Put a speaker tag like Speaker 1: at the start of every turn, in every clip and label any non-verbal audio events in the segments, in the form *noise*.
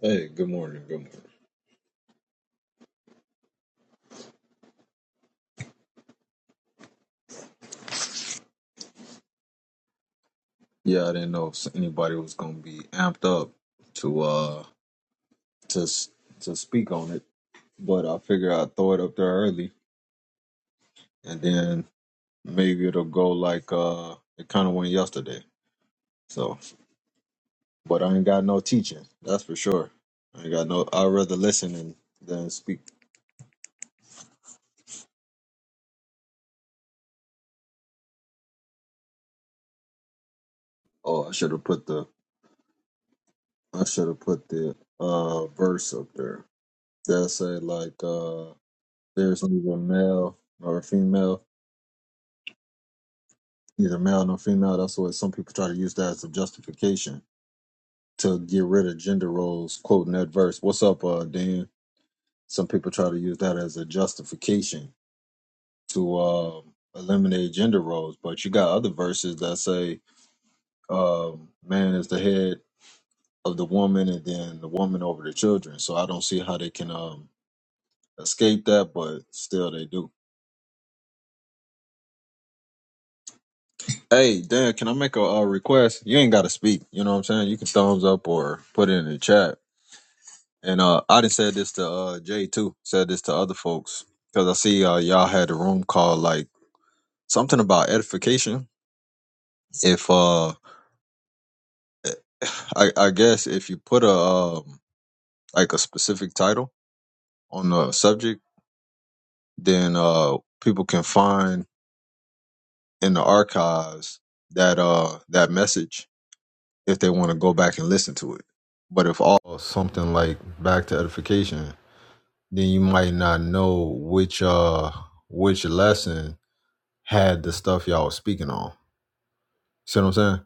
Speaker 1: Hey, good morning. Good morning. Yeah, I didn't know if anybody was gonna be amped up to uh to s- to speak on it, but I figure I'd throw it up there early, and then maybe it'll go like uh it kind of went yesterday. So, but I ain't got no teaching. That's for sure. I ain't got no. I'd rather listen and than speak. Oh, I should have put the I should have put the uh verse up there that say like uh there's neither male nor female neither male nor female. That's what some people try to use that as a justification to get rid of gender roles, quoting that verse. What's up, uh, Dan? Some people try to use that as a justification to um, eliminate gender roles, but you got other verses that say um, man is the head of the woman and then the woman over the children. So I don't see how they can um, escape that, but still they do. Hey, Dan, can I make a, uh request? You ain't got to speak. You know what I'm saying? You can thumbs up or put it in the chat And uh, I done said this to uh Jay too. Said this to other folks because I see uh y'all had a room called like something about edification. If uh, I I guess if you put a um like a specific title on the subject, then uh people can find in the archives that uh that message if they want to go back and listen to it. But if all something like back to edification, then you might not know which uh which lesson had the stuff y'all was speaking on. See what I'm saying?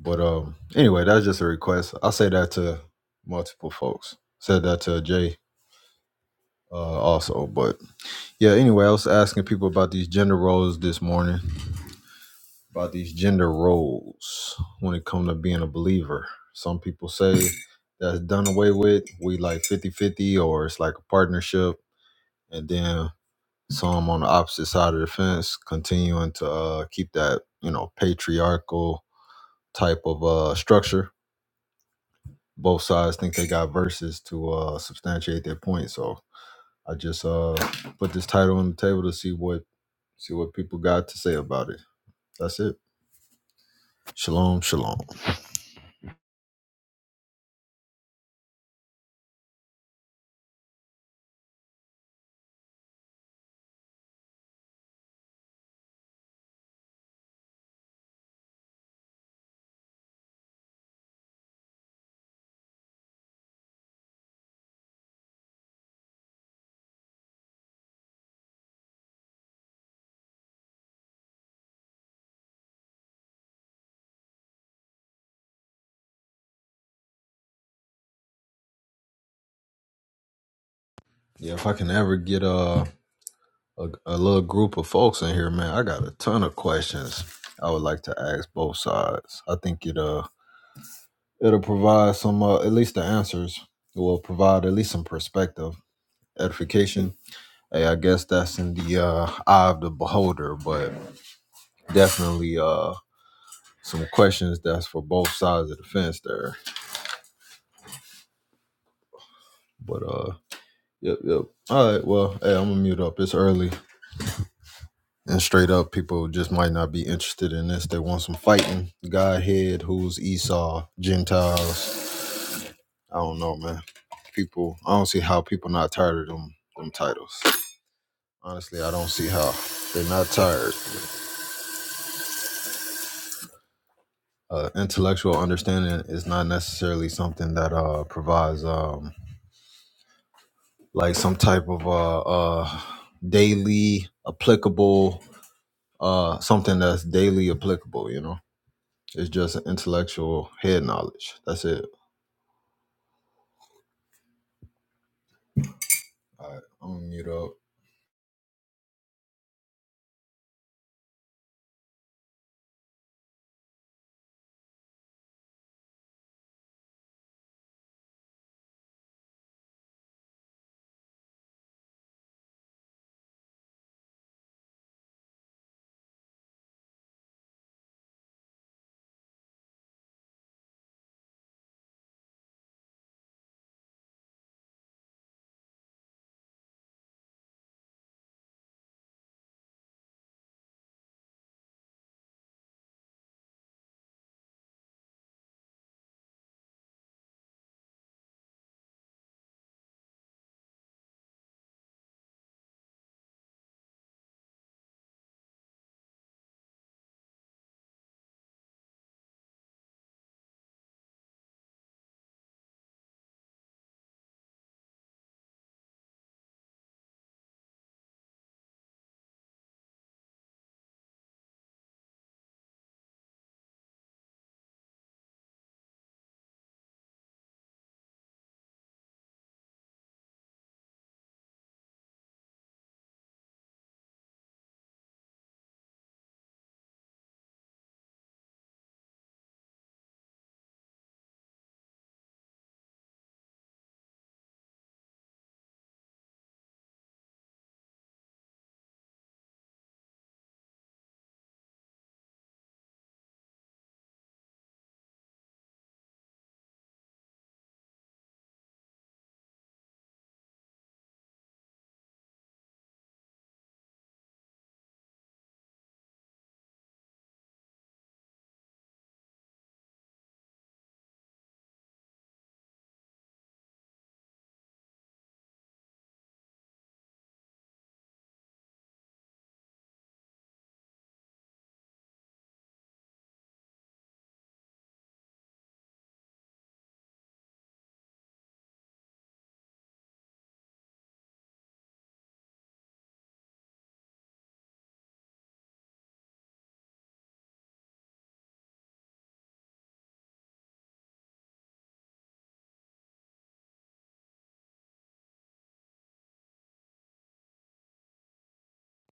Speaker 1: But um, anyway, that's just a request. I say that to multiple folks. Said that to Jay uh, also. But yeah, anyway, I was asking people about these gender roles this morning. About these gender roles when it comes to being a believer. Some people say that's done away with. We like fifty-fifty, or it's like a partnership. And then some on the opposite side of the fence continuing to uh, keep that, you know, patriarchal type of uh, structure. Both sides think they got verses to uh, substantiate their point. So I just uh, put this title on the table to see what see what people got to say about it. That's it. Shalom, shalom. Yeah, if I can ever get uh, a a little group of folks in here, man, I got a ton of questions I would like to ask both sides. I think it uh it'll provide some uh, at least the answers It will provide at least some perspective edification. Hey, I guess that's in the uh, eye of the beholder, but definitely uh, some questions that's for both sides of the fence there. But uh, yep, yep. All right, well, hey, I'm gonna mute up. It's early and straight up, people just might not be interested in this. They want some fighting. Godhead, who's Esau, Gentiles. I don't know, man. People, I don't see how people not tired of them them titles. Honestly, I don't see how they're not tired. uh, intellectual understanding is not necessarily something that uh, provides um, like some type of uh, uh, daily applicable uh, something that's daily applicable. You know, it's just intellectual head knowledge. That's it. All right, I'm gonna mute up.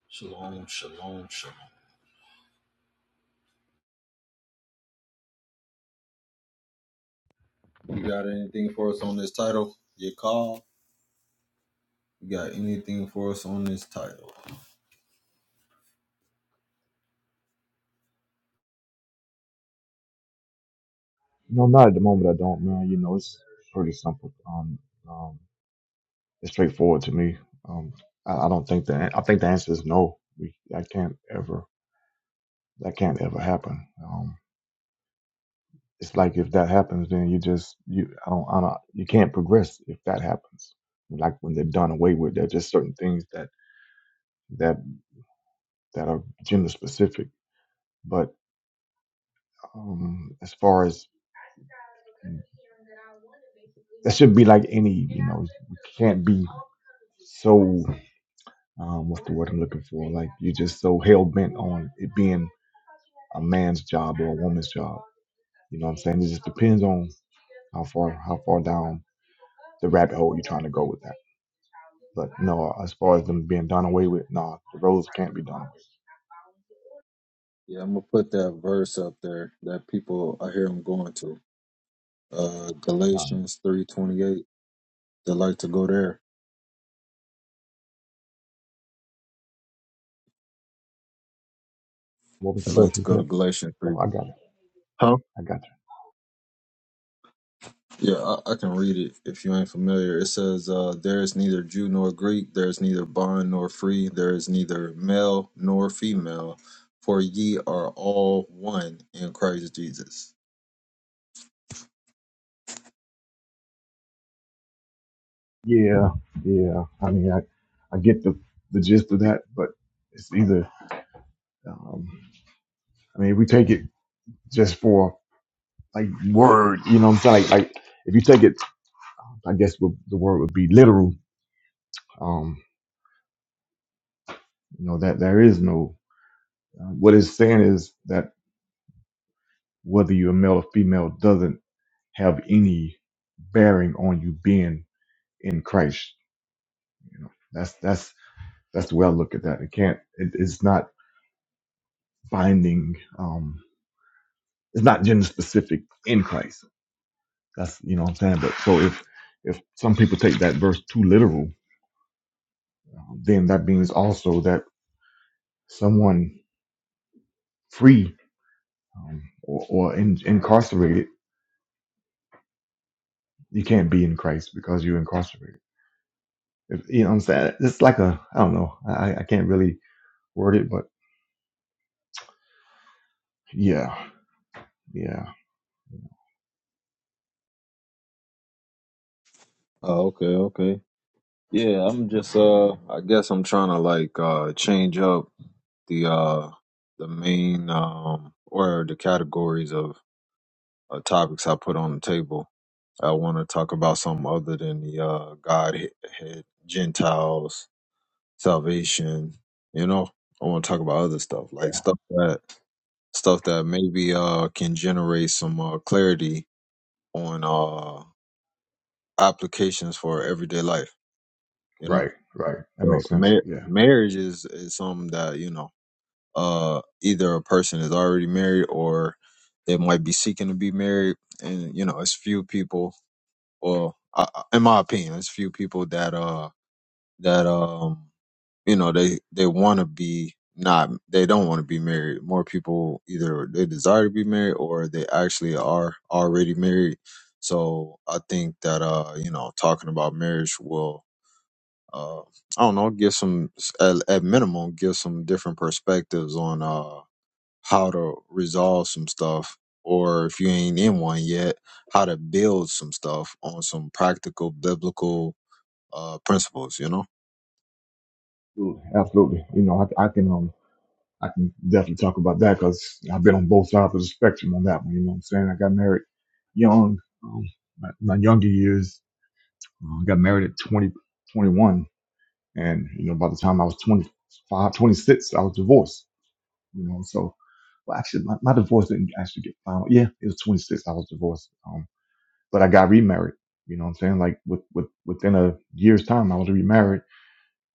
Speaker 1: Shalom, shalom, shalom. You got anything for us on this title? Your call. You got anything for us on this title?
Speaker 2: No, not at the moment. I don't, man. You know, it's pretty simple. Um, um, it's straightforward to me. Um, I, I don't think that. I think the answer is no. We, that can't ever. That can't ever happen. Um, it's like if that happens, then you just you. I don't. I don't. You can't progress if that happens. Like when they're done away with, there are just certain things that that that are gender specific. But um, as far as that should be like any, you know, we can't be so. um, what's the word I'm looking for? Like you're just so hell bent on it being a man's job or a woman's job. You know what I'm saying? It just depends on how far how far down the rabbit hole you're trying to go with that. But no, uh, as far as them being done away with, nah, the roles can't be done away with.
Speaker 1: Yeah, I'm gonna put that verse up there that people I hear them going to. Uh,
Speaker 2: God.
Speaker 1: Galatians 3:28. They like to go there.
Speaker 2: What was the
Speaker 1: They
Speaker 2: verse
Speaker 1: like to
Speaker 2: you
Speaker 1: go to
Speaker 2: said?
Speaker 1: Galatians 3.
Speaker 2: Oh, I got it.
Speaker 1: Huh?
Speaker 2: I got
Speaker 1: Yeah, I, I can read it if you ain't familiar. It says, uh, There is neither Jew nor Greek, there is neither bond nor free, there is neither male nor female, for ye are all one in Christ Jesus.
Speaker 2: you. Yeah, yeah. I mean, I, I get the the gist of that, but it's either, um, I mean, if we take it just for like word, you know what I'm saying? Like, like if you take it I guess what the word would be literal. Um, you know that there is no. Uh, what it's saying is that whether you're male or female doesn't have any bearing on you being in Christ. You know that's that's that's the way I look at that. It can't. It, it's not binding. Um, it's not gender specific in Christ. That's you know what I'm saying. But so if if some people take that verse too literal, uh, then that means also that someone free um, or, or in, incarcerated You can't be in Christ because you're incarcerated. If, you know what I'm saying? It's like a, I don't know. I, I can't really word it, but yeah, yeah,
Speaker 1: Oh, okay, okay. Yeah, I'm just uh I guess I'm trying to like uh change up the uh the main um or the categories of uh, topics I put on the table. I want to talk about something other than the uh, Godhead, Gentiles, salvation. You know, I want to talk about other stuff like
Speaker 2: yeah.
Speaker 1: stuff that stuff that maybe uh, can generate some uh, clarity on uh, applications for everyday life. You know,
Speaker 2: Right, right. That
Speaker 1: so
Speaker 2: makes sense.
Speaker 1: mar-
Speaker 2: Yeah,
Speaker 1: marriage is is something that you know uh, either a person is already married or they might be seeking to be married, and you know, it's few people Well, I, I- in my opinion, there's few people that uh that um you know they they want to be not they don't want to be married. More people either they desire to be married or they actually are already married. So I think that uh you know talking about marriage will uh I don't know give some at, at minimum give some different perspectives on uh how to resolve some stuff or if you ain't in one yet how to build some stuff on some practical biblical uh principles you know
Speaker 2: absolutely. absolutely. You know, I, I can, um, I can definitely talk about that because I've been on both sides of the spectrum on that one. You know what I'm saying? I got married young, um, my, my younger years. uh, I got married at 20 21, And, you know, by the time I was twenty five, twenty six, I was divorced you know. So, well, actually, my, my divorce didn't actually get final. Yeah, it was 26. I was divorced, um, but I got remarried. You know what I'm saying? Like with, with within a year's time, I was remarried,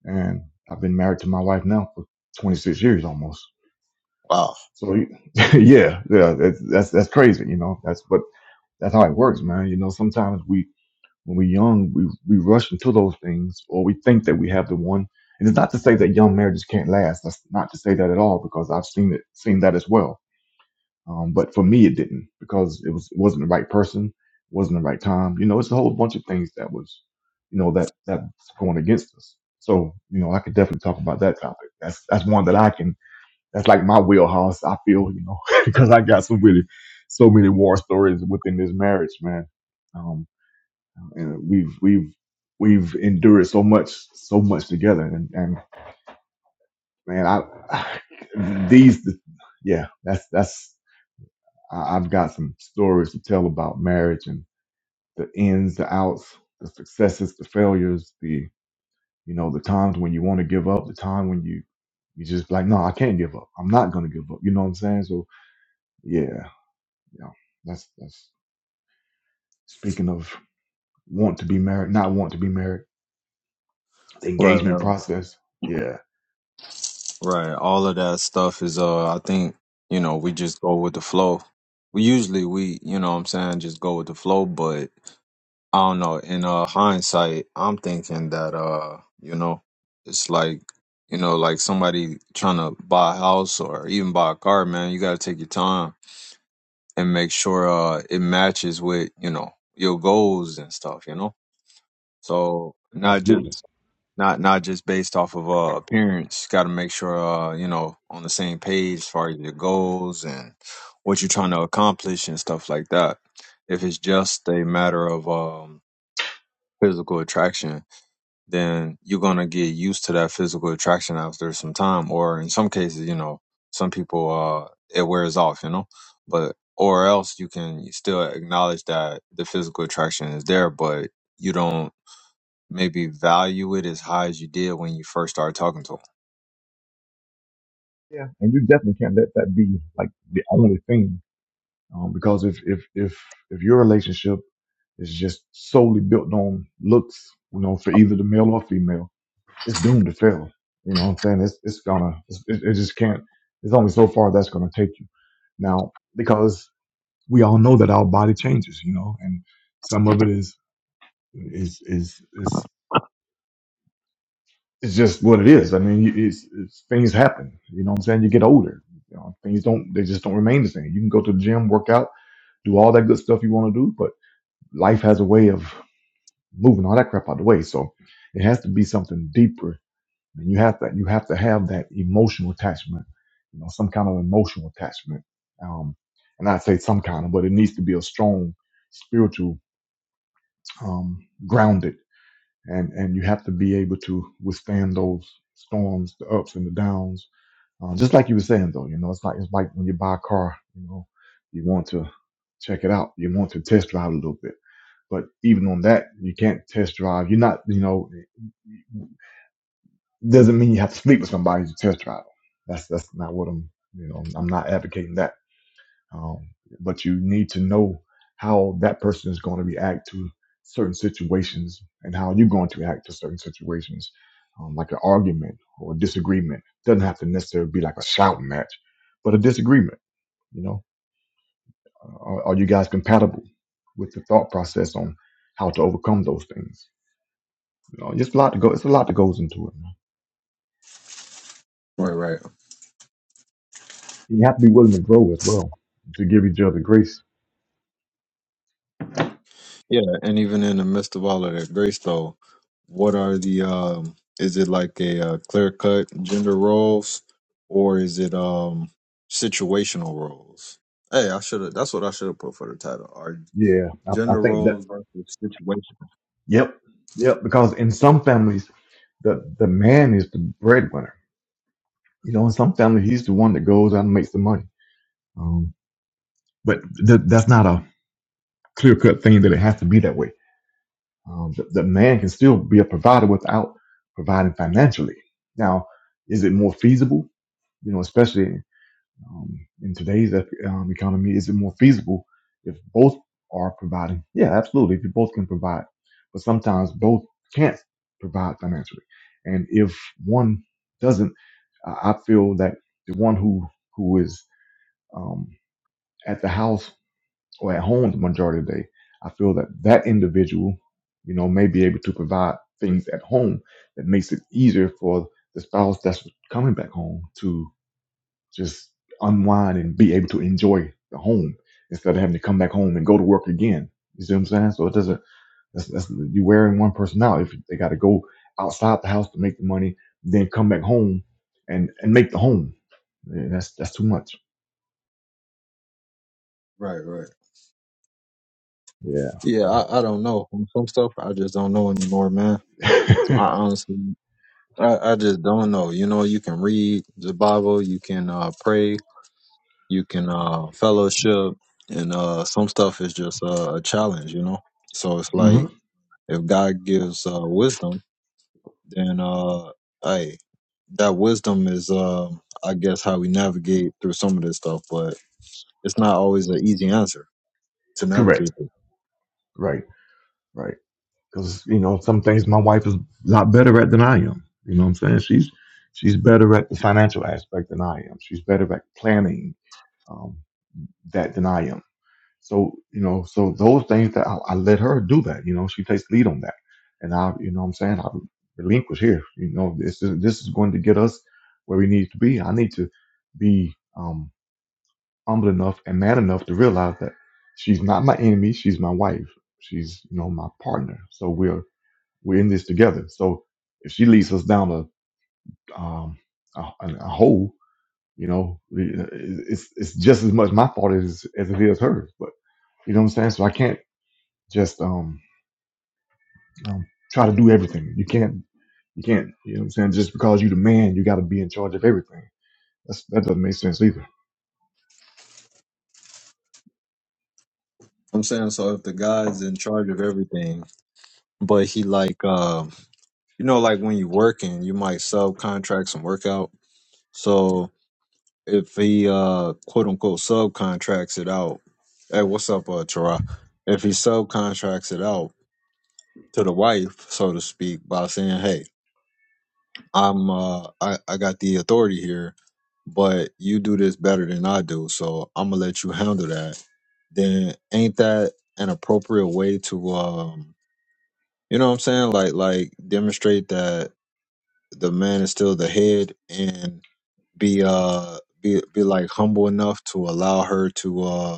Speaker 2: and I've been married to my wife now for 26 years almost.
Speaker 1: wow
Speaker 2: So, *laughs* yeah, yeah, that's that's, that's crazy. You know, that's but that's how it works, man. You know, sometimes we when we're young, we we rush into those things, or we think that we have the one. And it's not to say that young marriages can't last. That's not to say that at all, because I've seen it, seen that as well Um, but for me, it didn't because it was it wasn't the right person, wasn't the right time. You know, it's a whole bunch of things that was, you know, that that's going against us. So you know, I could definitely talk about that topic. That's that's one that I can. That's like my wheelhouse. I feel you know *laughs* because I got so many, so many war stories within this marriage, man. Um, and we've we've we've endured so much, so much together, and and man, I *sighs* these, yeah, that's that's. I, I've got some stories to tell about marriage and the ins, the outs, the successes, the failures, the you know the times when you want to give up, the time when you you just like, no, I can't give up. I'm not gonna give up. You know what I'm saying? So yeah, yeah. That's that's speaking of want to be married, not want to be married, the
Speaker 1: right
Speaker 2: engagement
Speaker 1: right
Speaker 2: process. Yeah,
Speaker 1: right all of that stuff is uh i think you know we just go with the flow we usually we you know what i'm saying just go with the flow but i don't know in uh hindsight i'm thinking that uh you know it's like you know like somebody trying to buy a house or even buy a car man you got to take your time and make sure uh it matches with you know your goals and stuff you know so not
Speaker 2: absolutely.
Speaker 1: just not not just based off of uh appearance got to make sure uh you know on the same page as far as your goals and what you're trying to accomplish and stuff like that if it's just a matter of um physical attraction then you're going to get used to that physical attraction after some time or in some cases you know some people uh it wears off you know but or else you can still acknowledge that the physical attraction is there but you don't maybe value it as high as you did when you first started talking to them
Speaker 2: Yeah, and you definitely can't let that be like the only thing Um, because if, if, if, if your relationship is just solely built on looks, you know, for either the male or female, it's doomed to fail. You know what I'm saying? It's, it's gonna, it's, it, it just can't, it's only so far that's gonna take you. Now, because we all know that our body changes, you know, and some of it is, is, is, is, it's just what it is. I mean, you- it's, it's, things happen. You know what I'm saying? You get older. You know, things don't, they just don't remain the same. You can go to the gym, work out, do all that good stuff you want to do, life has a way of moving all that crap out of the way. So it has to be something deeper. And you have to you have to have that emotional attachment, you know, some kind of emotional attachment. Um, and I'd say some kind of, but it needs to be a strong spiritual um, grounded. And and you have to be able to withstand those storms, the ups and the downs. Uh, just like you were saying though, you know, it's like it's like when you buy a car, you know, you want to check it out. You want to test drive a little bit but even on that, you can't test drive. You're not, you know, doesn't mean you have to sleep with somebody to test drive. them. That's that's not what I'm, you know, I'm not advocating that. Um, but you need to know how that person is going to react to certain situations and how you're going to act to certain situations, um, like an argument or a disagreement. Doesn't have to necessarily be like a shouting match, but a disagreement. You know, are, are you guys compatible with the thought process on how to overcome those things? You know, it's a lot to go. It's a lot that goes into it. Man.
Speaker 1: Right, right.
Speaker 2: You have to be willing to grow as well to give each other grace.
Speaker 1: Yeah, and even in the midst of all of that grace, though, what are the um? Is it like a uh, clear cut gender roles, or is it um situational roles? Hey, I should have. That's what I should have put for the title. Are
Speaker 2: Yeah, I, I
Speaker 1: gender
Speaker 2: think that.
Speaker 1: roles? Versus situation.
Speaker 2: Yep, yep. Because in some families, the the man is the breadwinner. You know, in some families, he's the one that goes out and makes the money. Um, but th- that's not a clear cut thing that it has to be that way. um, that, that man can still be a provider without providing financially. Now, is it more feasible? You know, especially um, in today's um, economy, is it more feasible if both are providing? Yeah, absolutely. If you both can provide, but sometimes both can't provide financially, and if one doesn't, I I feel that the one who who is um, at the house or at home the majority of the day, I feel that that individual, you know, may be able to provide things at home that makes it easier for the spouse that's coming back home to just unwind and be able to enjoy the home instead of having to come back home and go to work again. You see what I'm saying? So it doesn't. That's, that's you're wearing one person out if they got to go outside the house to make the money, then come back home and and make the home. Yeah, that's that's too much.
Speaker 1: Right, right.
Speaker 2: Yeah.
Speaker 1: Yeah,
Speaker 2: So.
Speaker 1: I, I don't know. Some some stuff I just don't know anymore, man.
Speaker 2: *laughs*
Speaker 1: I honestly, I, I just don't know. You know, you can read the Bible, you can uh, pray, you can uh fellowship and uh some stuff is just uh, a challenge you know so it's
Speaker 2: hmm
Speaker 1: like if god gives uh wisdom then uh hey that wisdom is um i guess how we navigate through some of this stuff but it's not always an easy answer to
Speaker 2: Correct.
Speaker 1: navigate through.
Speaker 2: Right. Right. because you know some things my wife is a lot better at than I am. You know what I'm saying? She's she's better at the financial aspect than I am. She's better at planning um, that than I am. So you know, so those things that I, I let her do that. You know, she takes lead on that, and I, you know, what I'm saying I relinquish here. You know, this is this is going to get us where we need to be. I need to be um, humble enough and man enough to realize that she's not my enemy. She's my wife. She's you know my partner. So we're we're in this together. So if she leads us down a um a, a hole, you know, it's it's just as much my fault as as it is hers. But you know what I'm saying. So I can't just um, um try to do everything. You can't you can't you know what I'm saying. Just because you're the man, you got to be in charge of everything. That's, that doesn't make sense either.
Speaker 1: i'm saying so if the guy's in charge of everything but he like um you know like when you're working you might subcontract some work out. so if he uh quote unquote subcontracts it out. Hey, what's up, uh Tara? If he subcontracts it out to the wife, so to speak, by saying, Hey, I'm uh I, I got the authority here, but you do this better than I do, so I'm gonna let you handle that, then ain't that an appropriate way to um you know what I'm saying? Like like demonstrate that the man is still the head and be uh be be like humble enough to allow her to uh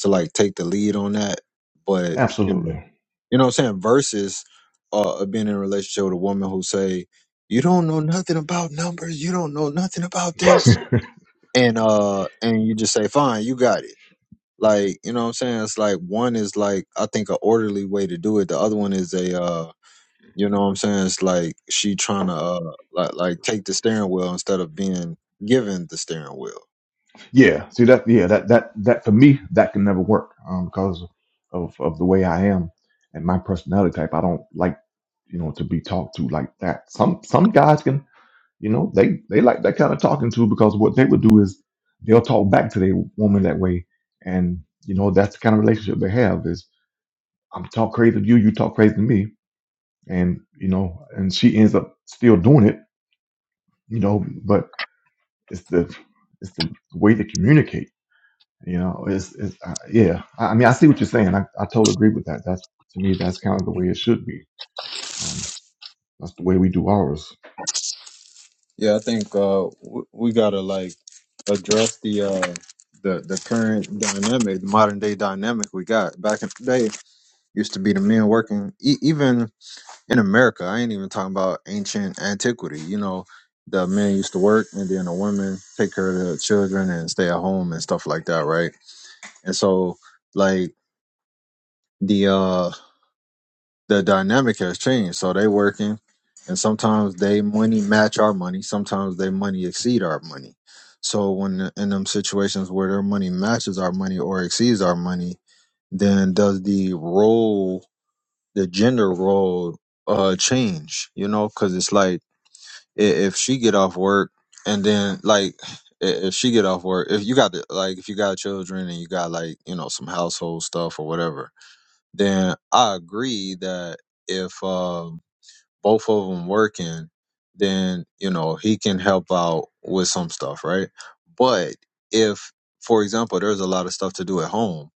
Speaker 1: to like take the lead on that. But you know,
Speaker 2: Absolutely.
Speaker 1: you know what I'm saying? Versus uh being in a relationship with a woman who say, You don't know nothing about numbers, you don't know nothing about this
Speaker 2: *laughs*
Speaker 1: and uh and you just say, Fine, you got it. Like, you know what I'm saying? It's like one is like I think a orderly way to do it. The other one is a uh you know what I'm saying? It's like she trying to uh like like take the steering wheel instead of being given the steering wheel.
Speaker 2: Yeah, see that. Yeah, that that that for me that can never work um, because of of the way I am and my personality type. I don't like you know to be talked to like that. Some some guys can you know they they like that kind of talking to because what they would do is they'll talk back to their woman that way, and you know that's the kind of relationship they have is I'm talk crazy to you, you talk crazy to me, and you know and she ends up still doing it, you know. But it's the it's the way to communicate You know, it's, it's uh, yeah. I, I mean, I see what you're saying. I, I totally agree with that. That's to me, that's kind of the way it should be. Um, that's the way we do ours.
Speaker 1: Yeah, I think uh, w- we gotta like address the uh, the the current dynamic, the modern day dynamic we got. Back in the day, used to be the men working, e- even in America. I ain't even talking about ancient antiquity. You know, the men used to work, and then the women take care of the children and stay at home and stuff like that, right? And so, like the uh the dynamic has changed. So they working, and sometimes they money match our money. Sometimes they money exceed our money. So when in them situations where their money matches our money or exceeds our money, then does the role, the gender role, uh, change? You know, because it's like i- if she get off work and then like i- if she get off work, if you got the, like if you got children and you got like you know some household stuff or whatever then I agree that if um, both of them working, then you know he can help out with some stuff, right? But if, for example, there's a lot of stuff to do at home,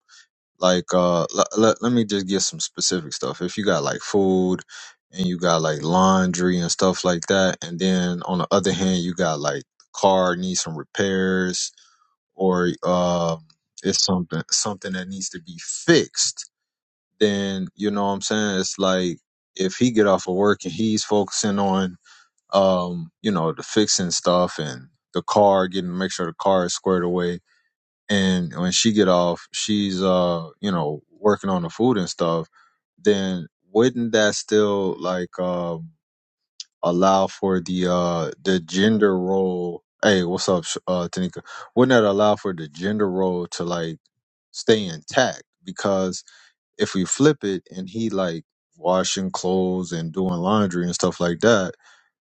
Speaker 1: like uh, l- let let me just get some specific stuff. If you got like food and you got like laundry and stuff like that, and then on the other hand, you got like car needs some repairs or um, it's something something that needs to be fixed then you know what I'm saying it's like if he get off of work and he's focusing on um you know the fixing stuff and the car getting make sure the car is squared away and when she get off she's uh you know working on the food and stuff then wouldn't that still like um allow for the uh the gender role hey what's up Sh- uh Tanika wouldn't that allow for the gender role to like stay intact because if we flip it and he like washing clothes and doing laundry and stuff like that,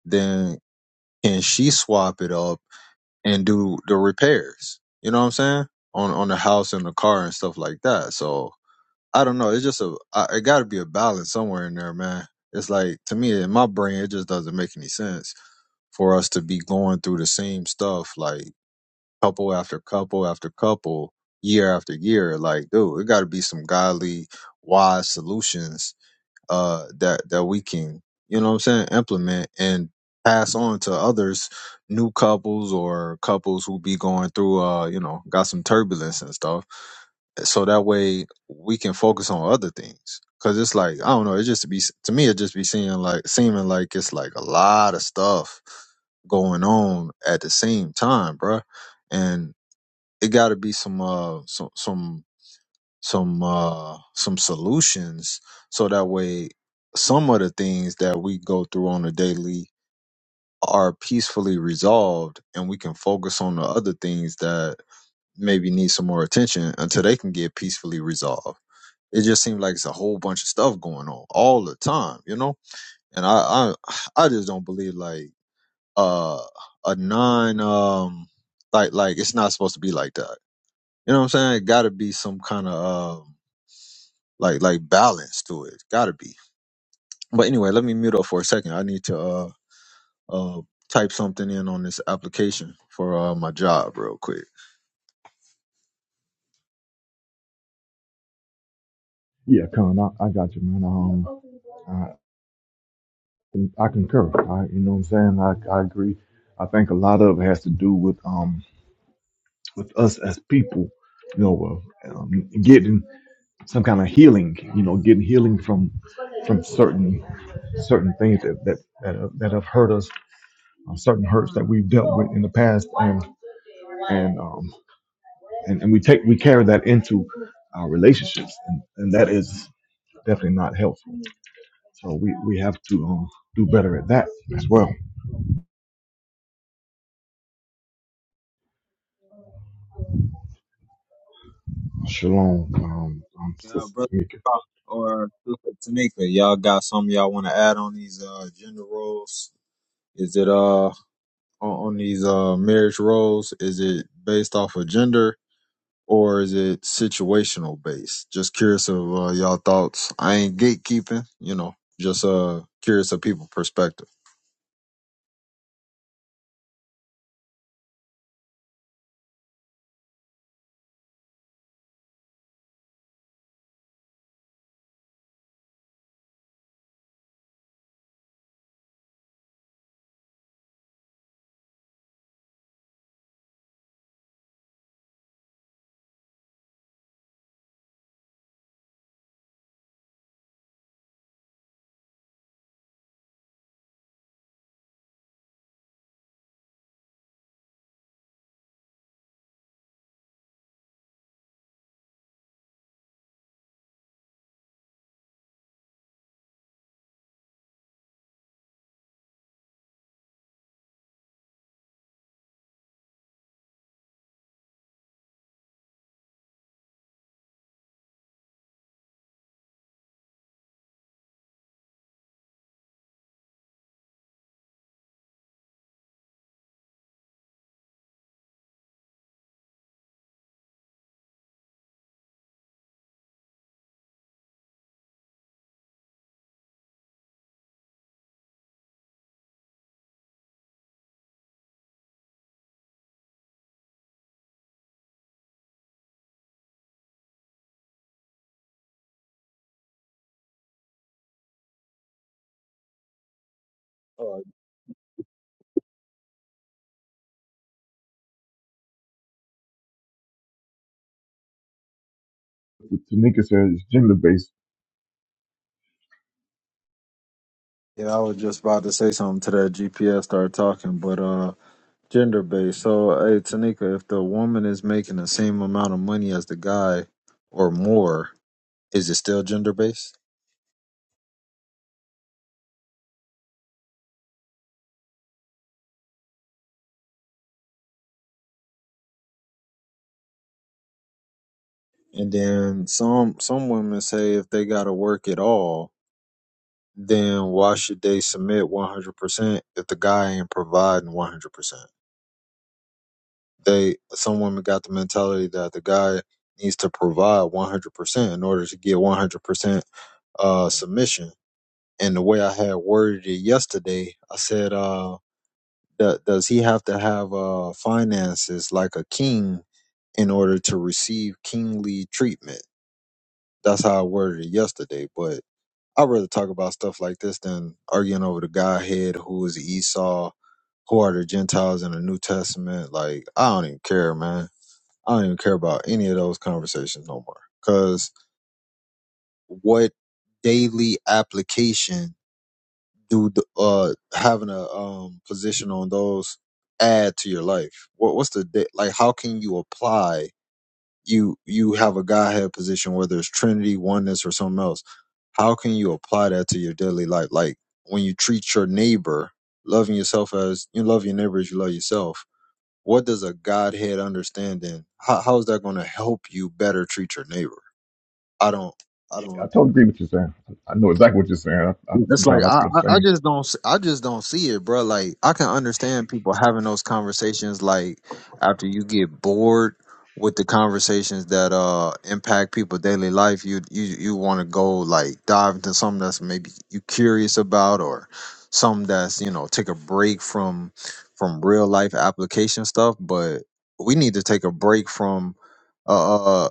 Speaker 1: then can she swap it up and do the repairs? You know what I'm saying? On on the house and the car and stuff like that. So I don't know. It's just a I, it got to be a balance somewhere in there, man. It's like to me in my brain, it just doesn't make any sense for us to be going through the same stuff like couple after couple after couple, year after year. Like, dude, it got to be some godly, wise solutions uh that that we can you know what i'm saying implement and pass on to others new couples or couples who be going through uh you know got some turbulence and stuff so that way we can focus on other things because it's like i don't know it just be to me it just be seeming like seeming like it's like a lot of stuff going on at the same time bruh. and it got to be some uh some some some uh some solutions so that way some of the things that we go through on a daily are peacefully resolved and we can focus on the other things that maybe need some more attention until they can get peacefully resolved it just seems like it's a whole bunch of stuff going on all the time you know and i i, *sighs* I just don't believe like uh a non um like like it's not supposed to be like that you know what i'm saying it gotta be some kind of um. like like balance to it. Gotta be. But anyway, let me mute up for a second. I need to uh uh type something in on this application for uh my job real quick.
Speaker 2: Yeah, Con, I, I got you, man. Um, I, I concur. I, you know what I'm saying? I, I agree. I think a lot of it has to do with um with us as people, you know, uh, um, getting some kind of healing. You know, getting healing from from certain certain things that that that have, that have hurt us, uh, certain hurts that we've dealt with in the past, and and um, and, and we take we carry that into our relationships and, and that is definitely not helpful so we, we have to um, do better at that as well shalom um, um
Speaker 1: Yeah,
Speaker 2: sister
Speaker 1: brother
Speaker 2: tamika
Speaker 1: Pop or Sister Tanika, y'all got something y'all want to add on these uh gender roles? Is it uh on on these uh marriage roles? Is it based off of gender? Or is it situational based? Just curious of uh, y'all thoughts. I ain't gatekeeping, you know. Just uh curious of people perspective. Oh,
Speaker 2: tamika says gender based
Speaker 1: Yeah, I was just about to say something to that GPS started talking, but uh gender based. So hey Tanika, if the woman is making the same amount of money as the guy or more, is it still gender based? And then some some women say if they gotta work at all, then why should they submit one hundred percent if the guy ain't providing one hundred percent? They some women got the mentality that the guy needs to provide one hundred percent in order to get one hundred percent uh submission and the way I had worded it yesterday, I said, uh, do- does he have to have uh, finances like a king in order to receive kingly treatment? That's how I worded it yesterday. But I'd rather talk about stuff like this than arguing over the Godhead, who is Esau, who are the Gentiles in the New Testament. Like, I don't even care, man. I don't even care about any of those conversations no more. Because what daily application do the, uh having a um position on those add to your life? What what's the di- like? How can you apply? You you have a Godhead position, whether it's Trinity, oneness, or something else. How can you apply that to your daily life? Like when you treat your neighbor, loving yourself as you love your neighbor as you love yourself. What does a Godhead understanding? How, how is that going to help you better treat your neighbor? I don't. I
Speaker 2: i
Speaker 1: don't.
Speaker 2: totally agree with you saying i know exactly what you're saying I, I,
Speaker 1: It's like
Speaker 2: sometimes i
Speaker 1: I,
Speaker 2: feel the
Speaker 1: I I
Speaker 2: same
Speaker 1: just don't s- I just don't see it, bro. Like I can understand people having those conversations like after you get bored with the conversations that uh impact people daily life, you you you want to go like dive into something that's maybe you curious about or something that's, you know, take a break from from real life application stuff, but we need to take a break from uh, uh,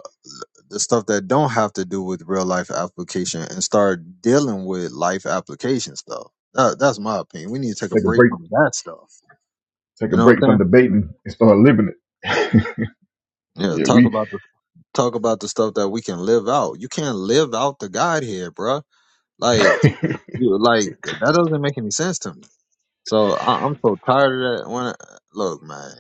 Speaker 1: the stuff that don't have to do with real life application and start dealing with life application stuff. That, that's my opinion. We need to take a
Speaker 2: take a
Speaker 1: break
Speaker 2: break
Speaker 1: from that stuff.
Speaker 2: take
Speaker 1: You
Speaker 2: a
Speaker 1: know what
Speaker 2: break
Speaker 1: I'm
Speaker 2: from debating and start living it
Speaker 1: saying?
Speaker 2: *laughs*
Speaker 1: Yeah,
Speaker 2: yeah
Speaker 1: talk
Speaker 2: we
Speaker 1: about the talk about the stuff that we can live out. You can't live out the God here, bruh.
Speaker 2: *laughs*
Speaker 1: Like
Speaker 2: yeah
Speaker 1: you like that doesn't make any sense to me. So I, I'm so tired of that. When look, man,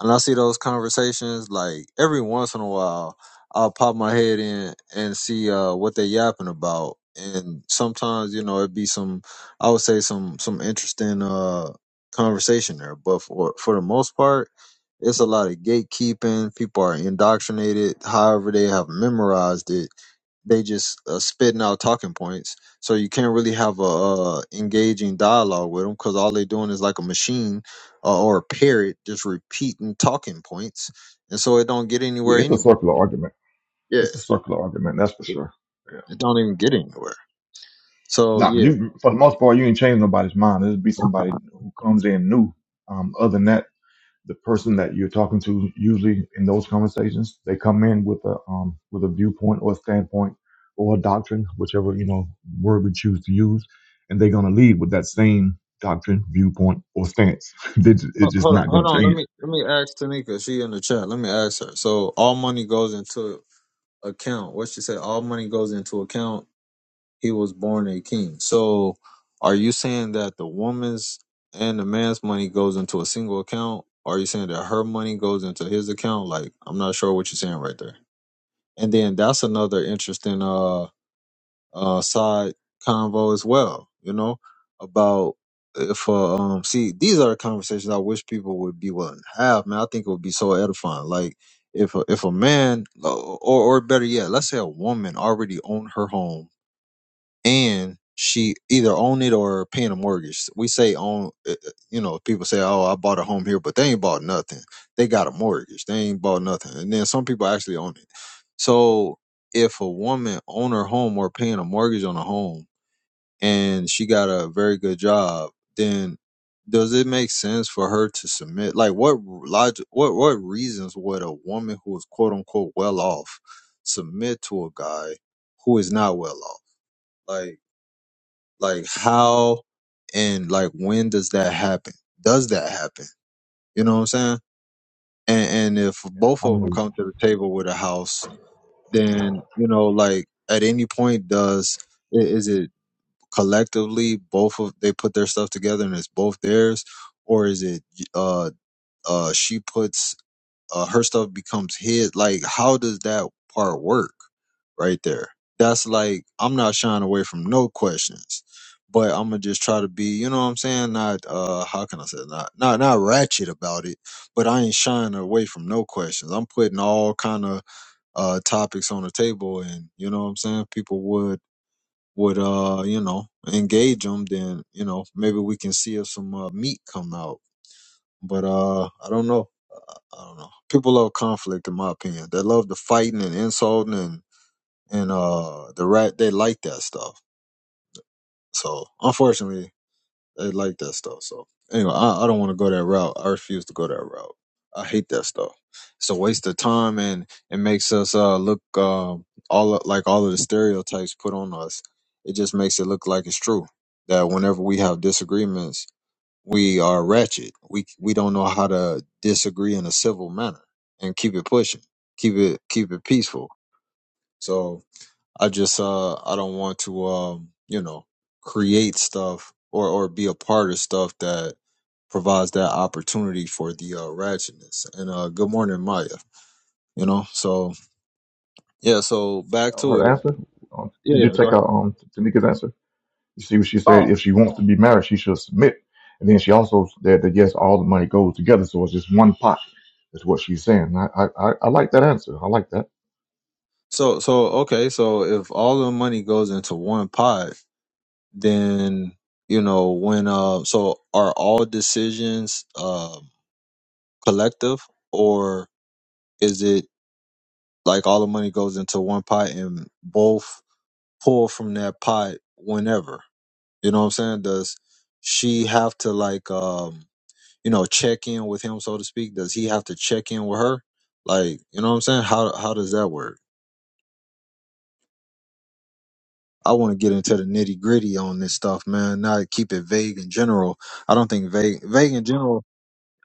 Speaker 1: and I see those conversations, like every once in a while, I'll pop my head in and see uh, what they yapping about, and sometimes you know it'd be some, I would say some some interesting uh conversation there, but for for the most part. It's a lot of gatekeeping. People are indoctrinated. However, they have memorized it they just uh, spitting out talking points. So you can't really have a uh, engaging dialogue with them because all they doing is like a machine uh, or a parrot just repeating talking points, and so it don't get anywhere
Speaker 2: it's a
Speaker 1: anyway.
Speaker 2: circular argument
Speaker 1: Yeah,
Speaker 2: it's a circular argument that's for
Speaker 1: it,
Speaker 2: sure
Speaker 1: it don't even get anywhere. So
Speaker 2: Nah, but
Speaker 1: yeah,
Speaker 2: you for the most part you ain't change nobody's mind. It'll be somebody who comes in new. Um, other than that, the person that you're talking to usually in those conversations, they come in with a um with a viewpoint or a standpoint or a doctrine, whichever you know word we choose to use, and they're gonna leave with that same doctrine, viewpoint, or stance. *laughs* They ju-
Speaker 1: Ho-
Speaker 2: it's just
Speaker 1: hold on,
Speaker 2: not
Speaker 1: hold
Speaker 2: gonna
Speaker 1: on. Let
Speaker 2: change.
Speaker 1: me let me ask Tanika. She in the chat. Let me ask her. So all money goes into account. What she said? All money goes into account he was born a king. So are you saying that the woman's and the man's money goes into a single account? Or are you saying that her money goes into his account? Like I'm not sure what you're saying right there. And then that's another interesting uh uh side convo as well, you know, about if uh, um see these are the conversations I wish people would be willing to have, man. I think it would be so edifying. Like if a, if a man or or better yet, let's say a woman already owned her home and she either own it or paying a mortgage. We say own, uh, uh, you know, people say, "Oh, I bought a home here," but they ain't bought nothing. They got a mortgage. They ain't bought nothing. And then some people actually own it. So if a woman own her home or paying a mortgage on a home, and she got a very good job, then does it make sense for her to submit? Like, what logic? What what reasons would a woman who is quote unquote well off submit to a guy who is not well off? Like like how and like when does that happen? Does that happen? You know what I'm saying? And and if both
Speaker 2: I
Speaker 1: of
Speaker 2: know
Speaker 1: them come to the table with a house, then you know like at any point does i- is it collectively both of they put their stuff together and it's both theirs, or is it uh uh she puts uh, her stuff becomes his. Like, how does that part work right there? That's like, I'm not shying away from no questions, but I'm gonna just try to be, you know what I'm saying? Not, uh, how can I say, it? not, not, not ratchet about it, but I ain't shying away from no questions. I'm putting all kind of, uh, topics on the table and, you know what I'm saying? People would, would, uh, you know, engage them, then, you know, maybe we can see if some, uh, meat come out. But, uh, I don't know. I don't know. People love conflict, in my opinion. They love the fighting and insulting and and uh the rat. They like that stuff. So unfortunately, they like that stuff. So anyway, I, I don't want to go that route. I refuse to go that route. I hate that stuff. It's a waste of time, and it makes us uh look um all of- like all of the stereotypes put on us. It just makes it look like it's true that whenever we have disagreements we are ratchet. We we don't know how to disagree in a civil manner and keep it pushing, keep it keep it peaceful. So I just uh I don't want to um you know create stuff or or be a part of stuff that provides that opportunity for the uh, ratchetness. And uh, good morning, Maya. You know, so yeah, so back to
Speaker 2: her
Speaker 1: it.
Speaker 2: answer. Um, did
Speaker 1: Yeah,
Speaker 2: you
Speaker 1: yeah, go
Speaker 2: check
Speaker 1: ahead.
Speaker 2: out um Tanika's answer? You see what she said?
Speaker 1: Oh,
Speaker 2: If she wants to be married, she should submit. And then she also said that yes, all the money goes together, so it's just one pot. Is what she's saying. And I I, I I like that answer. I like that.
Speaker 1: so so okay, so if all the money goes into one pot then you know when uh so are all decisions um collective or is it like all the money goes into one pot and both pull from that pot whenever you know what i'm saying does she have to like um you know check in with him so to speak does he have to check in with her like you know what i'm saying how how does that work i want to get into the nitty gritty on this stuff man not keep it vague in general i don't think vague vague in general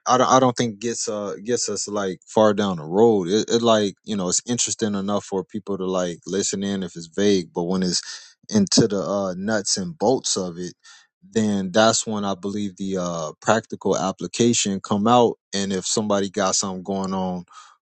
Speaker 1: I don't, I don't think gets uh gets us like far down the road. It, it like you know it's interesting enough for people to like listen in if it's vague, but when it's into the uh, nuts and bolts of it, then that's when I believe the uh, practical application come out. And if somebody got something going on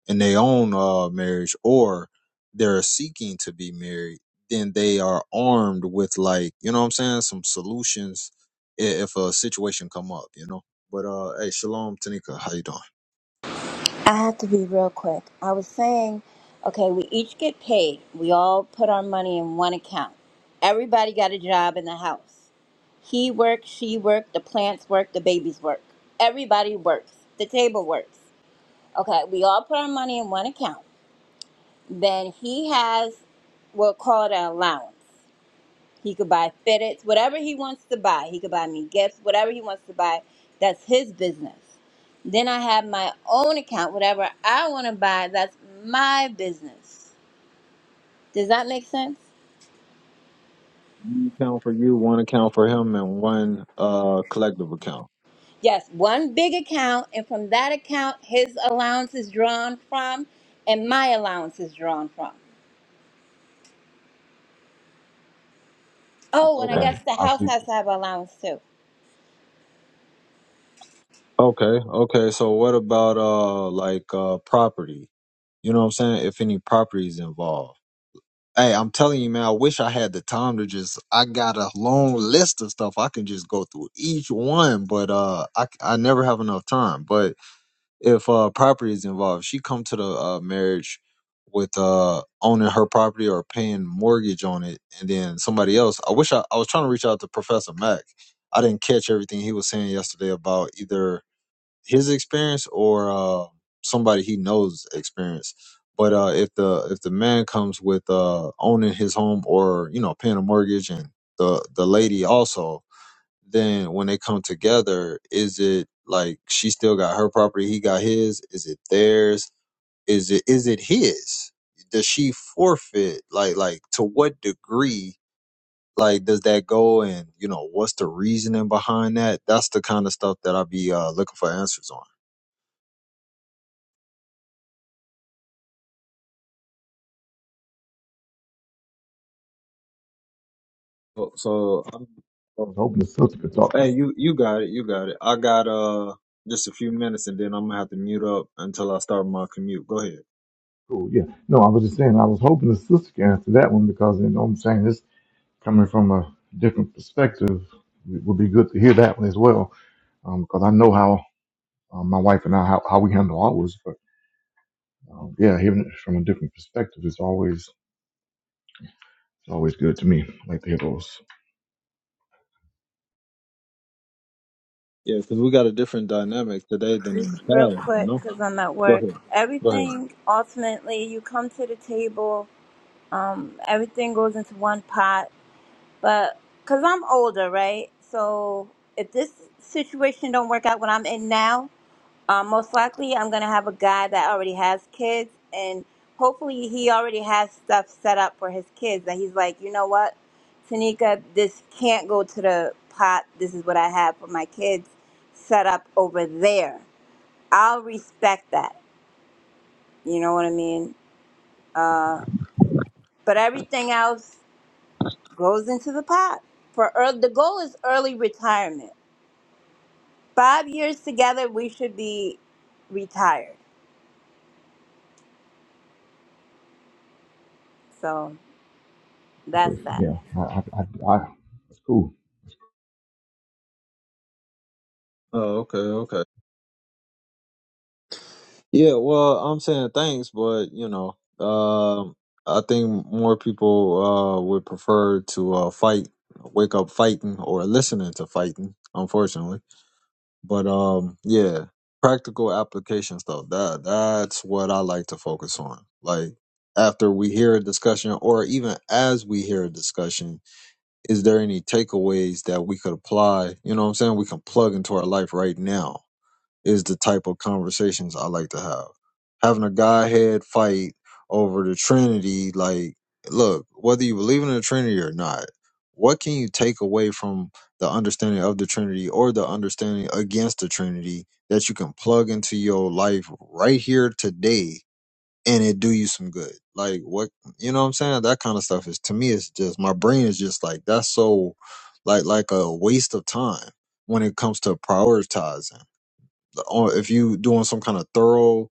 Speaker 1: in their own uh, marriage or they're seeking to be married, then they are armed with like, you know what I'm saying, some solutions i- if a situation come up, you know. But uh hey, Shalom Tanika, how you doing?
Speaker 3: I have to be real quick. I was saying, okay, we each get paid. We all put our money in one account. Everybody got a job in the house. He works, she works, the plants work, the babies work. Everybody works. The table works. Okay, we all put our money in one account. Then he has, we'll call it an allowance. He could buy FedEx, whatever he wants to buy. He could buy me gifts, whatever he wants to buy. That's his business. Then I have my own account, whatever I want to buy. That's my business. Does that make sense?
Speaker 1: One account for you, one account for him and one uh collective account.
Speaker 3: Yes, one big account, and from that account, his allowance is drawn from, and my allowance is drawn from. Oh,
Speaker 2: It's
Speaker 3: and I
Speaker 1: Okay.
Speaker 2: uh,
Speaker 3: guess the
Speaker 2: I
Speaker 3: house
Speaker 2: see.
Speaker 3: has to
Speaker 2: I
Speaker 3: have allowance too.
Speaker 1: Okay. Okay. So what about uh like uh property? You know what I'm saying? If any property is involved Hey, I'm telling you, man, I wish I had the time to just I got a long list of stuff I can just go through each one, but uh I I never have enough time. But if uh property is involved, she come to the uh marriage with uh owning her property or paying mortgage on it and then somebody else. I wish I, I was trying to reach out to Professor Mack. I didn't catch everything he was saying yesterday about either his experience or uh, somebody he knows experience. But uh, if the if the man comes with uh, owning his home or you know paying a mortgage and the the lady also, then when they come together, is it like she still got her property, he got his? Is it theirs? Is it is it his? Does she forfeit? Like like to what degree? Like does that go? And you know what's the reasoning behind that? That's the kind of stuff that I be uh, looking for answers on. So, so I'm, oh,
Speaker 2: was hoping the sister could talk.
Speaker 1: hey, you you got it, you got it. I got uh just a few minutes, and then I'm gonna have to mute up until I start my commute. Go ahead.
Speaker 2: Cool. Yeah. No, I was just saying I was hoping the sister could answer that one because you know what I'm saying this coming from a different perspective. It would be good to hear that one as well um, because I know how um, my wife and I how, how we handle ours. But um, yeah, hearing it from a different perspective is always it's always good to me. I like to hear those.
Speaker 1: Yeah, because we got a different dynamic today than in the
Speaker 3: Just real
Speaker 1: past. You
Speaker 3: quick,
Speaker 1: know.
Speaker 3: because I'm at
Speaker 1: Go
Speaker 3: work.
Speaker 1: ahead. Go ahead.
Speaker 3: Everything, ultimately, you come to the table um, everything goes into one pot. But because I'm older, right? So if this situation don't work out what I'm in now, um, most likely I'm gonna have a guy that already has kids, and hopefully he already has stuff set up for his kids. That he's like, you know what, Tanika, this can't go to the pot. This is what I have for my kids set up over there. I'll respect that. You know what I mean? Uh, but everything else. goes into the pot. For early, the goal is early retirement. Five years together, we should be retired. So
Speaker 2: Exactly.
Speaker 3: that's that.
Speaker 2: Yeah, I, I, I, I, it's cool.
Speaker 1: Oh, okay, okay. Yeah, well, I'm saying thanks, but you know, um, I think more people uh would prefer to uh fight, wake up fighting, or listening to fighting. Unfortunately. But um, yeah, practical application stuff. That that's what I like to focus on. Like after we hear a discussion, or even as we hear a discussion, is there any takeaways that we could apply? You know what I'm saying? We can plug into our life right now is the type of conversations I like to have. Having a Godhead fight over the Trinity, like, look, whether you believe in the Trinity or not, what can you take away from the understanding of the Trinity or the understanding against the Trinity that you can plug into your life right here today and it do you some good? Like, what, you know what I'm saying? That kind of stuff is, to me, it's just, my brain is just like, that's so, like, like a waste of time when it comes to prioritizing or if you doing some kind of thorough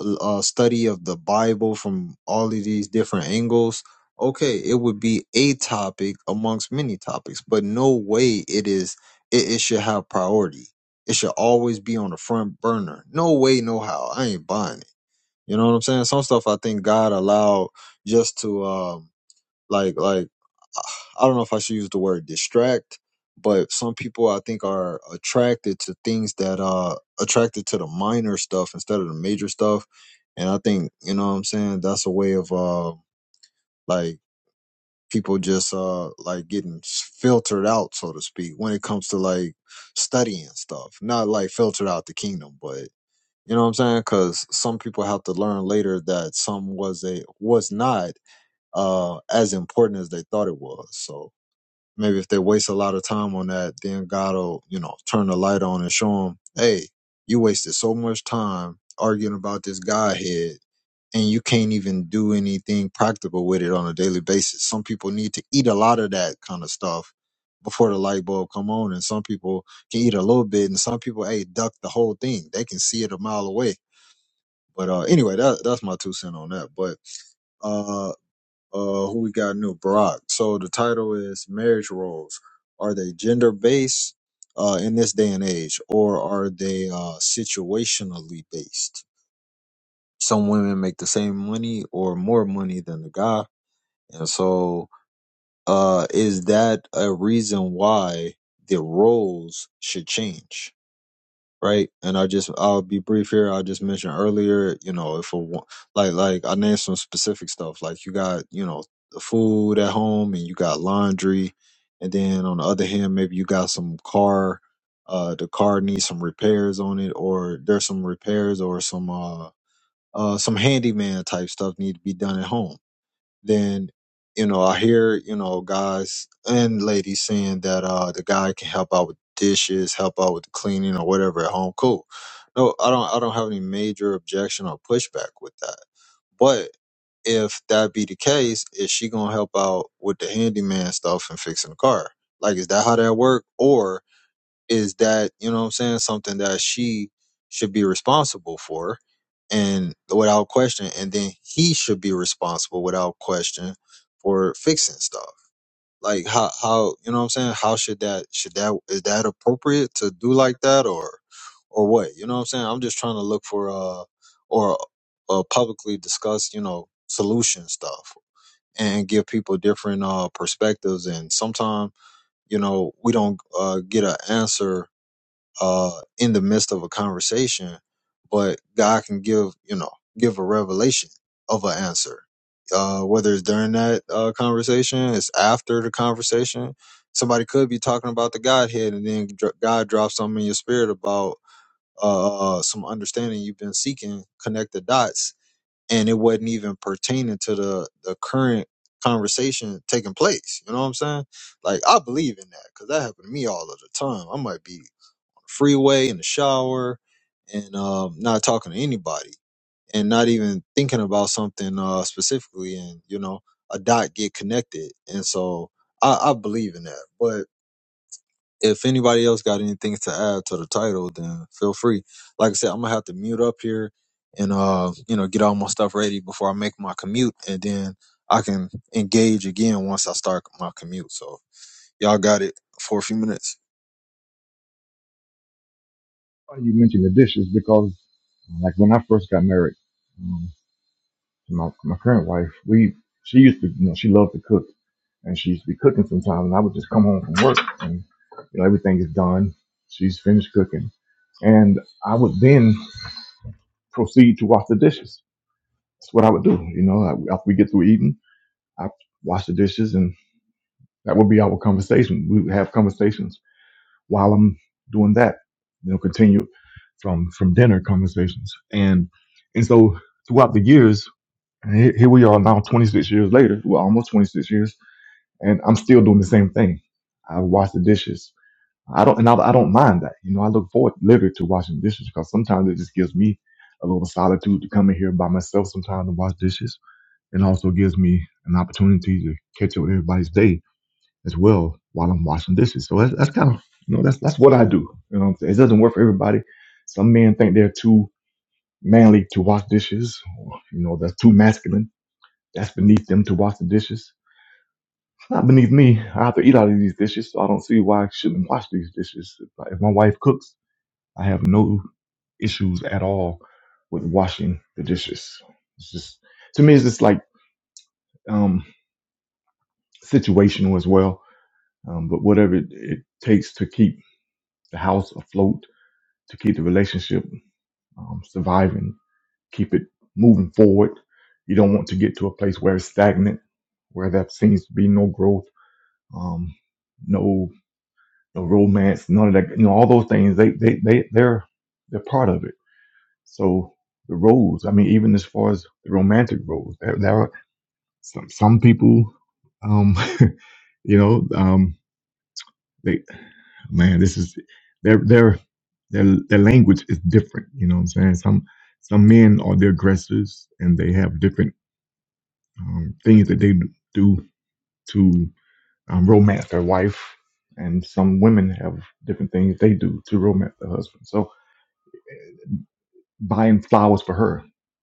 Speaker 1: uh, study of the Bible from all of these different angles, okay, it would be a topic amongst many topics, but no way it is. It, it should have priority. It should always be on the front burner. No way, no how. I ain't buying it. You know what I'm saying? Some stuff I think God allowed just to um like like I don't know if I should use the word distract, but some people I think are attracted to things that uh attracted to the minor stuff instead of the major stuff. And I think, you know what I'm saying, that's a way of uh like people just uh like getting s- filtered out, so to speak, when it comes to like studying stuff. Not like filtered out the kingdom, but you know what I'm saying? Cause some people have to learn later that some was a was not uh as important as they thought it was. So Maybe if they waste a lot of time on that, then God will, you know, turn the light on and show them, hey, you wasted so much time arguing about this Godhead and you can't even do anything practical with it on a daily basis. Some people need to eat a lot of that kind of stuff before the light bulb come on and some people can eat a little bit and some people hey duck the whole thing they can see it a mile away but uh anyway that, that's my two cent on that but uh, uh, who we got new? Barack. So the title is Marriage Roles. Are they gender based uh, in this day and age, or are they uh, situationally based? Some women make the same money or more money than the guy, and so uh, is that a reason why the roles should change? right? And I just I'll be brief here. I just mentioned earlier, you know, if a wo- like like I named some specific stuff, like you got you know the food at home and you got laundry, and then on the other hand, maybe you got some car, uh, the car needs some repairs on it, or there's some repairs or some uh uh some handyman type stuff need to be done at home then you know i hear you know guys and ladies saying that uh the guy can help out with dishes help out with the cleaning or whatever at home cool no i don't i don't have any major objection or pushback with that but if that be the case is she gonna help out with the handyman stuff and fixing the car like is that how that work or is that you know what i'm saying something that she should be responsible for and without question and then he should be responsible without question for fixing stuff like how how you know what i'm saying how should that should that is that appropriate to do like that or or what you know what i'm saying i'm just trying to look for uh or uh publicly discuss you know solution stuff and give people different uh perspectives and sometimes you know we don't uh get an answer uh, in the midst of a conversation, but God can give, you know, give a revelation of an answer. Uh, whether it's during that uh, conversation, it's after the conversation. Somebody could be talking about the Godhead, and then dr- God drops something in your spirit about uh, some understanding you've been seeking. Connect the dots, and it wasn't even pertaining to the the current conversation taking place. You know what I'm saying? Like I believe in that because that happened to me all of the time. I might be freeway, in the shower, and um, not talking to anybody, and not even thinking about something uh, specifically, and you know, a dot get connected, and so I, I believe in that. But if anybody else got anything to add to the title, then feel free. Like I said, I'm gonna have to mute up here and uh, you know, get all my stuff ready before I make my commute, and then I can engage again once I start my commute. So y'all got it for a few minutes.
Speaker 2: Funny You mentioned the dishes because, like, when I first got married um, to my my current wife, we she used to, you know, she loved to cook, and she used to be cooking sometimes, and I would just come home from work, and you know, everything is done. She's finished cooking, and I would then proceed to wash the dishes. That's what I would do. You know, I- after we get through eating, I wash the dishes, and that would be our conversation. We would have conversations while I'm doing that. You know, continue from from dinner conversations, and and so throughout the years, and here, here we are now, 26 years later, well, almost 26 years, and I'm still doing the same thing. I wash the dishes. I don't, and I, I don't mind that. You know, I look forward literally to washing dishes because sometimes it just gives me a little solitude to come in here by myself sometimes and wash dishes, and also gives me an opportunity to catch up with everybody's day as well while I'm washing dishes. So that's, that's kind of you know that's that's what I do. You know what I'm saying? It doesn't work for everybody. Some men think they're too manly to wash dishes, or you know that's too masculine. That's beneath them to wash the dishes. It's not beneath me. I have to eat out of these dishes, so I don't see why I shouldn't wash these dishes. If I- if my wife cooks, I have no issues at all with washing the dishes. It's just to me, it's just like um, situational as well. Um, but whatever it, it takes to keep the house afloat to keep the relationship um, surviving, keep it moving forward. You don't want to get to a place where it's stagnant, where there seems to be no growth, um, no no romance, none of that. You know, all those things they they they they're they're part of it. So the roles, I mean, even as far as the romantic roles, there, there are some some people, um, *laughs* you know, um, they man, this is their their their their language is different. You know what I'm saying? Some some men are the aggressors, and they have different um, things that they do to um, romance their wife, and some women have different things they do to romance their husband. So buying flowers for her,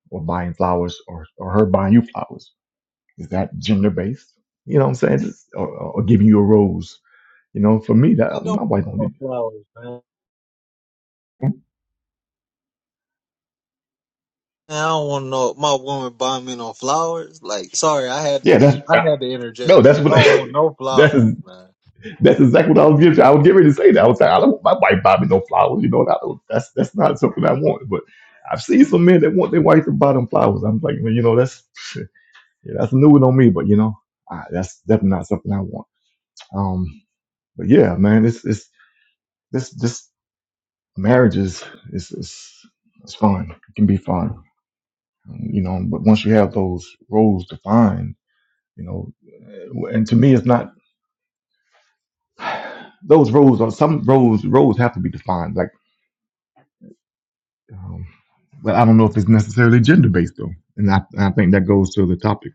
Speaker 2: or buying flowers, or or her buying you flowers, is that gender based? You know what I'm saying? Just- Or, or giving you a rose. You know, for me,
Speaker 1: Man,
Speaker 2: that
Speaker 1: don't
Speaker 2: my wife
Speaker 1: put
Speaker 2: don't.
Speaker 1: no
Speaker 2: do-
Speaker 1: flowers, man. Man, I don't want no my woman buying me no flowers. Like, sorry, I had
Speaker 2: Yeah,
Speaker 1: I
Speaker 2: that's uh,
Speaker 1: had to
Speaker 2: no,
Speaker 1: interject that.
Speaker 2: that's
Speaker 1: I
Speaker 2: what.
Speaker 1: don't want no
Speaker 2: *laughs* that
Speaker 1: flowers,
Speaker 2: is.
Speaker 1: man.
Speaker 2: That's exactly what I was getting. I was getting ready to say that. I was like, I don't, my wife buy me no flowers. You know, and I don't, that's that's not something I want. But I've seen some men that want their wife to buy them flowers. I'm like, well, you know, that's *laughs* yeah, that's new one on me. But you know, I, that's definitely not something I want. Um, but yeah, man, it's it's this this marriage is is is it's fun. It can be fun, you know. But once you have those roles defined, you know, and to me, it's not. *sighs* Those roles are some roles. Roles have to be defined. Like Um, but I don't know if it's necessarily gender based though, and I, I think that goes to the topic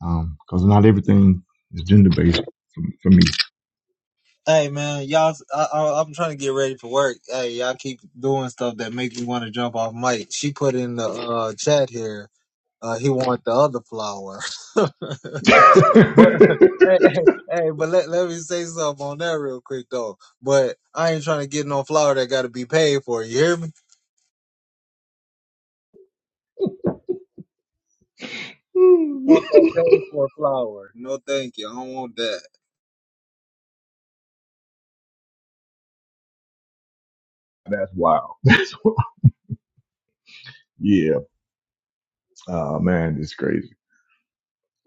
Speaker 2: because um, not everything is gender based for, for me.
Speaker 1: Hey, man, y'all, I, I, I'm trying to get ready for work. Hey, y'all keep doing stuff that make me want to jump off mic. She put in the uh, chat here. Uh, he want the other flower,
Speaker 2: *laughs*
Speaker 1: *laughs* but hey, hey, hey, but let, let me say something on that real quick though. But I ain't trying to get no flower that got to be paid for. You hear me? I want that paid for flower? No, thank you. I don't want that.
Speaker 2: That's wild. That's wild. Yeah. Oh man, it's crazy.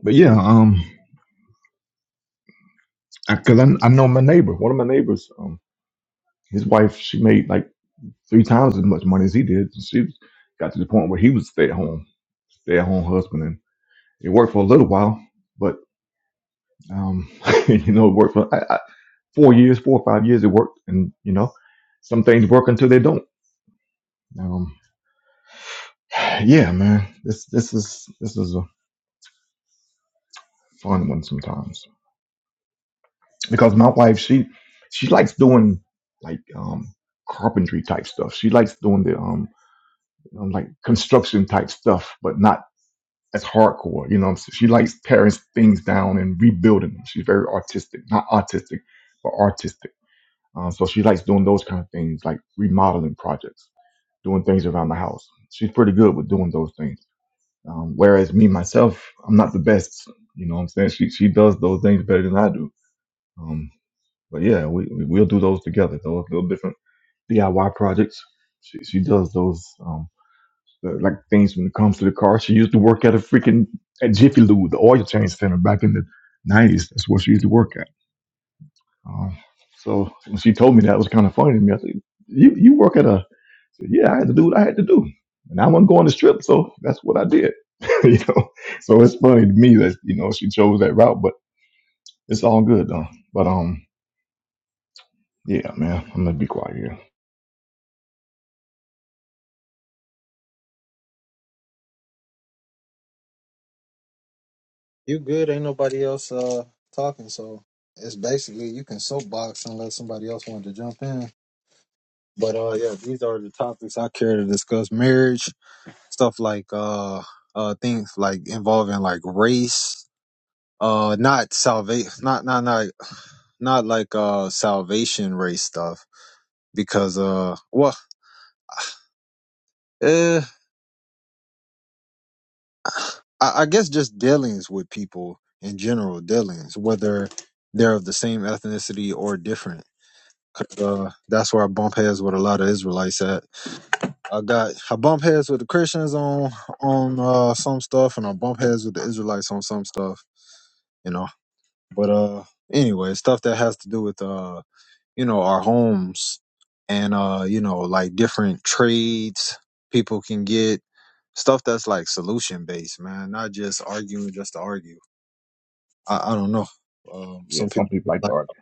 Speaker 2: But yeah, um, because I I know my neighbor. One of my neighbors, um, his wife, she made like three times as much money as he did. She got to the point where he was stay at home, stay at home husband, and it worked for a little while. Um, *laughs* you know, it worked for I, I, four years, four or five years. It worked, and you know, some things work until they don't. Um, *sighs* yeah, man, this this is this is a fun one sometimes because my wife she she likes doing like um carpentry type stuff. She likes doing the um um, like construction type stuff, but not as hardcore. You know, so she likes tearing things down and rebuilding them. She's very artistic, not autistic, but artistic Um, so she likes doing those kind of things, like remodeling projects, doing things around the house. She's pretty good with doing those things. Um, whereas me myself, I'm not the best. You know what I'm saying? She she does those things better than I do. Um, but yeah, we we- we'll do those together. Those little different DIY projects. She she does those um the, like things when it comes to the car. She used to work at a freaking at Jiffy Lube, the oil change center back in the '90s. That's what she used to work at. Um, so when she told me that, it was kind of funny to me. I said, "You you work at a So yeah, I had to do what I had to do, and I wasn't going to strip, so that's what I did. *laughs* you know, so it's funny to me that you know she chose that route, but it's all good though. But um, yeah, man, I'm gonna be quiet here.
Speaker 1: You good? Ain't nobody else uh talking, so it's basically you can soapbox unless somebody else wanted to jump in. But uh, yeah, these are the topics I care to discuss: marriage, stuff like uh, uh, things like involving like race, uh, not salvation, not not not not like uh salvation race stuff because uh, well, eh, I, I guess just dealings with people in general, dealings whether they're of the same ethnicity or different 'Cause, Uh, that's where I bump heads with a lot of Israelites at. I got I bump heads with the Christians on on uh, some stuff, and I bump heads with the Israelites on some stuff. You know, but uh, anyway, stuff that has to do with uh, you know, our homes and uh, you know, like different trades people can get stuff that's like solution based, man, not just arguing just to argue. I, I don't know. Um,
Speaker 2: Yeah,
Speaker 1: some
Speaker 2: some
Speaker 1: people.
Speaker 2: people like to argue.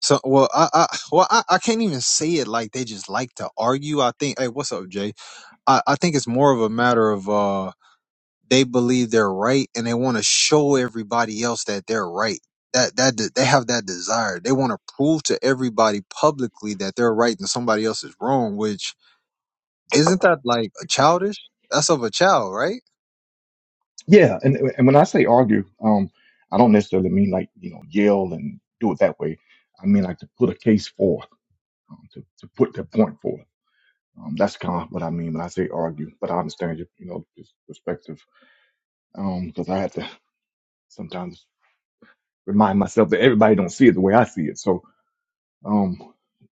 Speaker 1: So well, I, I well I, I can't even say it like they just like to argue. I think hey, what's up, Jay? I, I think it's more of a matter of uh they believe they're right and they want to show everybody else that they're right. That that de- they have that desire. They want to prove to everybody publicly that they're right and somebody else is wrong. Which isn't that like a childish? That's of a child, right?
Speaker 2: Yeah, and and when I say argue, um, I don't necessarily mean like you know yell and do it that way. I mean like to put a case forth, um, to to put the point forth. Um, that's kind of what I mean when I say argue. But I understand your you know just perspective. Um, because I had to sometimes. remind myself that everybody don't see it the way I see it. So, um,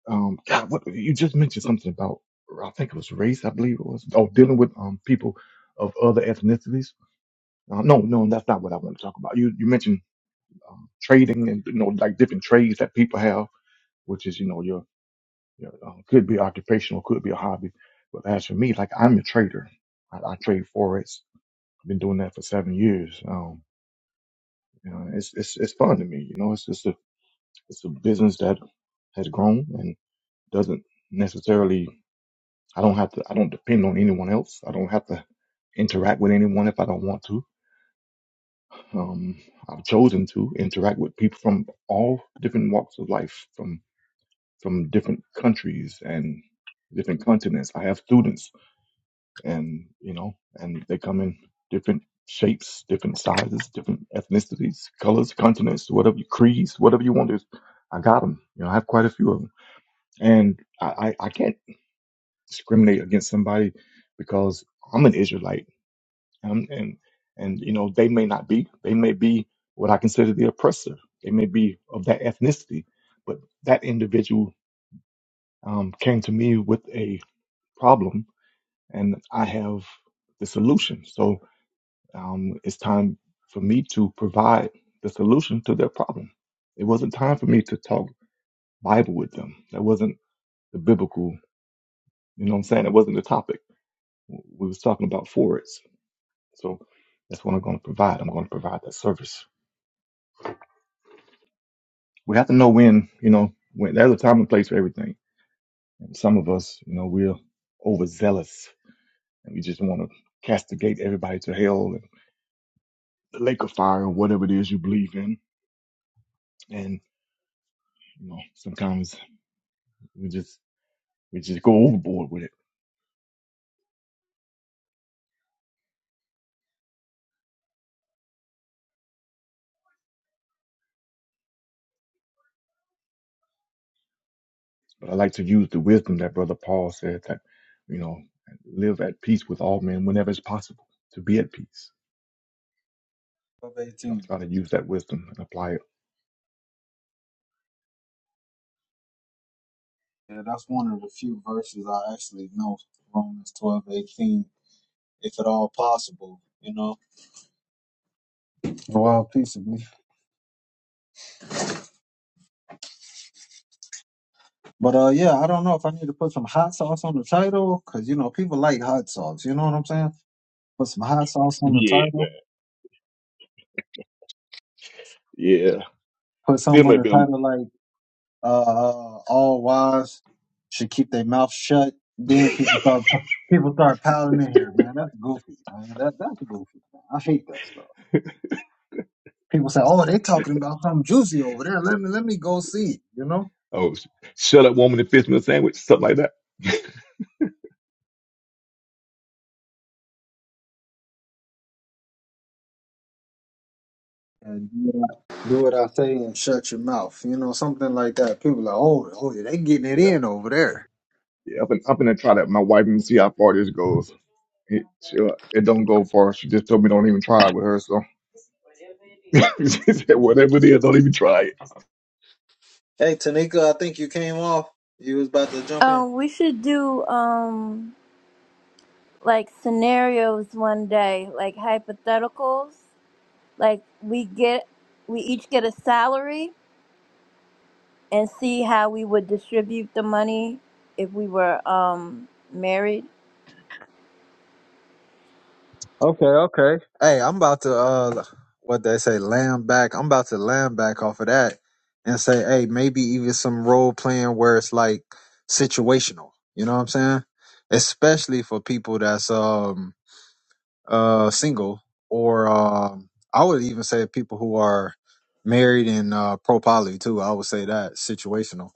Speaker 2: um, God, what you just mentioned something about, I think it was race, I believe it was, oh, dealing with um people of other ethnicities. Uh, no, no, that's not what I want to talk about. You you mentioned um, trading and you know like different trades that people have, which is you know your, your uh, could be occupational, could be a hobby. But as for me, like I'm a trader. I, I trade forex. I've been doing that for seven years. Um, you know, it's it's it's fun to me. You know, it's just It's a business that has grown and doesn't necessarily, I don't have to, I don't depend on anyone else. I don't have to interact with anyone if I don't want to. Um, I've chosen to interact with people from all different walks of life, from from different countries and different continents. I have students, and you know, and they come in different shapes, different sizes, different ethnicities, colors, continents, whatever creeds, whatever you want. Is I got them. You know, I have quite a few of them. And I, I, I can't discriminate against somebody because I'm an Israelite. And, and, and, you know, they may not be, they may be what I consider the oppressor. They may be of that ethnicity, but that individual um, came to me with a problem and I have the solution. So um, it's time for me to provide the solution to their problem. It wasn't time for me to talk Bible with them. That wasn't the biblical, you know what I'm saying? It wasn't the topic we was talking about forwards. So that's what I'm going to provide. I'm going to provide that service. We have to know when, you know, when there's a time and place for everything. And some of us, you know, we're overzealous and we just want to castigate everybody to hell and the lake of fire or whatever it is you believe in. And, you know, sometimes we just, we just go overboard with it. But I like to use the wisdom that brother Paul said that, you know, live at peace with all men whenever it's possible to be at peace.
Speaker 1: Twelve
Speaker 2: So I
Speaker 1: eighteen.
Speaker 2: try to use that wisdom and apply it
Speaker 1: Yeah, that's one of the few verses I actually know. Romans twelve eighteen. If at all possible, you know. Well, peaceably. But uh, yeah, I don't know if I need to put some hot sauce on the title because you know people like hot sauce. You know what I'm saying? Put some hot sauce on the
Speaker 2: Yeah, man.
Speaker 1: title.
Speaker 2: Yeah.
Speaker 1: Put
Speaker 2: It Still
Speaker 1: something on
Speaker 2: might
Speaker 1: the
Speaker 2: be
Speaker 1: title like uh, uh, "All Wise Should Keep Their Mouth Shut." Then
Speaker 2: a,
Speaker 1: people start people start piling in here, man. That's goofy, man. That that's goofy. Man. I hate that stuff. People say, "Oh, they talking about something juicy over there. Let me let me go see." it," You know?
Speaker 2: *laughs* oh, sh- shut up, woman, and fist me a sandwich, something like that. *laughs*
Speaker 1: and do what I do what I say and shut your mouth. You know, something like that. People are like, oh, oh, yeah, they getting it
Speaker 2: Yeah.
Speaker 1: in over there.
Speaker 2: Yeah. I've been, I've been to try that. with My wife and see how far this goes. It, she, uh, it don't go far. She just told me don't even try it with her. So *laughs* she said, whatever it is, don't even try it. I
Speaker 1: Hey, Tanika, I think you came off. You was about to jump in.
Speaker 3: Um, we should do um like scenarios one day, like hypotheticals. Like we get, we each get a salary and see how we would distribute the money if we were um married.
Speaker 1: Okay, okay. Hey, I'm about to uh, what they say, lamb back. I'm about to lamb back off of that and say, hey, maybe even some role playing where it's like situational. You know what I'm saying? Especially for people that's um uh, single, or um, I would even say people who are married and uh, pro poly too. I would say that situational.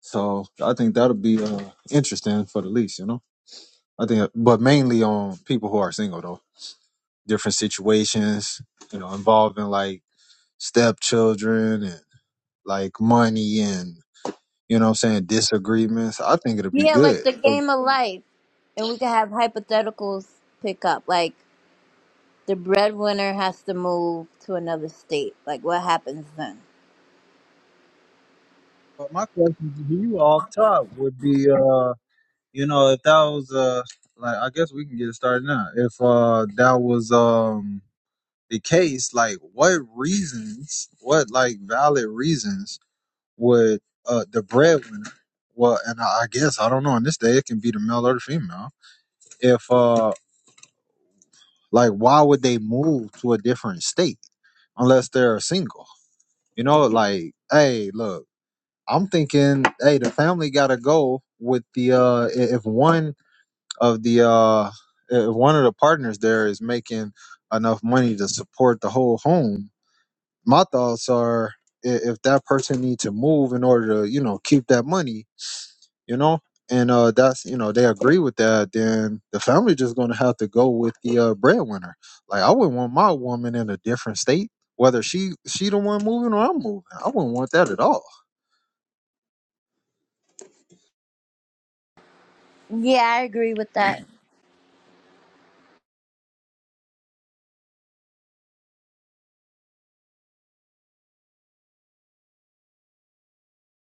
Speaker 1: So I think that'll be uh, interesting for the least, you know. I think, but mainly on people who are single though. Different situations, you know, involving like stepchildren and like money and you know what I'm saying disagreements. I think it'll be
Speaker 3: Yeah,
Speaker 1: good.
Speaker 3: like the
Speaker 1: But
Speaker 3: game of life, and we could have hypotheticals pick up like. the breadwinner has to move to another state. Like, what happens then?
Speaker 1: But my question to you off top would be, uh, You know, if that was uh like I guess we can get it started now. If uh that was um the case, like what reasons, what like valid reasons would uh the breadwinner well and I, I guess I don't know, in this day it can be the male or the female. If uh like why would they move to a different state unless they're single? You know, like, hey, look, I'm thinking, hey, the family gotta go with the uh i- if one of the uh, uh, one of the partners there is making enough money to support the whole home. My thoughts are i- if that person needs to move in order to you know keep that money, you know, and uh, that's you know they agree with that, then the family just gonna have to go with the uh, breadwinner. Like I wouldn't want my woman in a different state, whether she she the one moving or I'm moving. I wouldn't want that at all.
Speaker 3: Yeah, I agree with that.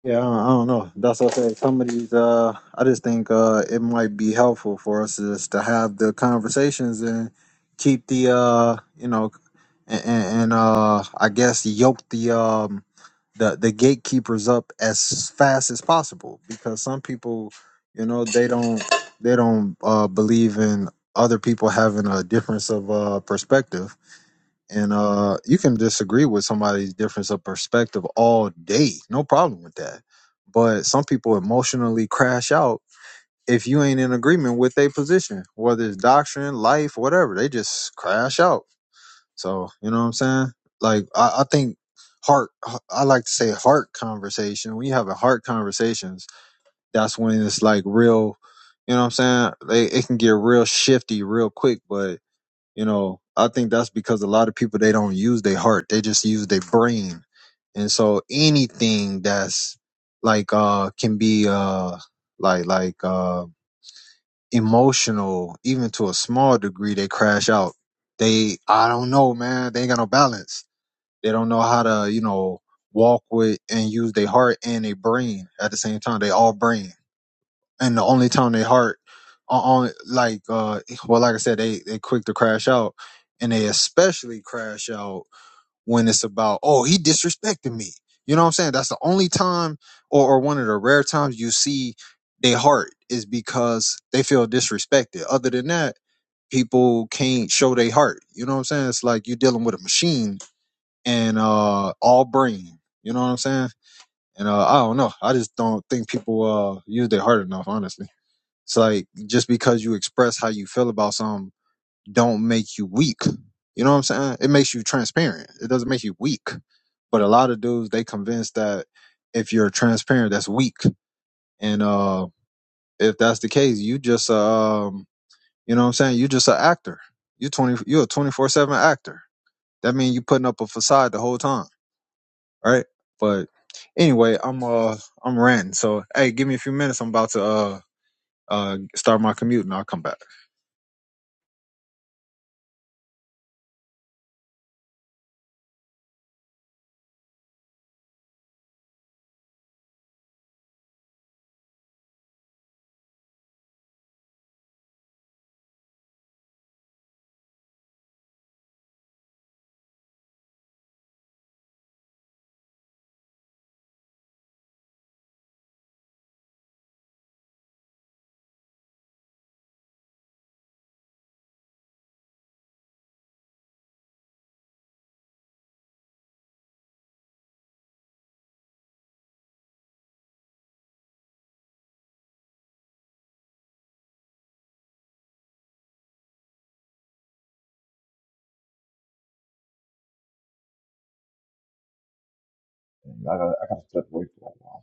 Speaker 1: Yeah, I don't I don't know. That's what I said. Some of these, uh, I just think uh, it might be helpful for us just to have the conversations and keep the, uh, you know, and, and uh, I guess yoke the um the the gatekeepers up as fast as possible because some people, you know, they don't they don't uh, believe in other people having a difference of uh, perspective and uh you can disagree with somebody's difference of perspective all day no problem with that but some people emotionally crash out if you ain't in agreement with their position whether it's doctrine life whatever they just crash out so you know what i'm saying like i, I think heart i like to say heart conversation when you have a heart conversations that's when it's like real you know what i'm saying they, it can get real shifty real quick but you know, I think that's because a lot of people they don't use their heart; they just use their brain. And so anything that's like uh can be uh like like uh emotional, even to a small degree, they crash out. They I don't know, man. They ain't got no balance. They don't know how to you know walk with and use their heart and their brain at the same time. They all brain and the only time they heart on like uh well like i said they they quick to crash out and they especially crash out when it's about oh he disrespected me you know what i'm saying that's the only time or, or one of the rare times you see they heart is because they feel disrespected other than that people can't show they heart you know what i'm saying it's like you're dealing with a machine and uh all brain you know what i'm saying and uh i don't know i just don't think people uh use their heart enough honestly it's like just because you express how you feel about something don't make you weak. You know what I'm saying? It makes you transparent. It doesn't make you weak. But a lot of dudes they convinced that if you're transparent, that's weak. And uh if that's the case, you just uh, um you know what I'm saying, you just an actor. You twenty you're a twenty four seven actor. That means you putting up a facade the whole time, right? But anyway, I'm uh I'm ranting. So hey, give me a few minutes. I'm about to uh uh, start my commute, and I'll come back.
Speaker 2: gotta, I gotta step away for a while.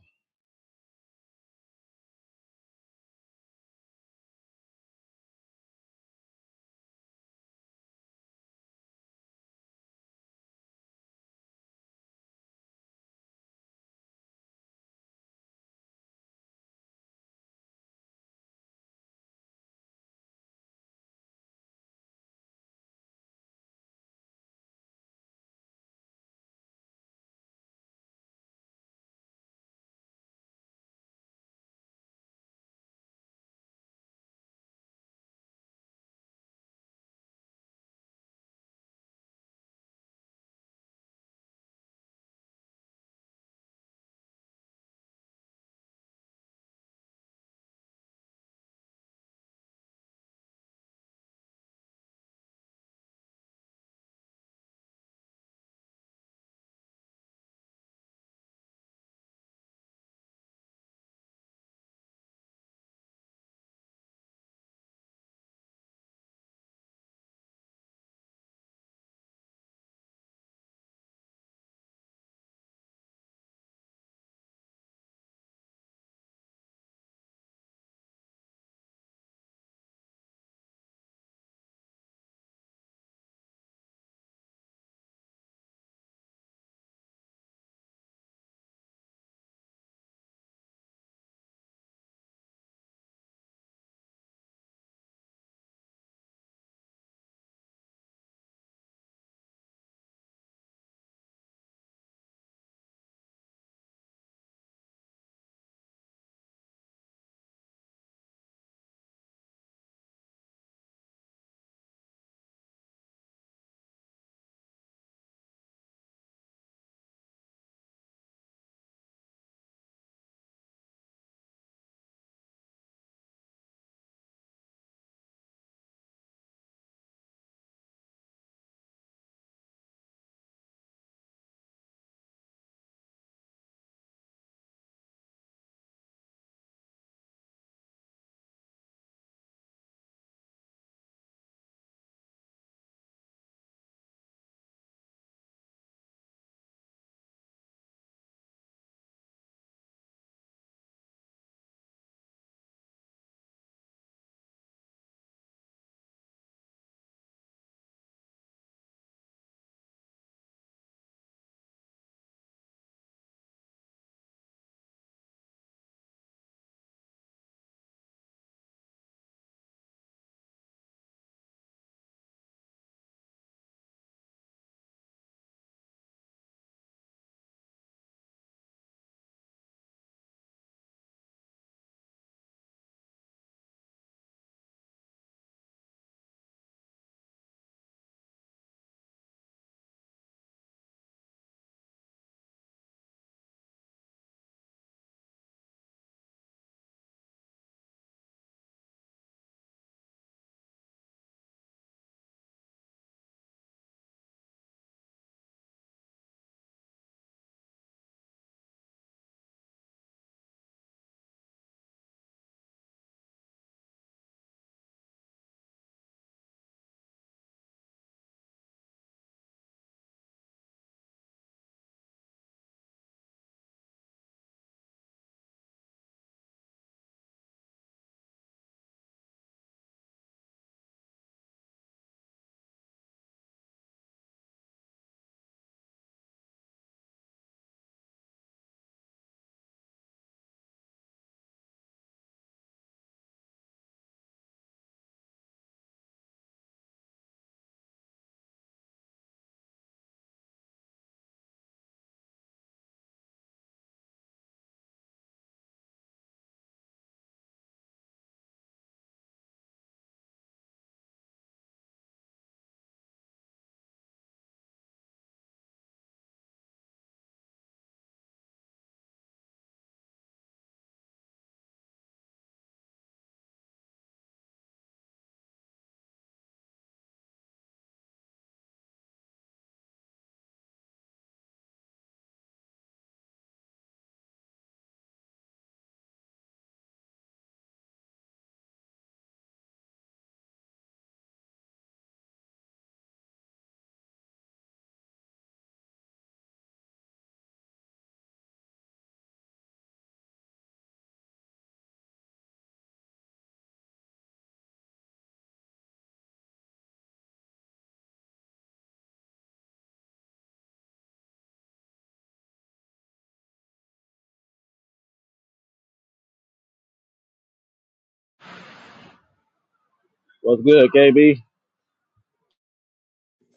Speaker 4: What's good, KB?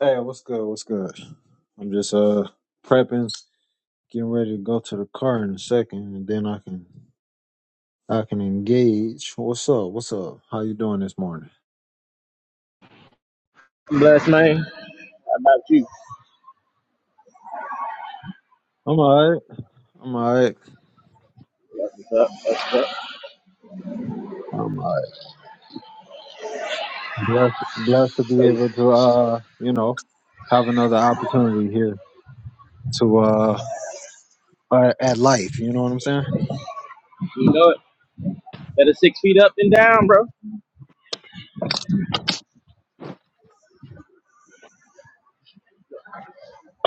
Speaker 1: Hey, what's good? What's good? I'm just uh prepping, getting ready to go to the car in a second, and then I can I can engage. What's up? What's up? How you doing this morning?
Speaker 4: I'm blessed, man. How about you?
Speaker 1: I'm alright. I'm
Speaker 4: That's What's up? That's What's up?
Speaker 1: alright. Blessed, blessed to
Speaker 4: So,
Speaker 1: be able
Speaker 4: you
Speaker 1: to, uh, you know, have another opportunity here to, uh, uh, at life. You know what I'm saying?
Speaker 4: know it. Better six feet up than down, bro.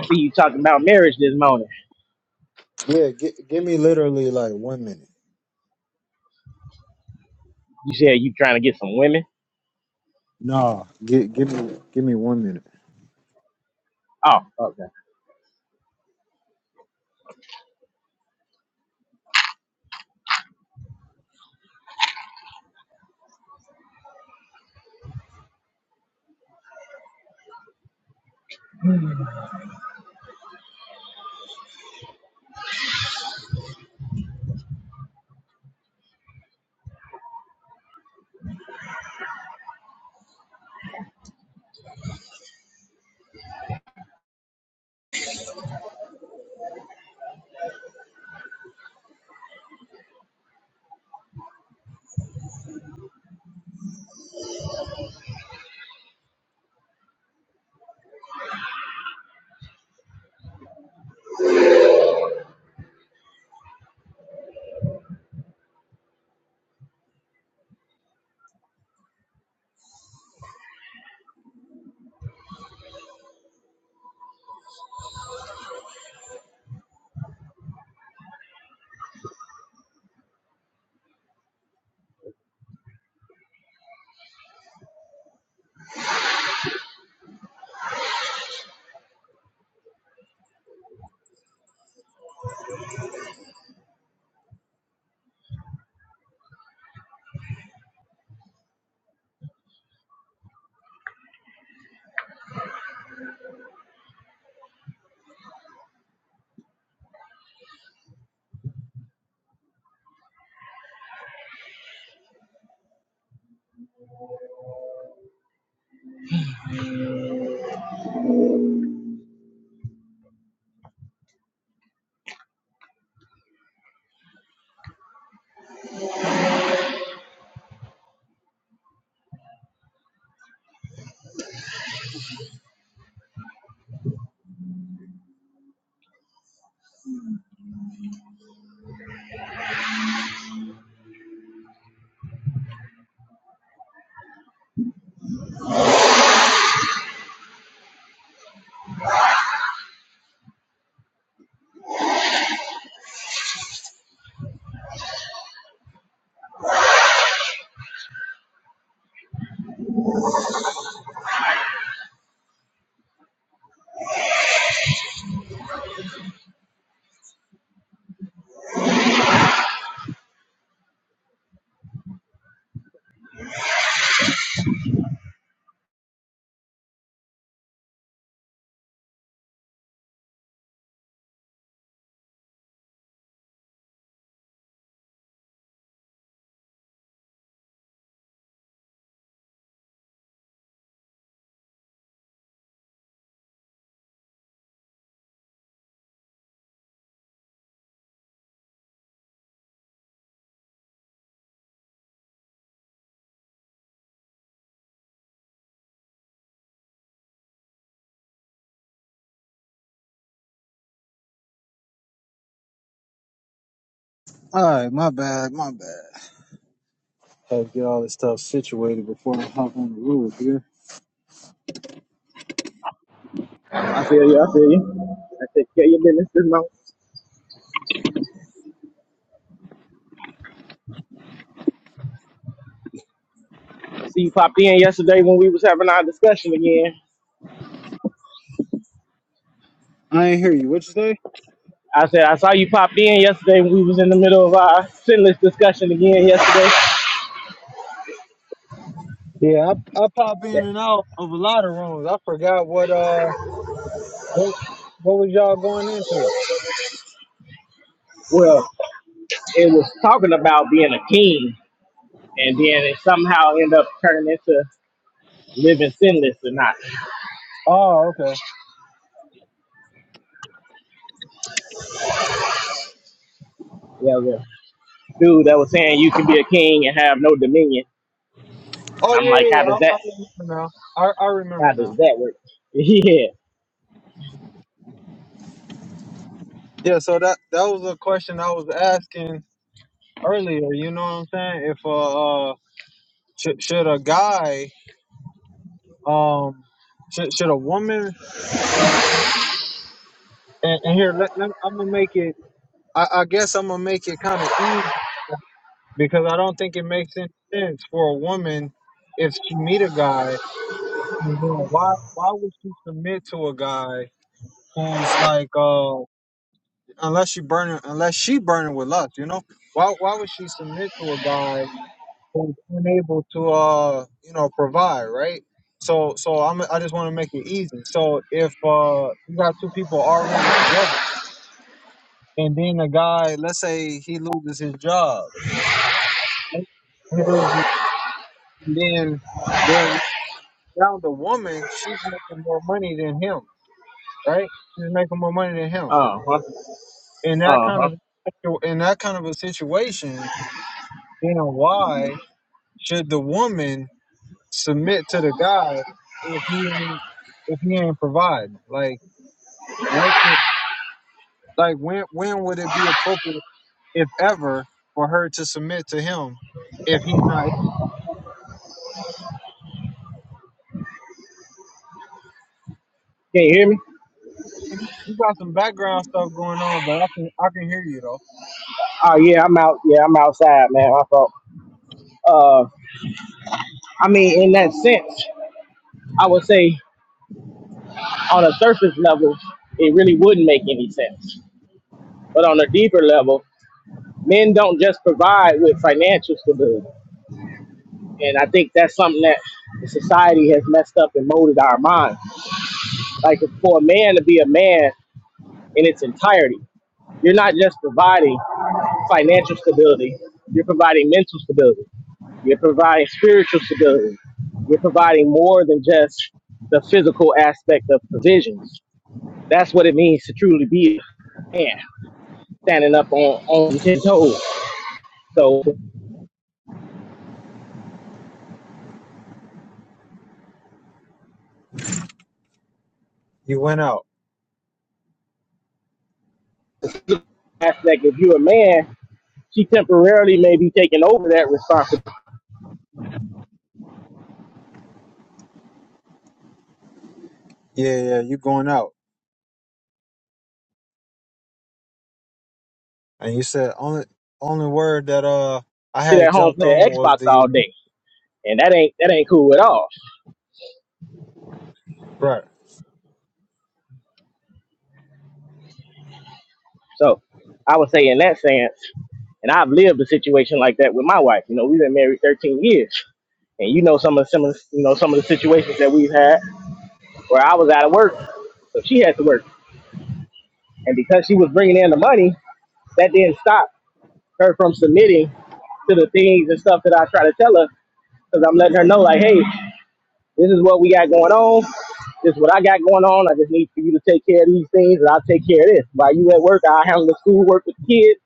Speaker 4: See you talking about marriage this morning.
Speaker 1: Yeah, gi- give me literally like one minute.
Speaker 4: You said you trying to get some women.
Speaker 1: No, give, give me, give me one minute.
Speaker 4: Oh, okay.
Speaker 1: All right, my bad, my bad. Had to get all this stuff situated before I hop on the road, dude.
Speaker 4: I feel you. I feel you. I take care of your business this morning. I see you popped in yesterday when we was having our discussion again.
Speaker 1: I ain't hear you. What you say?
Speaker 4: I said I saw you pop in yesterday when we was in the middle of our sinless discussion again yesterday.
Speaker 1: Yeah, I, I pop
Speaker 4: Yeah.
Speaker 1: in and out of a lot of rooms. I forgot what, uh, what, what was y'all going into?
Speaker 4: Well, it was talking about being a king, and then it somehow ended up turning into living sinless or not.
Speaker 1: Oh, okay.
Speaker 4: Yeah, the dude that was saying you can be a king and have no dominion. And
Speaker 1: Oh
Speaker 4: I'm
Speaker 1: yeah,
Speaker 4: like, how does that
Speaker 1: yeah. yeah. I, I remember now. I, I
Speaker 4: how
Speaker 1: remember
Speaker 4: does
Speaker 1: now.
Speaker 4: that work? *laughs* Yeah.
Speaker 1: Yeah, so that that was a question I was asking earlier. You know what I'm saying? If uh, uh should should a guy um should should a woman uh, and, and here let, let I'm gonna make it. I, I guess I'm gonna make it kind of easy because I don't think it makes any sense for a woman if she meet a guy. And then why why would she submit to a guy who's like uh unless she burning unless she burning with lust? You know why why would she submit to a guy? was unable to uh you know provide right so so i'm i just want to make it easy so if uh you got two people already together and then a guy let's say he loses his job right? he loses and then then now the woman she's making more money than him right she's making more money than him
Speaker 4: Uh huh.
Speaker 1: in that
Speaker 4: Uh
Speaker 1: kind
Speaker 4: huh.
Speaker 1: of in that kind of a situation then why should the woman submit to the guy if he ain't if he ain't providing? Like what? The, like when when would it be appropriate, if ever, for her to submit to him if he's not?
Speaker 4: Can you hear me?
Speaker 1: You got some background stuff going on, but I can I can hear you though.
Speaker 4: Oh yeah, I'm out. Yeah, I'm outside, man. My fault. Uh, I mean, in that sense, I would say on a surface level, it really wouldn't make any sense. But on a deeper level, men don't just provide with financial stability, and I think that's something that the society has messed up and molded our minds Like for a man to be a man in its entirety, you're not just providing financial stability, you're providing mental stability, you're providing spiritual stability, you're providing more than just the physical aspect of provisions. That's what it means to truly be a man, standing up on, on his toes. So
Speaker 1: You went out.
Speaker 4: aspect, if you're a man, she temporarily may be taking over that responsibility.
Speaker 1: Yeah, yeah, you going out, and you said only only word that uh I
Speaker 4: Sit
Speaker 1: had
Speaker 4: at home
Speaker 1: jumped
Speaker 4: playing
Speaker 1: on was
Speaker 4: Xbox
Speaker 1: the
Speaker 4: all day. And that ain't that ain't cool at all.
Speaker 1: right.
Speaker 4: So I would say in that sense, and I've lived a situation like that with my wife. You know, we've been married 13 years, and you know some of some of you know some of the situations that we've had where I was out of work, so she had to work, and because she was bringing in the money, that didn't stop her from submitting to the things and stuff that I try to tell her because I'm letting her know like, hey, this is what we got going on. This is what I got going on. I just need for you to take care of these things, and I'll take care of this. While you at work, I handle the school work with kids,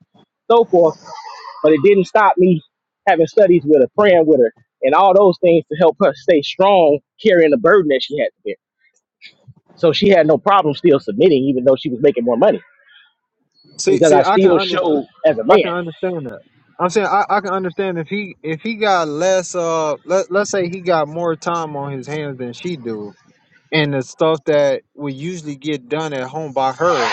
Speaker 4: so forth. but it didn't stop me having studies with her, praying with her, and all those things to help her stay strong, carrying the burden that she had to bear. So she had no problem still submitting, even though she was making more money,
Speaker 1: See,
Speaker 4: because
Speaker 1: see,
Speaker 4: I
Speaker 1: I can
Speaker 4: still
Speaker 1: understand.
Speaker 4: showed as a
Speaker 1: I
Speaker 4: man.
Speaker 1: can understand that. I'm saying I, I can understand if he if he got less uh let let's say he got more time on his hands than she do and the stuff that would usually get done at home by her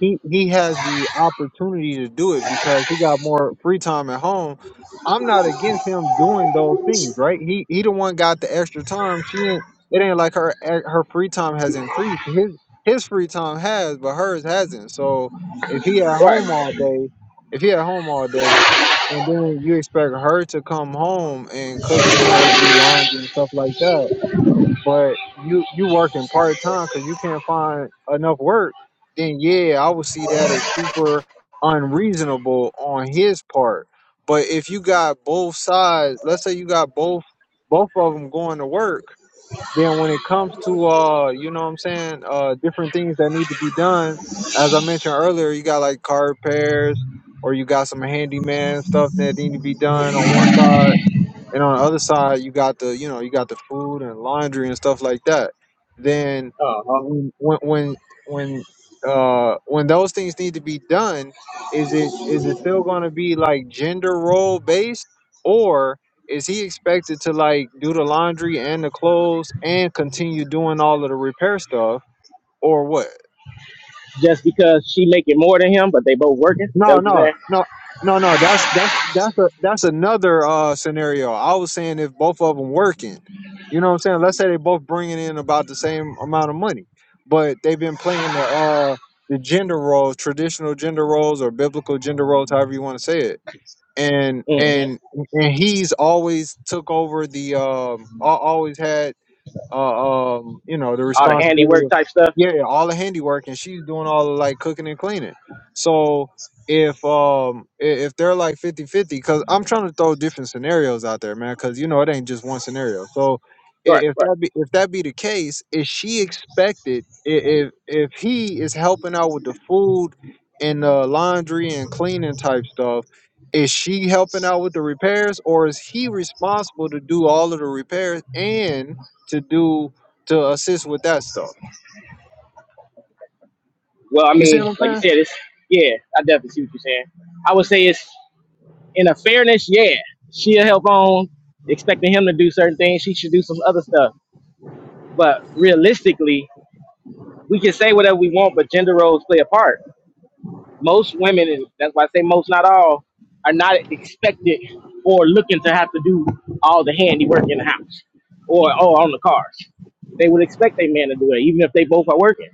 Speaker 1: he he has the opportunity to do it because he got more free time at home. I'm not against him doing those things, right? He he the one got the extra time. She ain't. It ain't like her eh, her free time has increased. His his free time has, but hers hasn't. So if he at
Speaker 4: Right.
Speaker 1: home all day, if he at home all day, and then you expect her to come home and cook dinner, do laundry and stuff like that but you you working part time because you can't find enough work, then yeah, I would see that as super unreasonable on his part. But if you got both sides, let's say you got both both of them going to work, then when it comes to uh, you know what I'm saying, uh, different things that need to be done, as I mentioned earlier, you got like car repairs or you got some handyman stuff that need to be done on one side and on the other side you got the you know you got the food and laundry and stuff like that then
Speaker 4: Uh huh.
Speaker 1: when when when when, uh when those things need to be done is it is it still going to be like gender role based or is he expected to like do the laundry and the clothes and continue doing all of the repair stuff or what
Speaker 4: Just because she making more than him, but they both working. Is that
Speaker 1: No,
Speaker 4: what
Speaker 1: no,
Speaker 4: you're
Speaker 1: no, no, no. That's that's that's a that's another uh scenario. I was saying if both of them working, you know what I'm saying. Let's say they both bringing in about the same amount of money, but they've been playing the uh the gender roles, traditional gender roles or biblical gender roles, however you want to say it. And
Speaker 4: saying?
Speaker 1: and and he's always took over the um al- always had uh, um, you know, the
Speaker 4: hmm All the
Speaker 1: responsibility
Speaker 4: handiwork
Speaker 1: of
Speaker 4: type stuff.
Speaker 1: yeah, all the handiwork, and she's doing all the like cooking and cleaning. So if um i- if they're like fifty-fifty, because i'm trying to throw different scenarios out there man because you know it ain't just one scenario so
Speaker 4: Right.
Speaker 1: i- if
Speaker 4: Right.
Speaker 1: that be if that be the case is she expected i- if if he is helping out with the food and the laundry and cleaning type stuff is she helping out with the repairs or is he responsible to do all of the repairs and to do to assist with that stuff.
Speaker 4: Well, I
Speaker 1: You see
Speaker 4: mean,
Speaker 1: what I'm
Speaker 4: like you said,
Speaker 1: saying?
Speaker 4: it's yeah. I definitely see what you're saying. I would say it's in a fairness. Yeah, she'll help on expecting him to do certain things. She should do some other stuff But realistically, we can say whatever we want, but gender roles play a part. Most women, and that's why I say most, not all, are not expected or looking to have to do all the handiwork in the house or, or on the cars. They would expect a man to do it, even if they both are working.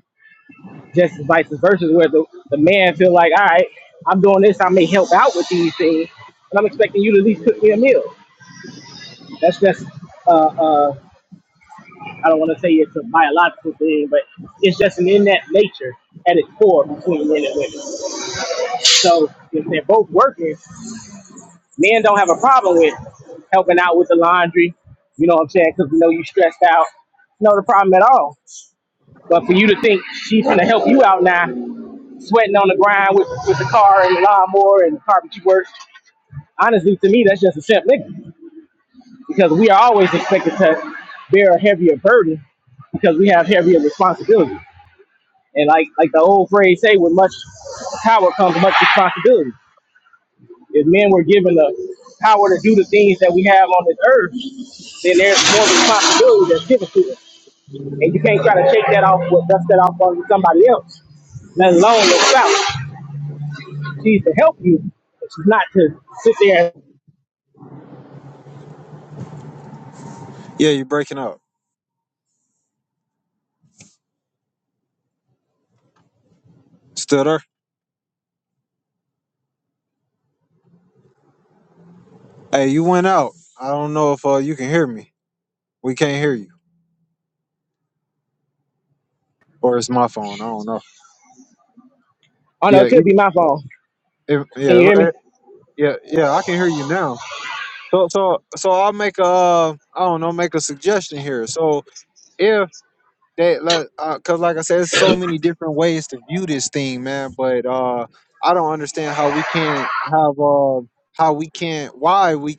Speaker 4: Just as vice versa, where the, the man feel like, all right, I'm doing this, I may help out with these things, but I'm expecting you to at least cook me a meal. That's just uh, uh, I don't want to say it's a biological thing, but it's just an innate nature at its core between men and women. So if they're both working, men don't have a problem with helping out with the laundry. You know what I'm saying? Because we know you stressed out. No, the problem at all. But for you to think she's gonna help you out now, sweating on the grind with, with the car and the lawnmower and the carpet you work. Honestly, to me, that's just a simp nigga because we are always expected to bear a heavier burden because we have heavier responsibilities. And like like the old phrase say, with much power comes much responsibility. If men were given the power to do the things that we have on this earth, then there's more responsibility that's given to us. And you can't try to take that off or dust that off onto somebody else, let alone your spouse. She's to help you. but She's not to sit there and,
Speaker 1: Yeah, you're breaking up. Still there? Hey, you went out. I don't know if uh, you can hear me. We can't hear you, or it's my phone. I don't know.
Speaker 4: oh no,
Speaker 1: Yeah,
Speaker 4: it could be
Speaker 1: you-
Speaker 4: my phone.
Speaker 1: if,
Speaker 4: Can you
Speaker 1: yeah,
Speaker 4: hear
Speaker 1: eh,
Speaker 4: me?
Speaker 1: yeah, yeah. I can hear you now. So, so, so I'll make a, uh, I don't know, make a suggestion here. So if they like, uh 'cause like I said, there's so many different ways to view this thing, man. But uh, I don't understand how we can't have uh, how we can't, why we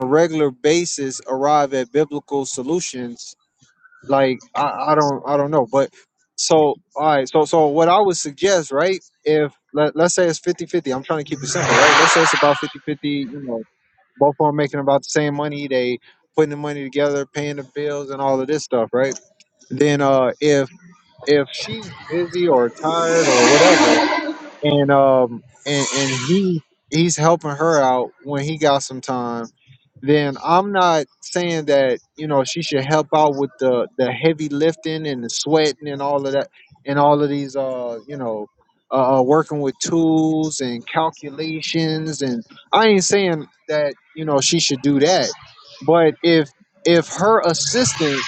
Speaker 1: a regular basis arrive at biblical solutions like I, I don't i don't know but so all right so so what i would suggest right if let, let's say it's 5050 i'm trying to keep it simple right let's say it's about fifty-fifty. you know both of them making about the same money they putting the money together paying the bills and all of this stuff right then uh if if she's busy or tired or whatever and um and, and he he's helping her out when he got some time then i'm not saying that you know she should help out with the the heavy lifting and the sweating and all of that and all of these uh you know uh uh, working with tools and calculations and i ain't saying that you know she should do that but if if her assistant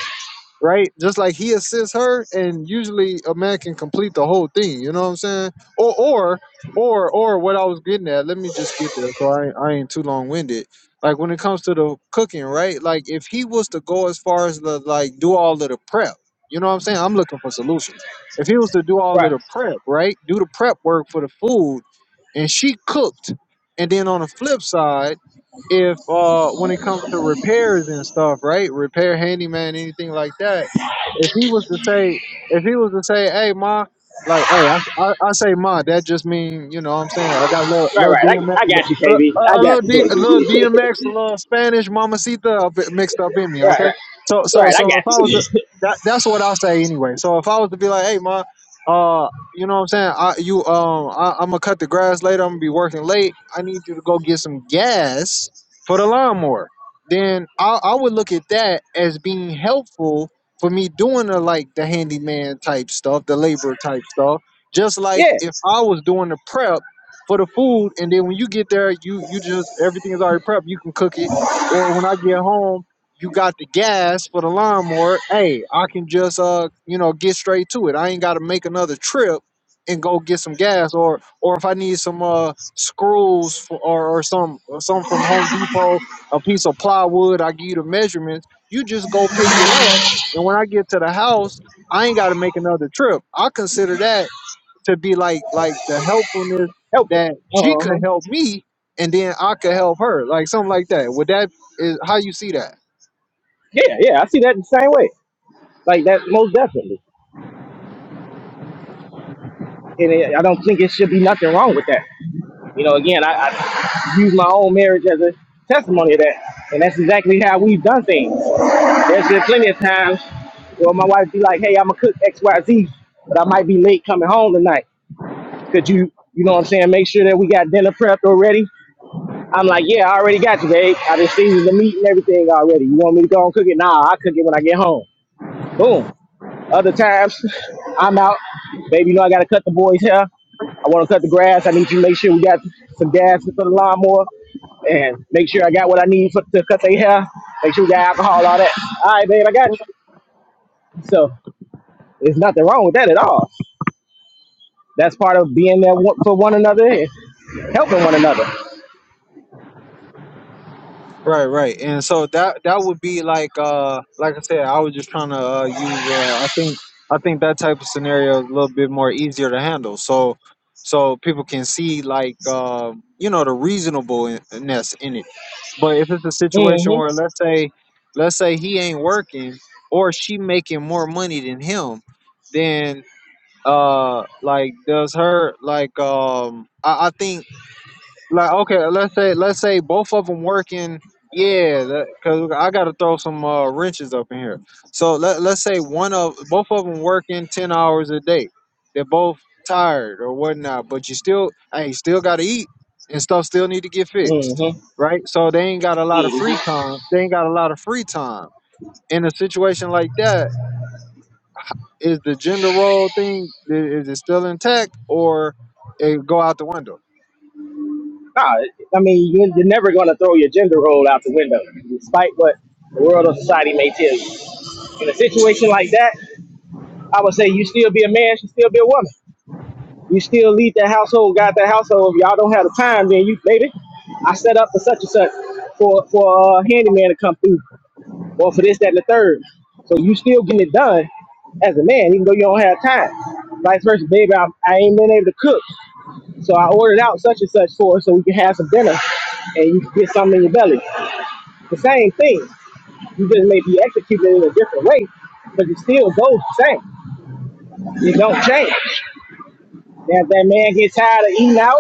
Speaker 1: right? Just like he assists her, and usually a man can complete the whole thing. You know what I'm saying? Or or or or what I was getting at. Let me just get there, so I ain't- I ain't too long winded. Like when it comes to the cooking, right? Like if he was to go as far as the like do all of the prep, you know what I'm saying? I'm looking for solutions. If he was to do all of
Speaker 4: Right.
Speaker 1: the prep, right? Do the prep work for the food, and she cooked, and then on the flip side if uh when it comes to repairs and stuff, right? Repair handyman, anything like that. If he was to say, if he was to say, hey ma, like hey, I I, I say ma, that just mean you know what I'm saying I got a little
Speaker 4: Right,
Speaker 1: little
Speaker 4: right.
Speaker 1: DMX,
Speaker 4: I, I
Speaker 1: uh,
Speaker 4: got you,
Speaker 1: uh, a
Speaker 4: KB. I
Speaker 1: a, a little
Speaker 4: got you,
Speaker 1: D, a
Speaker 4: KB.
Speaker 1: little DMX, a little Spanish mamacita up- mixed up in me.
Speaker 4: Right,
Speaker 1: Okay,
Speaker 4: right.
Speaker 1: so so
Speaker 4: Right, I
Speaker 1: so if I
Speaker 4: got
Speaker 1: was
Speaker 4: you.
Speaker 1: to, that that's what I say anyway. So if I was to be like, hey ma, uh. You know what I'm saying? I you um I, I'm gonna cut the grass later. I'm gonna be working late. I need you to go get some gas for the lawnmower, then I, I would look at that as being helpful for me doing the like the handyman type stuff, the labor type stuff. Just
Speaker 4: *laughs*
Speaker 1: like
Speaker 4: yeah.
Speaker 1: if I was doing the prep for the food, and then when you get there, you you just everything is already prepped. You can cook it, or when I get home, you got the gas for the lawnmower. Hey, I can just uh you know get straight to it. I ain't got to make another trip and go get some gas, or or if I need some uh screws for, or, or some or some from Home Depot, a piece of plywood. I give you the measurements. You just go pick it up, and when I get to the house, I ain't got to make another trip. I consider that to be like like the helpfulness
Speaker 4: Help it.
Speaker 1: that she
Speaker 4: Uh-huh.
Speaker 1: could help me, and then I could help her, like something like that. Would that is how you see that?
Speaker 4: Yeah, yeah, I see that the same way. Like that, most definitely. And it, I don't think it should be nothing wrong with that. You know, again, I, I use my own marriage as a testimony of that, and that's exactly how we've done things. There's been plenty of times where my wife be like, "Hey, I'm gonna cook X, Y, Z, but I might be late coming home tonight. Could you, you know, what I'm saying, make sure that we got dinner prepped already?" I'm like, "Yeah, I already got you, babe. I just seasoned the meat and everything already. You want me to go and cook it? Nah, I cook it when I get home. Boom. Other times, I'm out. Baby, you know I gotta cut the boys' hair. I want to cut the grass. I need you to make sure we got some gas for the lawnmower and make sure I got what I need for, to cut their hair. Make sure we got alcohol, all that. All right, babe, I got you. So there's nothing wrong with that at all. That's part of being there one- for one another and helping one another.
Speaker 1: Right, right. And so that that would be like uh like I said, I was just trying to uh, use uh I think I think that type of scenario is a little bit more easier to handle. So so people can see like uh, you know the reasonableness in it. But if it's a situation where
Speaker 4: Mm-hmm.
Speaker 1: let's say let's say he ain't working or she making more money than him, then uh like does her like um I, I think like okay let's say let's say both of them working yeah because i gotta throw some uh, wrenches up in here so let, let's say one of both of them working 10 hours a day they're both tired or whatnot but you still hey you still gotta eat and stuff still need to get fixed
Speaker 4: Mm-hmm.
Speaker 1: right so they ain't got a lot of free
Speaker 4: Mm-hmm.
Speaker 1: time they ain't got a lot of free time in a situation like that is the gender role thing i- is it still intact or it go out the window
Speaker 4: Nah, I mean, you- you're never going to throw your gender role out the window, despite what the world or society may tell you. In a situation like that, I would say you still be a man, she still be a woman. You still lead that household, got that household. If y'all don't have the time, then you baby, I set up for such and such for for a handyman to come through, or for this, that, and the third. So you still getting it done as a man, even though you don't have time. Vice versa, baby, I, I ain't been able to cook, so I ordered out such and such for her so we can have some dinner, and you can get something in your belly. The same thing. You just may be executing it in a different way, but it still goes the same. It don't change. Now, if that man gets tired of eating out,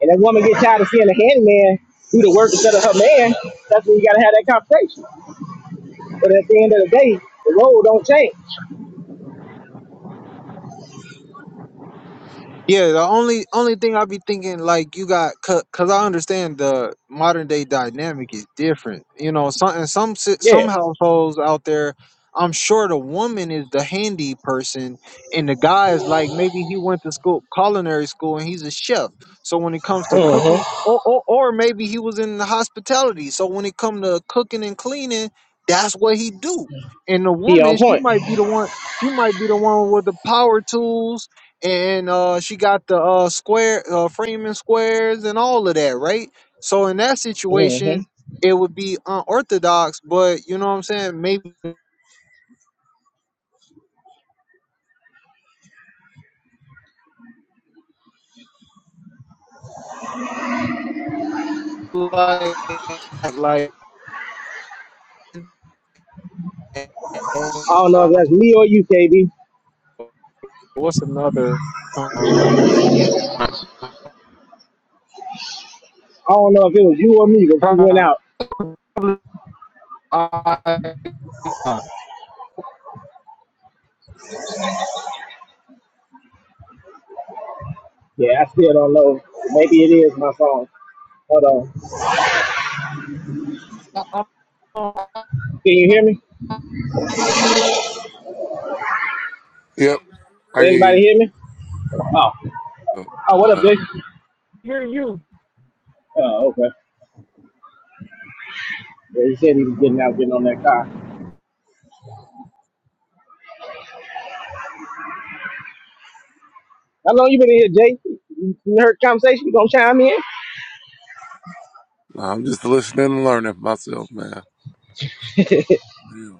Speaker 4: and that woman gets tired of seeing a handyman do the work instead of her man, that's when you gotta have that conversation. But at the end of the day, the role don't change.
Speaker 1: Yeah, the only only thing I be thinking like you got because I understand the modern day dynamic is different. You know, some in some si-
Speaker 4: Yeah.
Speaker 1: some households out there, I'm sure the woman is the handy person, and the guy is like maybe he went to school culinary school and he's a chef. So when it comes to
Speaker 4: hmm
Speaker 1: cooking, or or, or maybe he was in the hospitality. So when it come to cooking and cleaning, that's what he do. And the
Speaker 4: He on
Speaker 1: woman, she
Speaker 4: point.
Speaker 1: might be the one. She might be the one with the power tools and uh, she got the uh, square uh, framing squares and all of that, right? So in that
Speaker 4: hmm
Speaker 1: situation, it would be unorthodox, but you know what I'm saying? Maybe like like like,
Speaker 4: I don't know if
Speaker 1: uh,
Speaker 4: that's me or you, KB.
Speaker 1: what's another uh, cont-
Speaker 4: I don't know if it was you or me, but you went
Speaker 1: I,
Speaker 4: out.
Speaker 1: I
Speaker 4: Yeah, I still don't know. Maybe it is my phone. Hold on.
Speaker 1: I
Speaker 4: Can you hear me?
Speaker 5: Yep, I get you.
Speaker 4: Anybody hear me? Oh.
Speaker 5: Oh,
Speaker 4: Oh, what up,
Speaker 5: Okay.
Speaker 4: bitch?
Speaker 1: hear you.
Speaker 4: Oh, okay. Yeah, he said he was getting out, getting on that car. How long you been in here, Jay? You heard the conversation? You gonna chime in?
Speaker 5: Nah, I'm just listening and learning myself, man. Yeah.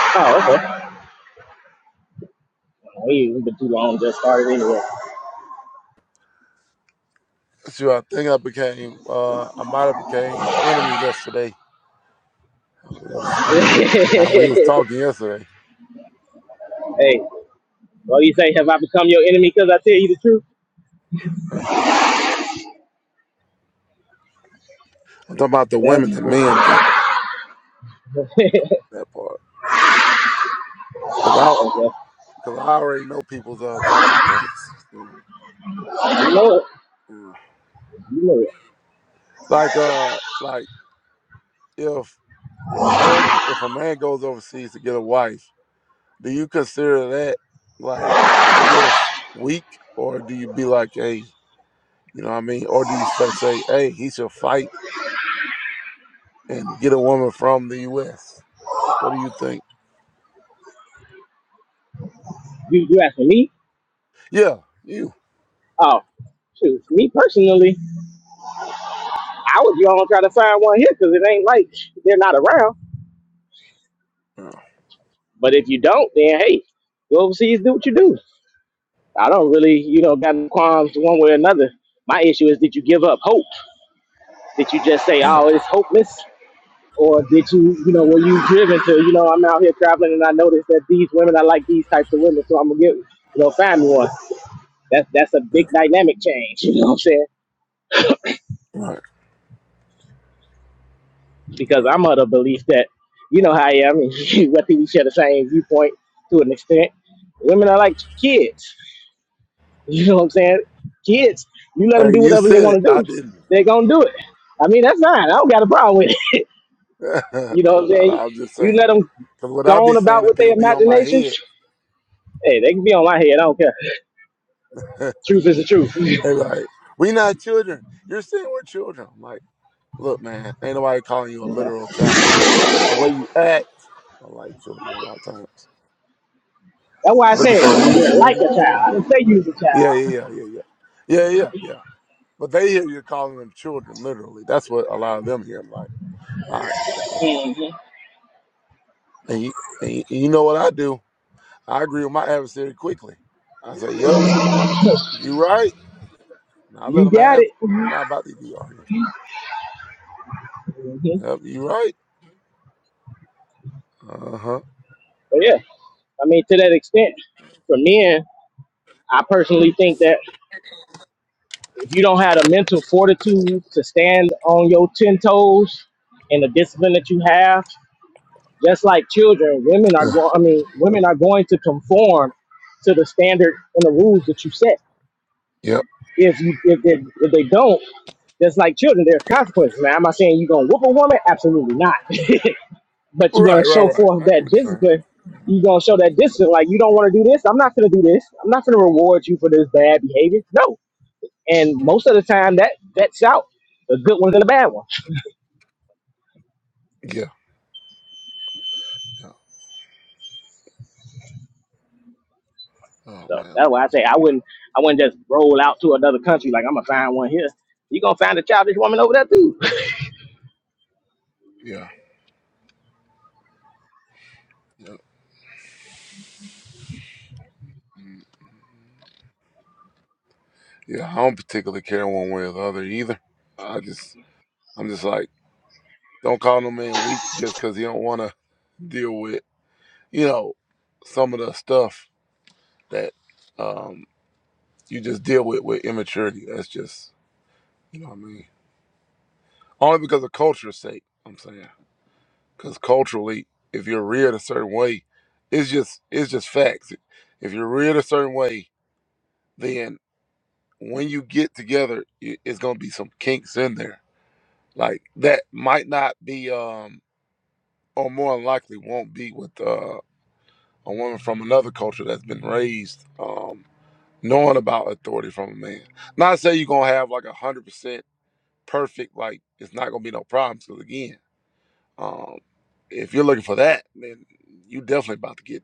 Speaker 4: Oh, okay. Oh, you- been too long. Just started anyway.
Speaker 5: So I think I became, uh, I might have became my enemy yesterday. How We
Speaker 4: *laughs*
Speaker 5: was, how we was talking yesterday.
Speaker 4: hey, what do you say? Have I become your enemy because I tell you the truth?
Speaker 5: *laughs* I'm talking about the
Speaker 4: Yes.
Speaker 5: women and men thing,
Speaker 4: *laughs*
Speaker 5: that part. Cause I,
Speaker 4: okay.
Speaker 5: cause I already know people's, uh, talking points. So,
Speaker 4: You know it.
Speaker 5: yeah.
Speaker 4: You know it.
Speaker 5: Like, uh, like if a man, if a man goes overseas to get a wife, do you consider that like, I guess, weak? Or do you be like, hey, You know what I mean? Or do you fa- say, hey, he should fight and get a woman from the U.S.? What do you think?
Speaker 4: You, you asking me?
Speaker 5: Yeah, you.
Speaker 4: Oh, shoot. Me personally, I was gonna try to find one here because it ain't like they're not around.
Speaker 5: Yeah,
Speaker 4: But if you don't, then hey, go overseas, do what you do. I don't really, you know, got any qualms one way or another. My issue is, did you give up hope? Did you just say,
Speaker 5: yeah,
Speaker 4: "Oh, it's hopeless," or did you, you know, were you driven to, you know, I'm out here traveling and I noticed that these women, I like these types of women, so I'm gonna get, you know, find one. That's that's a
Speaker 5: yeah.
Speaker 4: big dynamic change. *laughs* You know what I'm saying?
Speaker 5: Right,
Speaker 4: Because
Speaker 5: right.
Speaker 4: I'm of the belief that, you know, how I am. *laughs* Whether we share the same viewpoint to an extent, women are like kids. *laughs* You know what I'm saying? Kids, you let them
Speaker 5: Hey,
Speaker 4: do
Speaker 5: you
Speaker 4: whatever they
Speaker 5: said it.
Speaker 4: want to
Speaker 5: I
Speaker 4: do,
Speaker 5: didn't.
Speaker 4: they're gonna do it. I mean, that's fine. I don't got a problem with it. *laughs*
Speaker 5: *laughs* no,
Speaker 4: You know what
Speaker 5: no,
Speaker 4: I'm
Speaker 5: no.
Speaker 4: saying?
Speaker 5: I'm just
Speaker 4: You
Speaker 5: saying.
Speaker 4: let them
Speaker 5: Because what I
Speaker 4: go
Speaker 5: be
Speaker 4: on
Speaker 5: saying
Speaker 4: about
Speaker 5: to
Speaker 4: with their
Speaker 5: people be on my
Speaker 4: imaginations.
Speaker 5: head.
Speaker 4: Hey, they can be on my head. I don't care.
Speaker 5: *laughs*
Speaker 4: Truth is the
Speaker 5: they
Speaker 4: truth. *laughs*
Speaker 5: like, we not children. You're saying we're children. I'm like, look, man, ain't nobody calling you a literal child, but the way you act, I like children a lot of times.
Speaker 4: That's why I
Speaker 5: Looking
Speaker 4: said
Speaker 5: for
Speaker 4: you're like a
Speaker 5: reassurance.
Speaker 4: child. I
Speaker 5: and-
Speaker 4: didn't say you was a
Speaker 5: yeah, yeah,
Speaker 4: child.
Speaker 5: yeah, yeah, yeah. Yeah, yeah, yeah. But they hear you calling them children, literally. That's what a lot of them hear. I'm like, all right, okay.
Speaker 4: hmm
Speaker 5: And you, and you, and you know what I do? I agree with my adversary quickly. I say, yep, you right. And I let
Speaker 4: You
Speaker 5: them
Speaker 4: got
Speaker 5: have
Speaker 4: it.
Speaker 5: it. I'm not
Speaker 4: hmm
Speaker 5: about to be arguing.
Speaker 4: But
Speaker 5: Yep, you right. Uh huh.
Speaker 4: yeah, I mean, to that extent, for men, I personally think that if you don't have the mental fortitude to stand on your ten toes and the discipline that you have, just like children, women are going. I mean, women are going to conform to the standard and the rules that you set.
Speaker 5: Yep.
Speaker 4: if you if they, if they don't, that's like children. There's consequences. Now, am I saying you're gonna whoop a woman? Absolutely not. *laughs* but you're gonna
Speaker 5: Right, right,
Speaker 4: show
Speaker 5: right.
Speaker 4: forth
Speaker 5: I get
Speaker 4: that
Speaker 5: what you're saying.
Speaker 4: discipline. You're gonna show that discipline. Like you don't want to do this. I'm not gonna do this. I'm not gonna reward you for this bad behavior. No. And
Speaker 5: Right,
Speaker 4: most of the
Speaker 5: right.
Speaker 4: time, that that's out the good ones and the bad ones.
Speaker 5: Yeah, yeah. Oh,
Speaker 4: So
Speaker 5: man.
Speaker 4: that's why I say I wouldn't I wouldn't just roll out to another country like I'm gonna find one here. You're gonna find a childish woman over there too.
Speaker 5: Yeah, yeah. Mm. Yeah, I don't particularly care one way or the other either. I just, I'm just like, don't call no man weak just because he don't want to deal with you know, some of the stuff that um, you just deal with with immaturity. That's just, you know what I mean? Only because of culture's sake, I'm saying. Because culturally, if you're reared a certain way, it's just it's just facts. If you're reared a certain way, then when you get together, i- it's gonna be some kinks in there. Like that might not be, um, or more than likely won't be with uh, a woman from another culture that's been raised. Um, knowing about authority from a man. Not say you're gonna have like a hundred percent perfect, like it's not gonna be no problems. Because again, um, if you're looking for that, then you definitely about to get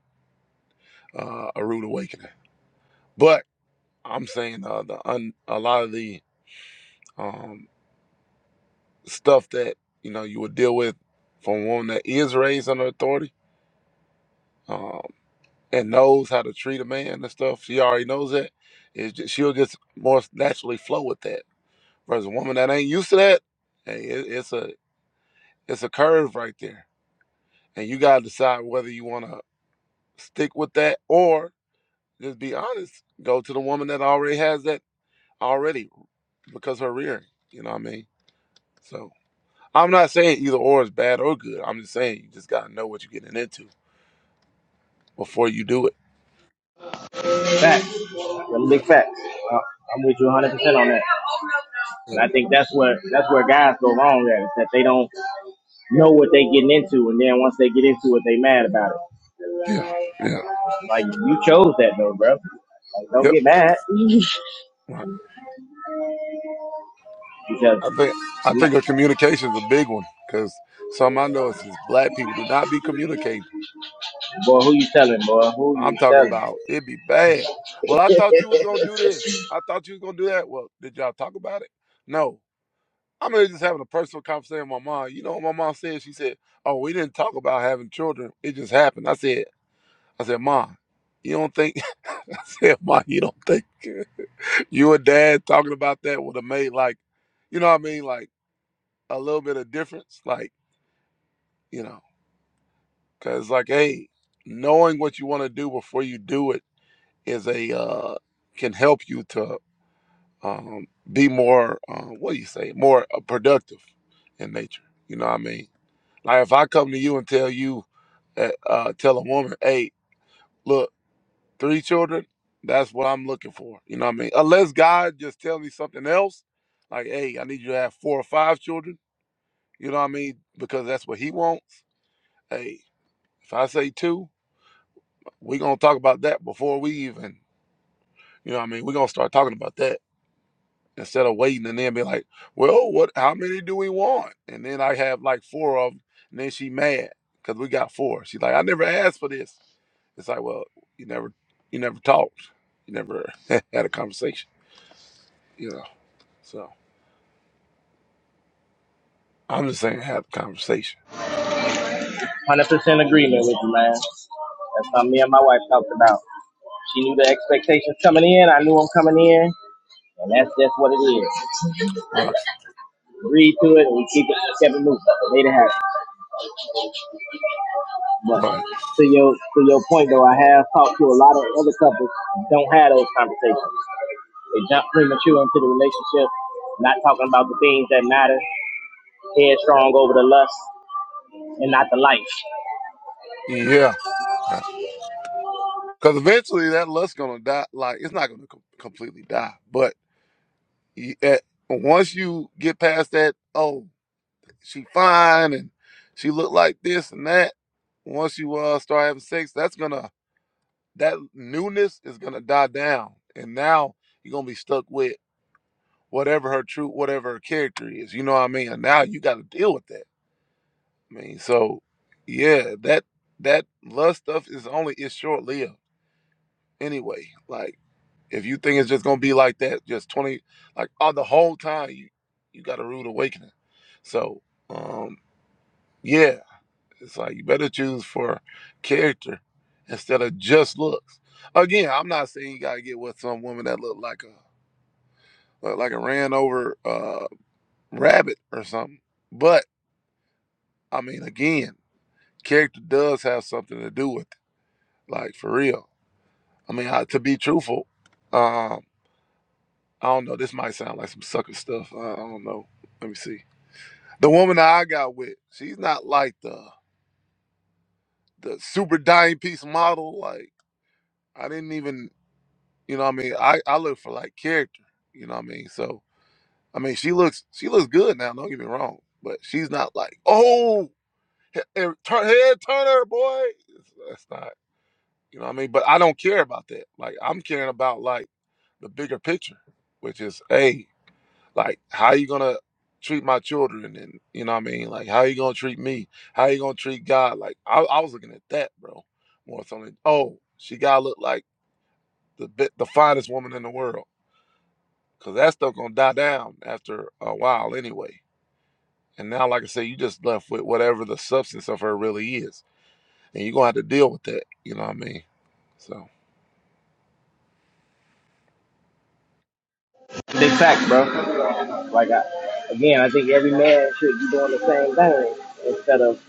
Speaker 5: uh, a rude awakening. But I'm saying uh, the un- a lot of the um, stuff that you know you would deal with from a woman that is raised under authority um, and knows how to treat a man and stuff. She already knows that. It's just, she'll just more naturally flow with that. Versus a woman that ain't used to that, hey, it, it's a It's a curve right there. And you got to decide whether you want to stick with that or just be honest. Go to the woman that already has that already because her rearing. You know what I mean? So I'm not saying either or is bad or good. I'm just saying you just got to know what you're getting into before you do it.
Speaker 4: Facts. Them
Speaker 5: Yeah,
Speaker 4: big facts. Uh, I'm with you 100 percent on that. And
Speaker 5: yeah,
Speaker 4: I think that's where that's where guys go wrong at is that they don't know what they getting into, and then once they get into it, they mad about it.
Speaker 5: yeah, yeah.
Speaker 4: Like you chose that though, bro. Like don't
Speaker 5: Yep.
Speaker 4: get mad
Speaker 5: Right.
Speaker 4: because
Speaker 5: I think I
Speaker 4: n-
Speaker 5: think a communication is a big one because some I know it's just black people do not be communicating
Speaker 4: boy, who you telling, boy? Who you
Speaker 5: I'm talking
Speaker 4: telling?
Speaker 5: about it'd be bad. Well, I thought you was gonna do this. I thought you was gonna do that. Well, did y'all talk about it? No. I'm really just having a personal conversation with my mom. You know what my mom said? She said, "Oh, we didn't talk about having children. It just happened." I said, "I said, mom, you don't think?" *laughs* I said, "Mom, you don't think you and dad talking about that would have made like, you know what I mean? Like a little bit of difference, like you know, because like, hey, knowing what you want to do before you do it is a uh, can help you to." um, be more uh, what do you say more uh, productive in nature you know what i mean like if i come to you and tell you uh, uh, tell a woman hey look three children that's what i'm looking for you know what i mean unless god just tells me something else like hey i need you to have four or five children you know what i mean because that's what he wants hey if i say two we're gonna talk about that before we even you know what i mean we're gonna start talking about that instead of waiting and then be like, well, what? How many do we want? And then I have like four of them, and then she mad because we got four. She's like, I never asked for this. It's like, well, you never, you never talked, you never *laughs* had a conversation, you know. So I'm just saying, have a conversation,
Speaker 4: Hundred percent agreement with you, man. That's something me and my wife talked about. She knew the expectations coming in. I knew them coming in, and that's just what it is.
Speaker 5: right?
Speaker 4: Read to it and we keep it, kept it moving. Made it happen. But
Speaker 5: Right.
Speaker 4: to your to your point though, I have talked to a lot of other couples who don't have those conversations. They jump premature into the relationship, not talking about the things that matter, headstrong over the lust and not the life.
Speaker 5: Yeah. Because eventually that lust's gonna die. Like it's not gonna com- completely die, but you, at, once you get past that, oh. she fine and she looked like this and that. Once you uh start having sex, that's gonna that newness is gonna die down, and now you're gonna be stuck with whatever her true, whatever her character is. You know what I mean? And now you got to deal with that. I mean, so yeah, that that lust stuff is only is short lived anyway. Like if you think it's just gonna be like that, just twenty, like all the whole time you you got a rude awakening. So um yeah, It's like you better choose for character instead of just looks. Again, I'm not saying you gotta get with some woman that look like a like a ran over uh, rabbit or something. But I mean, again, character does have something to do with it. Like for real. I mean, I, to be truthful, um, I don't know. This might sound like some sucker stuff. I, I don't know. Let me see. The woman that I got with, she's not like the the super dying piece model. Like I didn't even. You know what I mean? I, I look for like character. You know what I mean? So I mean she looks she looks good now, don't get me wrong. But she's not like, oh he- he- turn head turner, boy. It's- That's not you know what I mean? But I don't care about that. Like I'm caring about like the bigger picture, which is hey, like how you gonna treat my children and you know what I mean? Like how you gonna treat me? How you gonna treat God? Like I, I was looking at that, bro. More something. oh, she gotta look like the bi- the finest woman in the world because that stuff gonna die down after a while anyway. And now, like I say, you just left with whatever the substance of her really is, and you're gonna have to deal with that. You know what I mean? So,
Speaker 4: Big fact, bro. Like I, again, I think every man should be doing the same thing instead of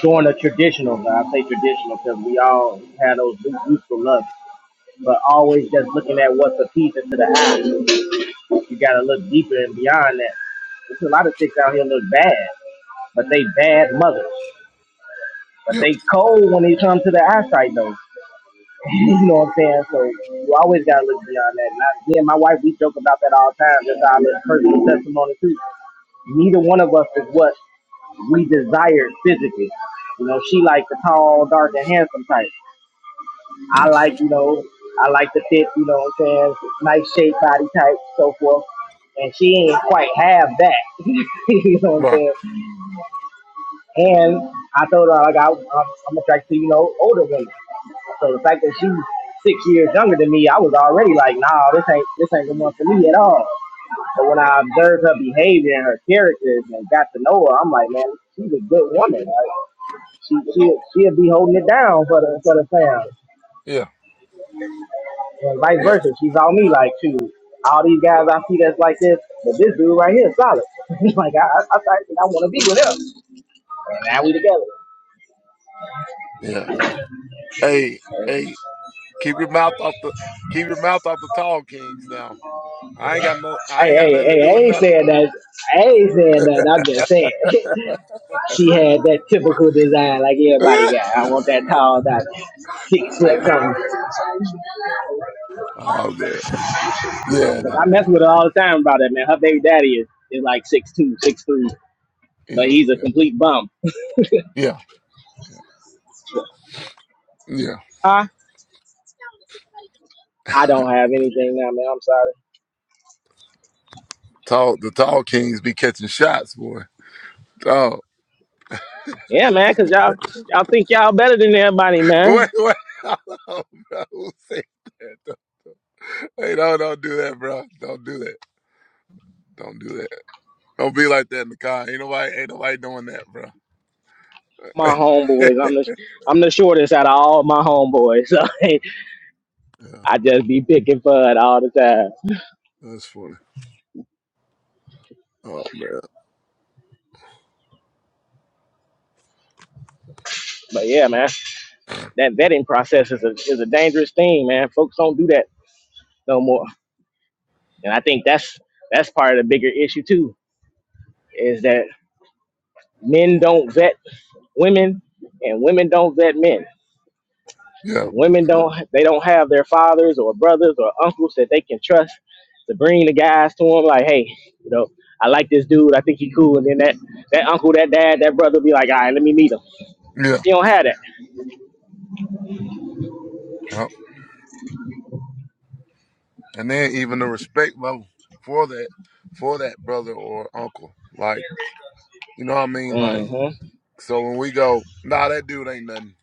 Speaker 4: doing a traditional. I say traditional because we all have those youthful love but always just looking at what's appeasing to the eye. You gotta look deeper and beyond that. There's a lot of chicks out here look bad, but they bad mothers. But
Speaker 5: yep,
Speaker 4: they cold when they come to the eyesight though. *laughs* you know what I'm saying? So you always gotta look beyond that. And I, me and my wife, we joke about that all the time. That's our little personal testimony too. Neither one of us is what we desired physically. You know, she like the tall, dark, and handsome type. I
Speaker 5: yeah,
Speaker 4: like, you know, I like the fit, you know what I'm saying? Nice shape, body type, so forth. And she ain't quite have that. *laughs* you know what I'm
Speaker 5: right,
Speaker 4: saying? And I told her, like, I, I'm, I'm attracted to, you know, older women. So the fact that she was six years younger than me, I was already like, nah, this ain't, this ain't the one for me at all. But when I observed her behavior and her characters and got to know her, I'm like, man, she's a good woman. Like, she, she, she'll be holding it down for the, for the family.
Speaker 5: yeah,
Speaker 4: And vice
Speaker 5: yep,
Speaker 4: versa. She's on me like, shoot, all these guys I see that's like this, but this dude right here is solid. *laughs* like, I, I, I, I want to be with him. And now we together.
Speaker 5: yeah. Hey, hey, keep your mouth off the keep your mouth off the tall kings. Now, I ain't got no, I
Speaker 4: Hey,
Speaker 5: ain't got
Speaker 4: hey,
Speaker 5: nothing to
Speaker 4: hey, I
Speaker 5: do with
Speaker 4: ain't
Speaker 5: nothing.
Speaker 4: saying that. I ain't saying that. I'm just saying. *laughs* she had that typical design like
Speaker 5: *laughs*
Speaker 4: everybody got.
Speaker 5: oh
Speaker 4: I want that tall, that six foot something.
Speaker 5: man, yeah,
Speaker 4: I mess
Speaker 5: yeah,
Speaker 4: with her all the time about that, man. Her baby daddy is, is like six two, six three, but
Speaker 5: yeah,
Speaker 4: he's a
Speaker 5: yeah,
Speaker 4: complete bum.
Speaker 5: yeah, yeah.
Speaker 4: Huh? I don't have anything now, man. I'm sorry.
Speaker 5: Tall, the tall kings be catching shots, boy. Oh.
Speaker 4: Yeah, man, cause y'all y'all think y'all better than everybody,
Speaker 5: Wait,
Speaker 4: man.
Speaker 5: wait, *laughs* hold on, bro. See, Hey, no, don't do that, bro. Don't do that. Don't do that. Don't be like that in the car. Ain't nobody, ain't nobody doing that, bro.
Speaker 4: My
Speaker 5: *laughs* yeah,
Speaker 4: homeboys, I'm the I'm the shortest out of all my homeboys, *laughs* so I just be picking fun all the time.
Speaker 5: that's funny. Oh man.
Speaker 4: But yeah, man, that vetting process is a is a dangerous thing, man. Folks don't do that no more, and I think that's that's part of the bigger issue too, is that men don't vet women and women don't vet men.
Speaker 5: Yeah,
Speaker 4: The women don't they don't have their fathers or brothers or uncles that they can trust to bring the guys to them. Like, hey, you know, I like this dude. I think he cool. And then that that uncle, that dad, that brother be like, all right, let me meet him.
Speaker 5: yeah,
Speaker 4: You don't have that.
Speaker 5: yeah. And then even the respect level for that, for that brother or uncle. Like, you know what I mean? Like,
Speaker 4: hmm
Speaker 5: so when we go, nah, that dude ain't nothing.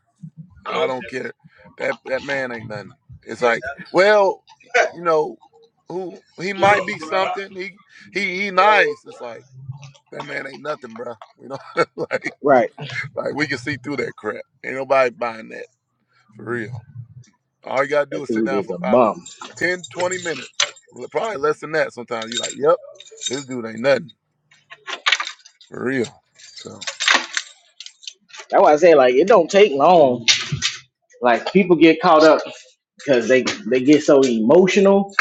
Speaker 5: I don't care. That that man ain't nothing. It's like, well, you know, who he might be something. He he he nice. It's like that man ain't nothing, bro. You know, *laughs* like
Speaker 4: Right.
Speaker 5: like we can see through that crap. Ain't nobody buying that for real. All you gotta do
Speaker 4: That
Speaker 5: is sit
Speaker 4: dude
Speaker 5: down
Speaker 4: is
Speaker 5: for
Speaker 4: a
Speaker 5: about
Speaker 4: bum.
Speaker 5: 10, 20 minutes, L- probably less than that. Sometimes you're like, yep, this dude ain't nothing for real. So
Speaker 4: That's why I say like it don't take long. Like people get caught up because they they get so emotional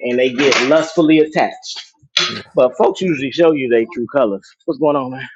Speaker 4: and they get lustfully attached.
Speaker 5: yeah,
Speaker 4: But folks usually show you their true colors. What's going on, man?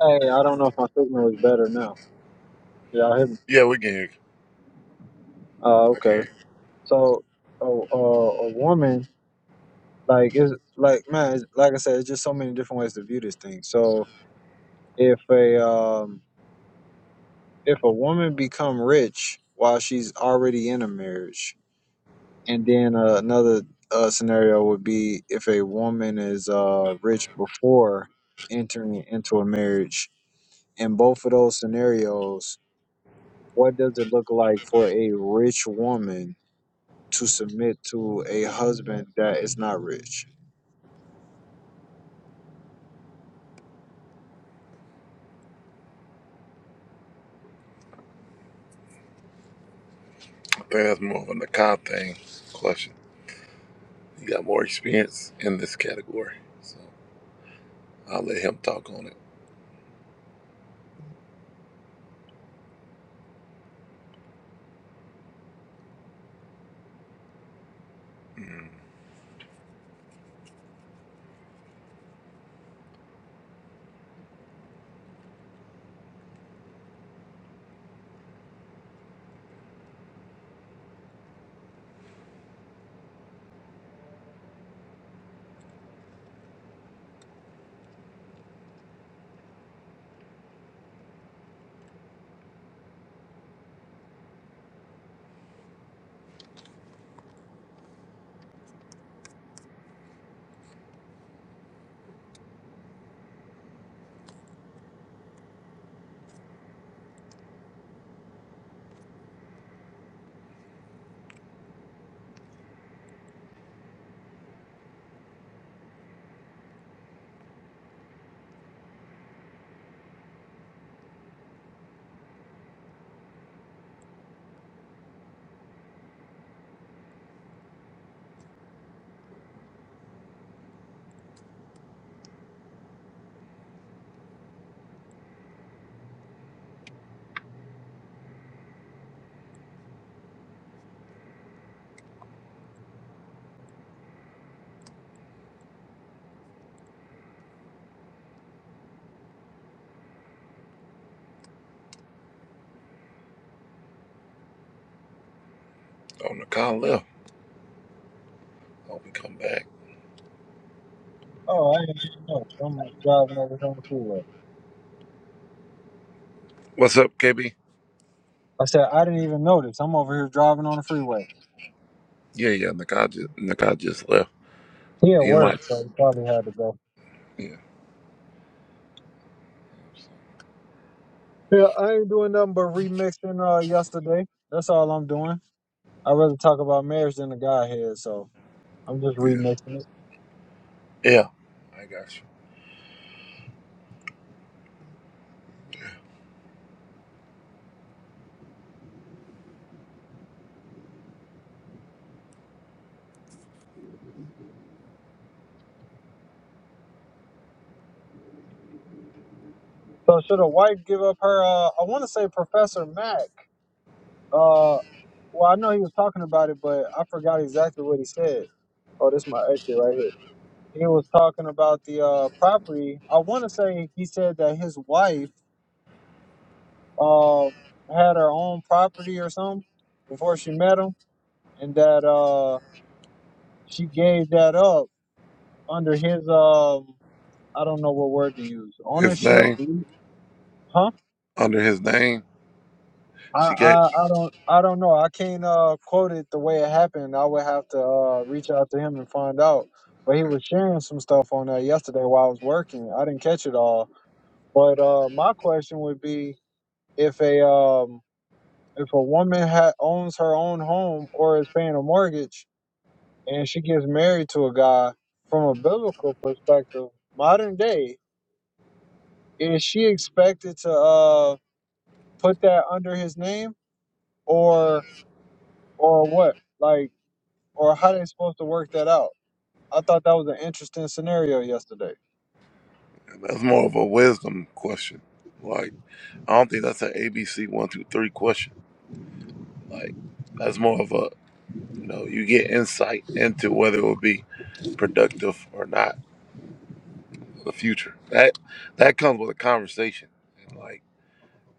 Speaker 1: Hey, I don't know if my signal is better now. Yeah, I hear me.
Speaker 5: yeah, we can.
Speaker 1: Uh,
Speaker 5: I
Speaker 1: okay.
Speaker 5: can.
Speaker 1: So, a a a woman like it's like man it's, like i said it's just so many different ways to view this thing so if a um if a woman become rich while she's already in a marriage and then uh, another uh, scenario would be if a woman is uh rich before entering into a marriage in both of those scenarios what does it look like for a rich woman to submit to a husband that is not rich
Speaker 5: I think that's more of an account thing question. He got more experience in this category, so I'll let him talk on it. Mm. Oh, Nakai left. Oh, we come back.
Speaker 1: Oh, I didn't even notice. I'm like driving over here on the freeway.
Speaker 5: What's up, KB?
Speaker 1: I said I didn't even notice. I'm over here driving on the freeway.
Speaker 5: Yeah, yeah. Nakai just, Nakai just left.
Speaker 1: He at
Speaker 5: He
Speaker 1: work,
Speaker 5: might.
Speaker 1: so he probably had to go.
Speaker 5: Yeah,
Speaker 1: Yeah, I ain't doing nothing but remixing uh yesterday. That's all I'm doing. I'd rather talk about marriage than the godhead, so I'm just
Speaker 5: yeah,
Speaker 1: remixing it.
Speaker 5: yeah. I got you. Yeah.
Speaker 1: So should a wife give up her uh I wanna say Professor Mac. Uh, well, I know he was talking about it, but I forgot exactly what he said. Oh, this is my exit right here. He was talking about the uh property. I want to say he said that his wife uh had her own property or something before she met him, and that uh she gave that up under his um I don't know what word to use
Speaker 5: His
Speaker 1: ownership,
Speaker 5: name
Speaker 1: huh?
Speaker 5: under his name.
Speaker 1: I,
Speaker 5: She gave.
Speaker 1: I I don't I don't know. I can't uh quote it the way it happened. I would have to uh reach out to him and find out. But he was sharing some stuff on that yesterday while I was working. I didn't catch it all. But uh my question would be if a um if a woman ha- owns her own home or is paying a mortgage and she gets married to a guy from a biblical perspective, modern day, is she expected to uh put that under his name or or what? Like or how they supposed to work that out? I thought that was an interesting scenario yesterday.
Speaker 5: That's more of a wisdom question. Like I don't think that's an ABC one two three question. Like that's more of a you know you get insight into whether it would be productive or not the future. That that comes with a conversation and like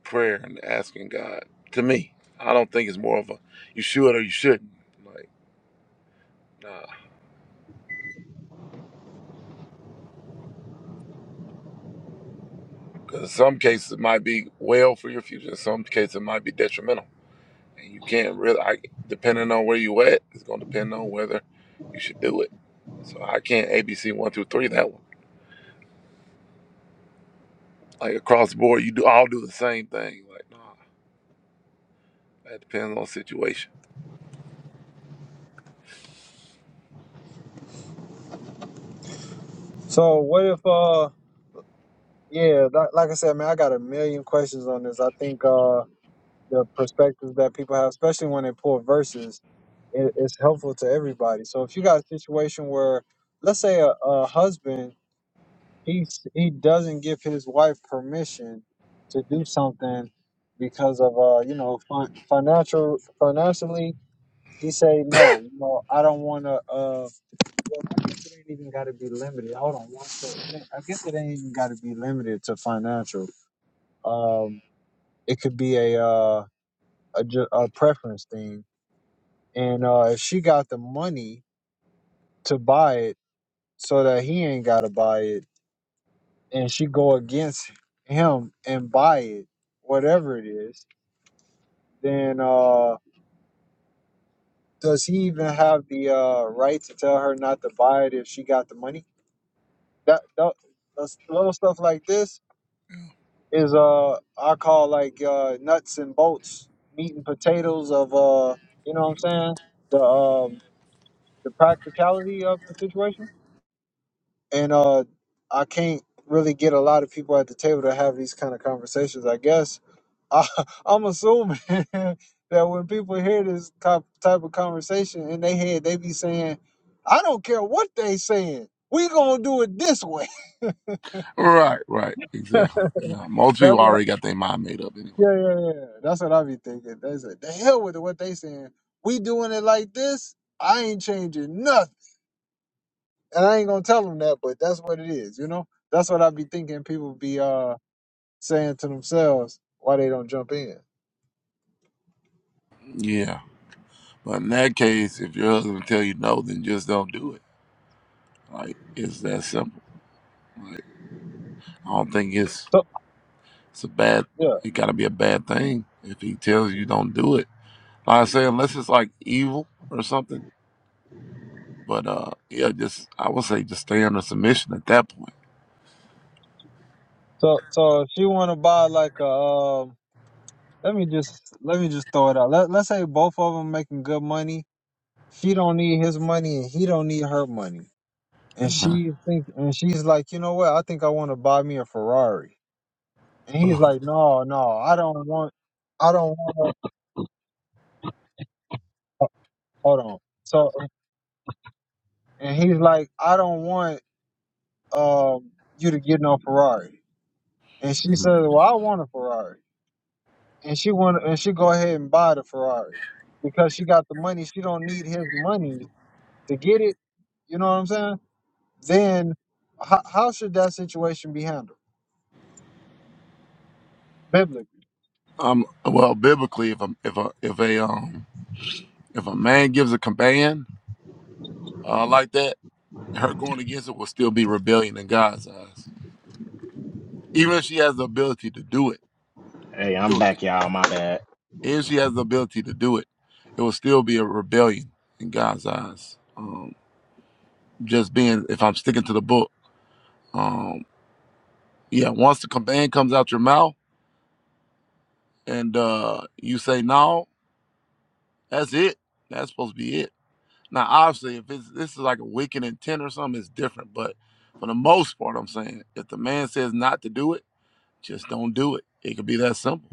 Speaker 5: prayer and asking God. To me, I don't think it's more of a you should or you shouldn't. Like, nah. Because in some cases it might be well for your future. In some cases it might be detrimental, and you can't really. I, depending on where you at, it's gonna depend on whether you should do it. So I can't ABC one two three that one. Like across the board, you do all do the same thing. Like, nah, that depends on the situation.
Speaker 1: So what if uh yeah, like, like I said, man, I got a million questions on this. I think uh the perspectives that people have, especially when they pull verses, it, it's helpful to everybody. So if you got a situation where, let's say, a, a husband he s- he doesn't give his wife permission to do something because of uh you know fin- financial financially he say no you know I don't want to Well, I guess it ain't even got to be limited. Hold on one second. I guess it ain't even got to be limited to financial. Um, it could be a uh a, ju- a preference thing, and uh, if she got the money to buy it, so that he ain't got to buy it, and she go against him and buy it, whatever it is, then uh, does he even have the uh right to tell her not to buy it if she got the money? That, that those- little stuff like this is uh I call like uh nuts and bolts, meat and potatoes of uh you know what I'm saying the um the practicality of the situation, and uh I can't really get a lot of people at the table to have these kind of conversations. I guess I, *laughs* I'm assuming *laughs* that when people hear this type type of conversation in their head, they be saying, "I don't care what they saying, we gonna do it this way."
Speaker 5: Right, right,
Speaker 1: *laughs*
Speaker 5: exactly. Yeah, most people
Speaker 1: That's what
Speaker 5: already got their mind made up. anyway.
Speaker 1: Yeah, yeah, yeah. yeah. That's what I be thinking. They say the hell with it, what they saying. We doing it like this, I ain't changing nothing. And I ain't gonna tell them that, but that's what it is, you know? That's what I be thinking people be uh saying to themselves why they don't jump in.
Speaker 5: Yeah. But in that case, if your husband tell you no, then just don't do it. Like it's that simple. Like I don't think it's
Speaker 1: So
Speaker 5: it's a bad
Speaker 1: yeah.
Speaker 5: it gotta be a bad thing if he tells you don't do it. Like I say, unless it's like evil or something. But uh yeah, just I would say just stay under submission at that
Speaker 1: So so if she wanna buy like a um let me just let me just throw it out. Let let's say both of them making good money. She don't need his money and he don't need her money. And
Speaker 5: point.
Speaker 1: she think and she's like, you know what, I think I wanna buy me a Ferrari And he's
Speaker 5: *laughs*
Speaker 1: like, no, no, I don't want, I don't want. uh, Hold on. So, and he's like, I don't want um you to get no Ferrari. And she says, well, I want a Ferrari. And she want, and she go ahead and buy the Ferrari because she got the money. She don't need his money to get it. You know what I'm saying? Then, how, how should that situation be handled biblically?
Speaker 5: um well biblically if a if a if a um if a man gives a command uh like that, her going against it will still be rebellion in God's eyes. Even if she has the ability to do it
Speaker 4: Hey, I'm
Speaker 5: It was,
Speaker 4: back, y'all. My bad.
Speaker 5: and she has the ability to do it. It will still be a rebellion in God's eyes. Um, just being, if I'm sticking to the book, um, yeah. Once the command comes out your mouth and uh, you say no, that's it. That's supposed to be it. Now, obviously, if it's this is like a wicked intent or something, it's different. But for the most part, I'm saying if the man says not to do it, just don't do it. It could be that simple.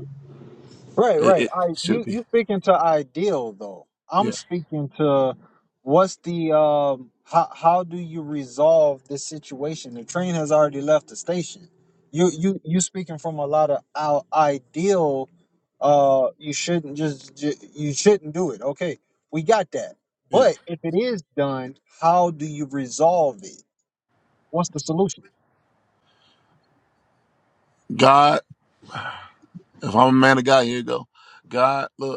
Speaker 1: Right,
Speaker 5: It,
Speaker 1: right.
Speaker 5: it
Speaker 1: I
Speaker 5: should
Speaker 1: you
Speaker 5: be.
Speaker 1: you speaking to ideal though. I'm
Speaker 5: Yeah,
Speaker 1: speaking to what's the um how how do you resolve this situation? The train has already left the station. You you you speaking from a lot of our ideal uh you shouldn't just, just you shouldn't do it. Okay. We got that.
Speaker 5: yeah.
Speaker 1: But if it is done, how do you resolve it? What's the solution?
Speaker 5: God, *sighs* if I'm a man of God, here you go. God, look.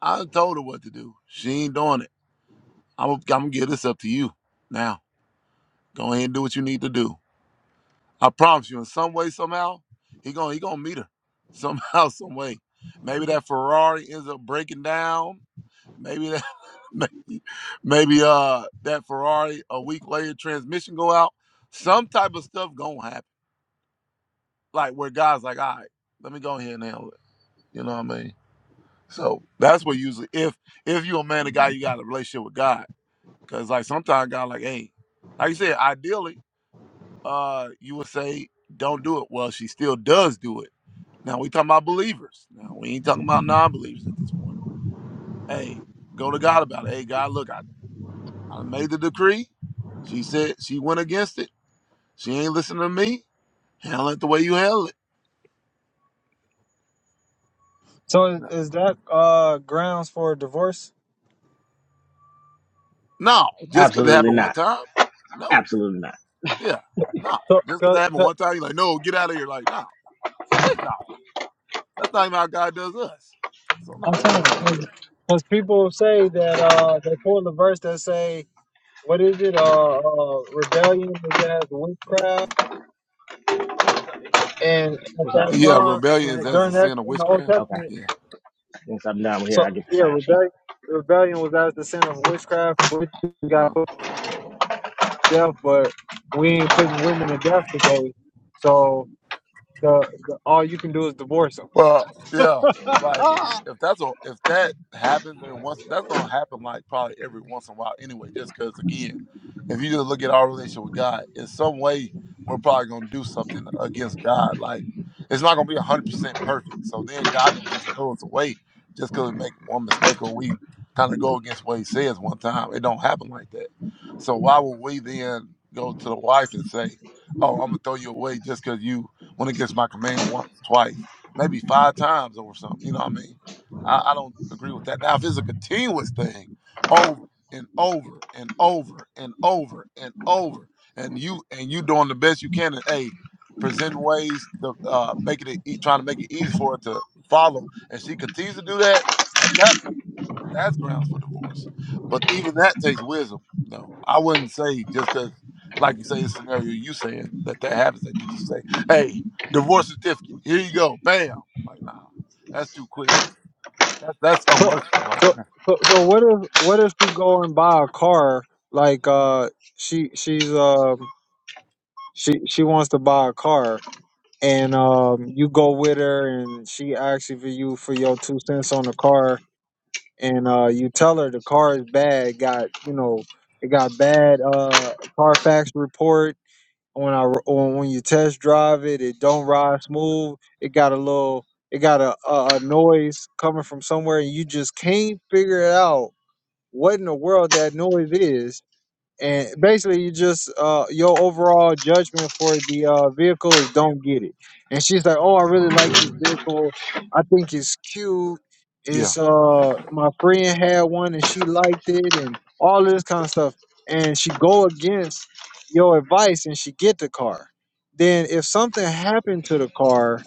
Speaker 5: I told her what to do. She ain't doing it. I'm, I'm gonna get this up to you. Now, go ahead and do what you need to do. I promise you, in some way, somehow, he gonna he gonna meet her. Somehow, *laughs* some way. Maybe that Ferrari ends up breaking down. Maybe that *laughs* maybe, maybe uh that Ferrari a week later transmission go out. Some type of stuff gonna happen. Like where guys like, all right, let me go ahead and handle it. You know what I mean? So that's what usually if if you a man, a guy, you got a relationship with God Cause like sometimes God like, hey, like you said, ideally, uh, you would say don't do it. Well, she still does do it. Now we talking about believers. Now we ain't talking about non-believers at this point. Hey, go to God about it. Hey, God, look, I, I made the decree. She said she went against it. She ain't listening to me. Handle it the way you handle it.
Speaker 1: So is, is that uh grounds for a divorce?
Speaker 5: No, just because it happened one time. No, yeah, no,
Speaker 1: So,
Speaker 5: just because it happened one time. You're like, no, get out of here. Like, no, heck no. That's not even how God does us. So no,
Speaker 1: I'm
Speaker 5: we
Speaker 1: saying
Speaker 5: don't do that.
Speaker 1: because people say that uh they pull the verse that say what is it uh, uh rebellion is as witchcraft and at
Speaker 4: What's
Speaker 1: that
Speaker 4: up?
Speaker 5: Yeah,
Speaker 1: time
Speaker 5: rebellion is
Speaker 1: and
Speaker 5: as the
Speaker 1: during that
Speaker 5: sin of
Speaker 1: in the Old
Speaker 5: witchcraft.
Speaker 4: Okay.
Speaker 1: Testament
Speaker 5: Yeah.
Speaker 4: Once I'm down here,
Speaker 1: so
Speaker 4: I get the
Speaker 1: yeah
Speaker 4: sign sheet.
Speaker 1: rebellion rebellion was as the sin of witchcraft which
Speaker 5: Uh,
Speaker 1: got put to death but we ain't putting women to death today so the, the all you can do is divorce them
Speaker 5: Well, yeah, like if that's a if that happens every once, that's gonna happen like probably every once in a while anyway. Just because again, if you just look at our relationship with God, in some way we're probably gonna do something against God. Like it's not gonna be hundred percent perfect. So then God don't just throw us away just because we make one mistake or we kind of go against what He says one time. It don't happen like that. So why would we then go to the wife and say, "Oh, I'm gonna throw you away just because you went against my command once, twice"? maybe five times over something. You know what I mean? I, I don't agree with that. Now, if it's a continuous thing over and over and over and over and over, and you and you doing the best you can, and hey, presenting ways to uh, make it e- trying to make it easy for her to follow, and she continues to do that at that point, that's grounds for divorce. But even that takes wisdom. No, I wouldn't say just because, like you say, the scenario you saying that that happens that you just say, hey. Divorce certificate. Here you go. Bam. Like, nah, that's too quick. That, that's
Speaker 1: so
Speaker 5: unmerciful right
Speaker 1: so
Speaker 5: there.
Speaker 1: so, so what if what if she go and buy a car like uh she she's um she she wants to buy a car and um you go with her and she asks you for you for your two cents on the car and uh you tell her the car is bad it got you know it got bad uh carfax report when i on when you test drive it it don't ride smooth it got a little it got a, a, a noise coming from somewhere and you just can't figure it out what in the world that noise is and basically you just uh your overall judgment for the uh vehicle is don't get it and she's like oh i really like this vehicle i think it's cute
Speaker 5: Yeah.
Speaker 1: it's uh my friend had one and she liked it and all this kind of stuff and she go against your advice and she get the car then if something happened to the car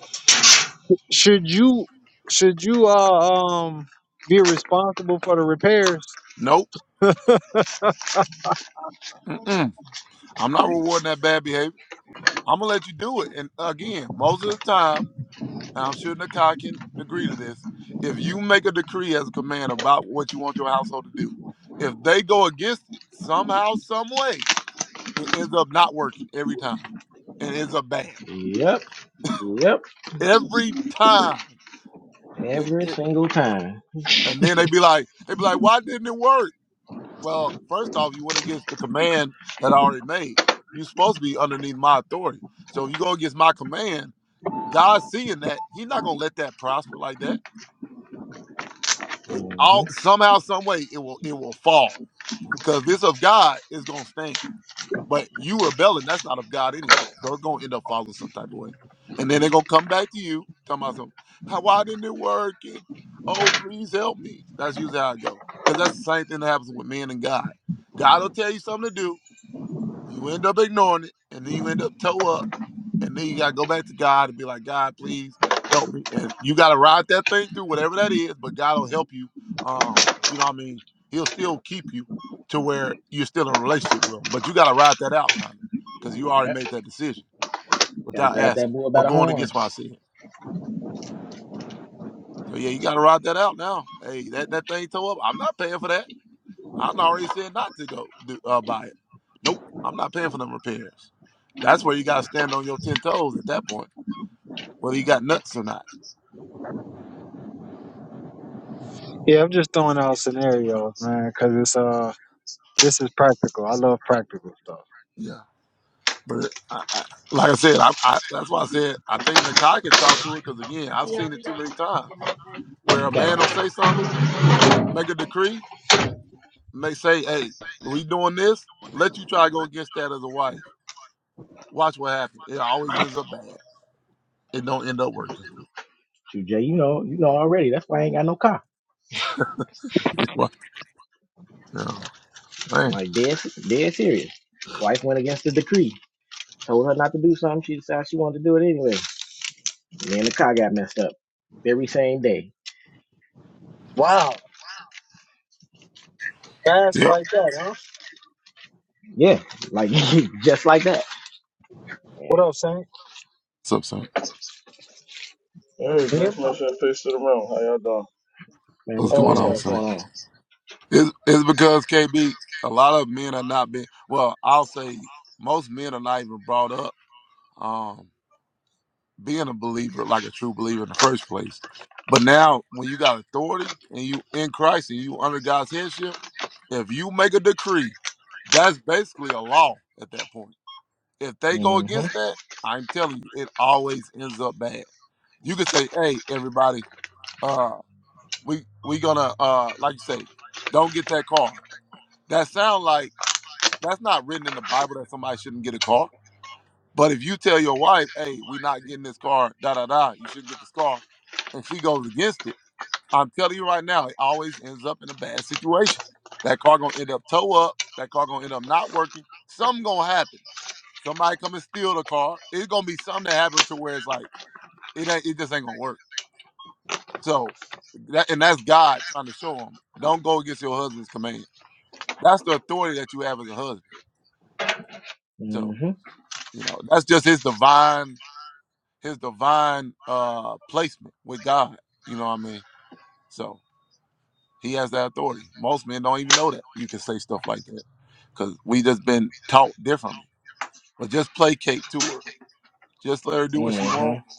Speaker 1: should you should you uh um be responsible for the repairs
Speaker 5: Nope. Mm-mm. I'm not rewarding that bad behavior. I'm going to let you do it. And again, most of the time, and I'm sure Nakai can agree to this, if you make a decree as a command about what you want your household to do, if they go against it somehow, some way, it ends up not working every time. It ends up bad.
Speaker 4: Yep, yep,
Speaker 5: Every time. It,
Speaker 4: every
Speaker 5: it,
Speaker 4: single time.
Speaker 5: and then they be like, they be like, why didn't it work? Well, first off, you went against the command that I already made. You're supposed to be underneath my authority. So if you go against my command, God seeing that, He's not gonna let that prosper like that. It, all somehow, some way, it will it will fall. Cause if it's of God, it's gonna stand. But you rebelling, that's not of God anyway. So it's gonna end up falling some type of way. And then they're gonna come back to you, talking about some, how why didn't it work? And oh, please help me. That's usually how I go. Cause that's the same thing that happens with men and God. God will tell you something to do You end up ignoring it, and then you end up toe up, and then you gotta go back to God and be like, God, please help me. And you gotta ride that thing through whatever that is, but God will help you. Um, you know what I mean? He'll still keep you to where you're still in a relationship with him, but you gotta ride that out, kind of, because you already
Speaker 4: Yep,
Speaker 5: made that decision
Speaker 4: gotta
Speaker 5: without
Speaker 4: grab that
Speaker 5: asking
Speaker 4: boy by
Speaker 5: or
Speaker 4: the
Speaker 5: going
Speaker 4: horns.
Speaker 5: against what I said. So yeah, you gotta ride that out now. Hey, that that thing toe up. I'm not paying for that. I'm already said not to go do, uh, buy it. Nope, I'm not paying for them repairs. That's where you got to stand on your ten toes at that point, whether you got nuts or not.
Speaker 1: yeah i'm just throwing out scenarios man because it's uh This is practical. I love practical stuff.
Speaker 5: Yeah, but I, I, like I said, I, I, that's why I said I think Nakai can talk to it because again, I've seen it too many times where a man will say something, make a decree, and they say, "Hey, we doing this." Let you try to go against that as a wife. Watch what happens. It always ends up bad. It don't end up working.
Speaker 4: Shoot, Jay, you know, you know already. That's why I ain't got no car.
Speaker 5: *laughs* Right. Yeah.
Speaker 4: I'm
Speaker 5: Man.
Speaker 4: like dead, dead serious. Wife went against the decree. Told her not to do something. She decided she wanted to do it anyway. And then the car got messed up. Very same day.
Speaker 1: Wow, fast
Speaker 5: Yep.
Speaker 1: like that, huh?
Speaker 4: Yeah, like *laughs* just like that. Yeah.
Speaker 1: What up, Saint?
Speaker 5: What's up, Saint?
Speaker 6: Hey,
Speaker 1: Nehemiah.
Speaker 6: grace, mercy, and peace to the room. How y'all doing?
Speaker 4: Man,
Speaker 5: What's
Speaker 4: what's
Speaker 1: Hey,
Speaker 5: going
Speaker 4: going
Speaker 1: what's
Speaker 4: on?
Speaker 5: on,
Speaker 1: up?
Speaker 4: What's
Speaker 5: Saint?
Speaker 4: going on?
Speaker 5: It's, it's because KB, a lot of men are not been. Well, I'll say most men are not even brought up um, being a believer, like a true believer in the first place. But now, when you got authority and you in Christ and you under God's headship, if you make a decree, that's basically a law at that point. If they go against
Speaker 4: Mm-hmm.
Speaker 5: that, I'm telling you, it always ends up bad. You could say, "Hey, everybody, uh, we we gonna uh, like you say, don't get that car." That sound like That's not written in the Bible that somebody shouldn't get a car. But if you tell your wife, hey, we not getting this car, da da da, you shouldn't get this car, and she goes against it, I'm telling you right now, it always ends up in a bad situation. That car gonna end up tow up, that car gonna end up not working, something gonna happen. Somebody come and steal the car. It's gonna be something that happen to where it's like, it ain't it just ain't gonna work. So that and that's God trying to show him, don't go against your husband's command. That's the authority that you have as a husband. So,
Speaker 4: Mm-hmm.
Speaker 5: you know, that's just his divine his divine uh placement with God. You know what I mean? So he has that authority. Most men don't even know that you can say stuff like that because we just been taught differently. But just placate to her. Just let her do what she want.
Speaker 4: Mm-hmm.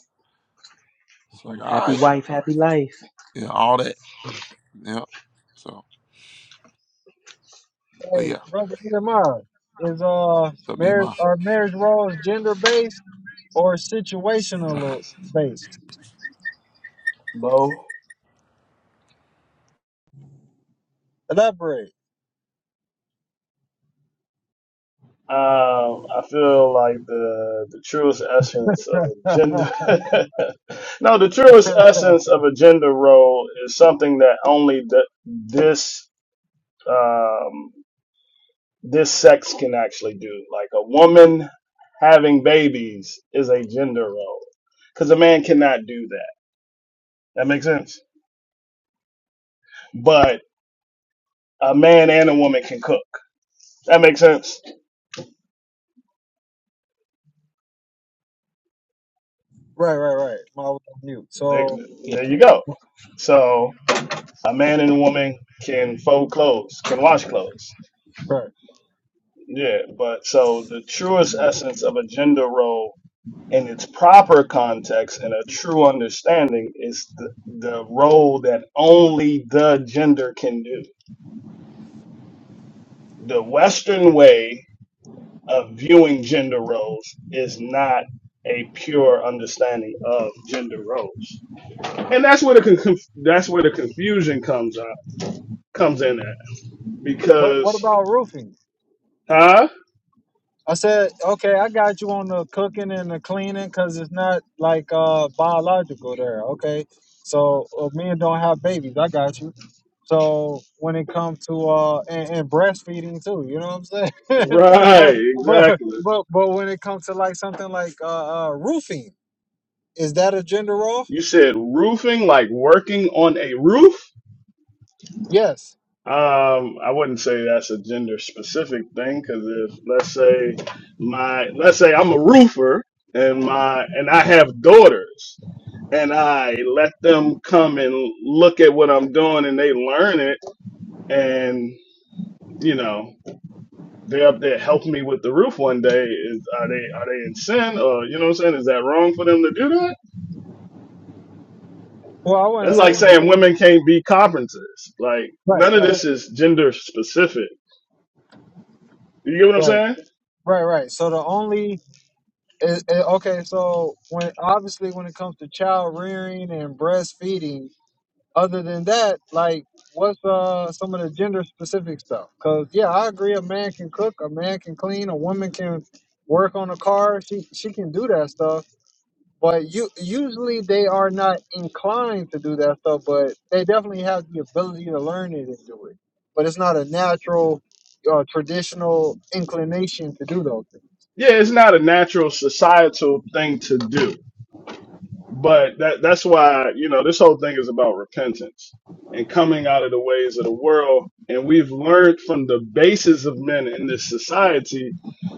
Speaker 5: It's like, all
Speaker 4: Happy
Speaker 5: right,
Speaker 4: wife, happy life.
Speaker 5: yeah, all that. Yeah. So, but
Speaker 1: Hey,
Speaker 5: yeah,
Speaker 1: brother Nehemiah, is uh
Speaker 5: it's up to your
Speaker 1: marriage
Speaker 5: my.
Speaker 1: are marriage roles gender based or situational based?
Speaker 6: Bo,
Speaker 1: Elaborate.
Speaker 6: um, I feel like the the truest essence of
Speaker 1: *laughs*
Speaker 6: a
Speaker 1: right,
Speaker 6: gender. *laughs* no, the truest essence of a gender role is something that only th- this um, this sex can actually do. Like a woman having babies is a gender role, because a man cannot do that. That makes sense. But a man and a woman can cook. That makes sense.
Speaker 1: right, right. I was on mute.
Speaker 6: There,
Speaker 1: So,
Speaker 4: Yeah.
Speaker 6: there you go. So a man and a woman can fold clothes, can wash clothes.
Speaker 1: right.
Speaker 6: Yeah, but so the truest essence of a gender role in its proper context and a true understanding is the, the role that only the gender can do. The Western way of viewing gender roles is not a pure understanding of gender roles, and that's where the con- conf- that's where the confusion comes up comes in at
Speaker 1: What what
Speaker 6: Because,
Speaker 1: about roofing?
Speaker 6: huh?
Speaker 1: I said, okay, I got you on the cooking and the cleaning because it's not like uh biological there. Okay, so uh, men don't have babies. I got you. So when it comes to uh and, and breastfeeding too, you know what I'm saying? *laughs* but
Speaker 6: Right,
Speaker 1: but
Speaker 6: exactly.
Speaker 1: but but when it comes to like something like uh, uh roofing, is that a gender role?
Speaker 6: You said roofing, like working on a roof.
Speaker 1: Yes.
Speaker 6: Um, I wouldn't say that's a gender specific thing because if let's say my let's say I'm a roofer and my and I have daughters and I let them come and look at what I'm doing and they learn it and you know they're up there helping me with the roof one day is are they are they in sin or you know what I'm saying is that wrong for them to do that?
Speaker 1: Well, I wasn't
Speaker 6: That's like
Speaker 1: saying
Speaker 6: saying
Speaker 1: it-
Speaker 6: women can't be carpenters. Like
Speaker 1: right,
Speaker 6: none of
Speaker 1: right,
Speaker 6: this is gender specific. You get what I'm
Speaker 1: right,
Speaker 6: saying?
Speaker 1: right, right. So the only It, it- okay, so when obviously when it comes to child rearing and breastfeeding, other than that, like what's uh some of the gender specific stuff? Because yeah, I agree, a man can cook, a man can clean, a woman can work on a car. She she can do that stuff, but you usually they are not inclined to do that stuff, but they definitely have the ability to learn it and do it. But it's not a natural or traditional inclination to do those things.
Speaker 6: Yeah, it's not a natural societal thing to do. But that that's why, you know, this whole thing is about repentance and coming out of the ways of the world. And we've learned from the basis of men in this society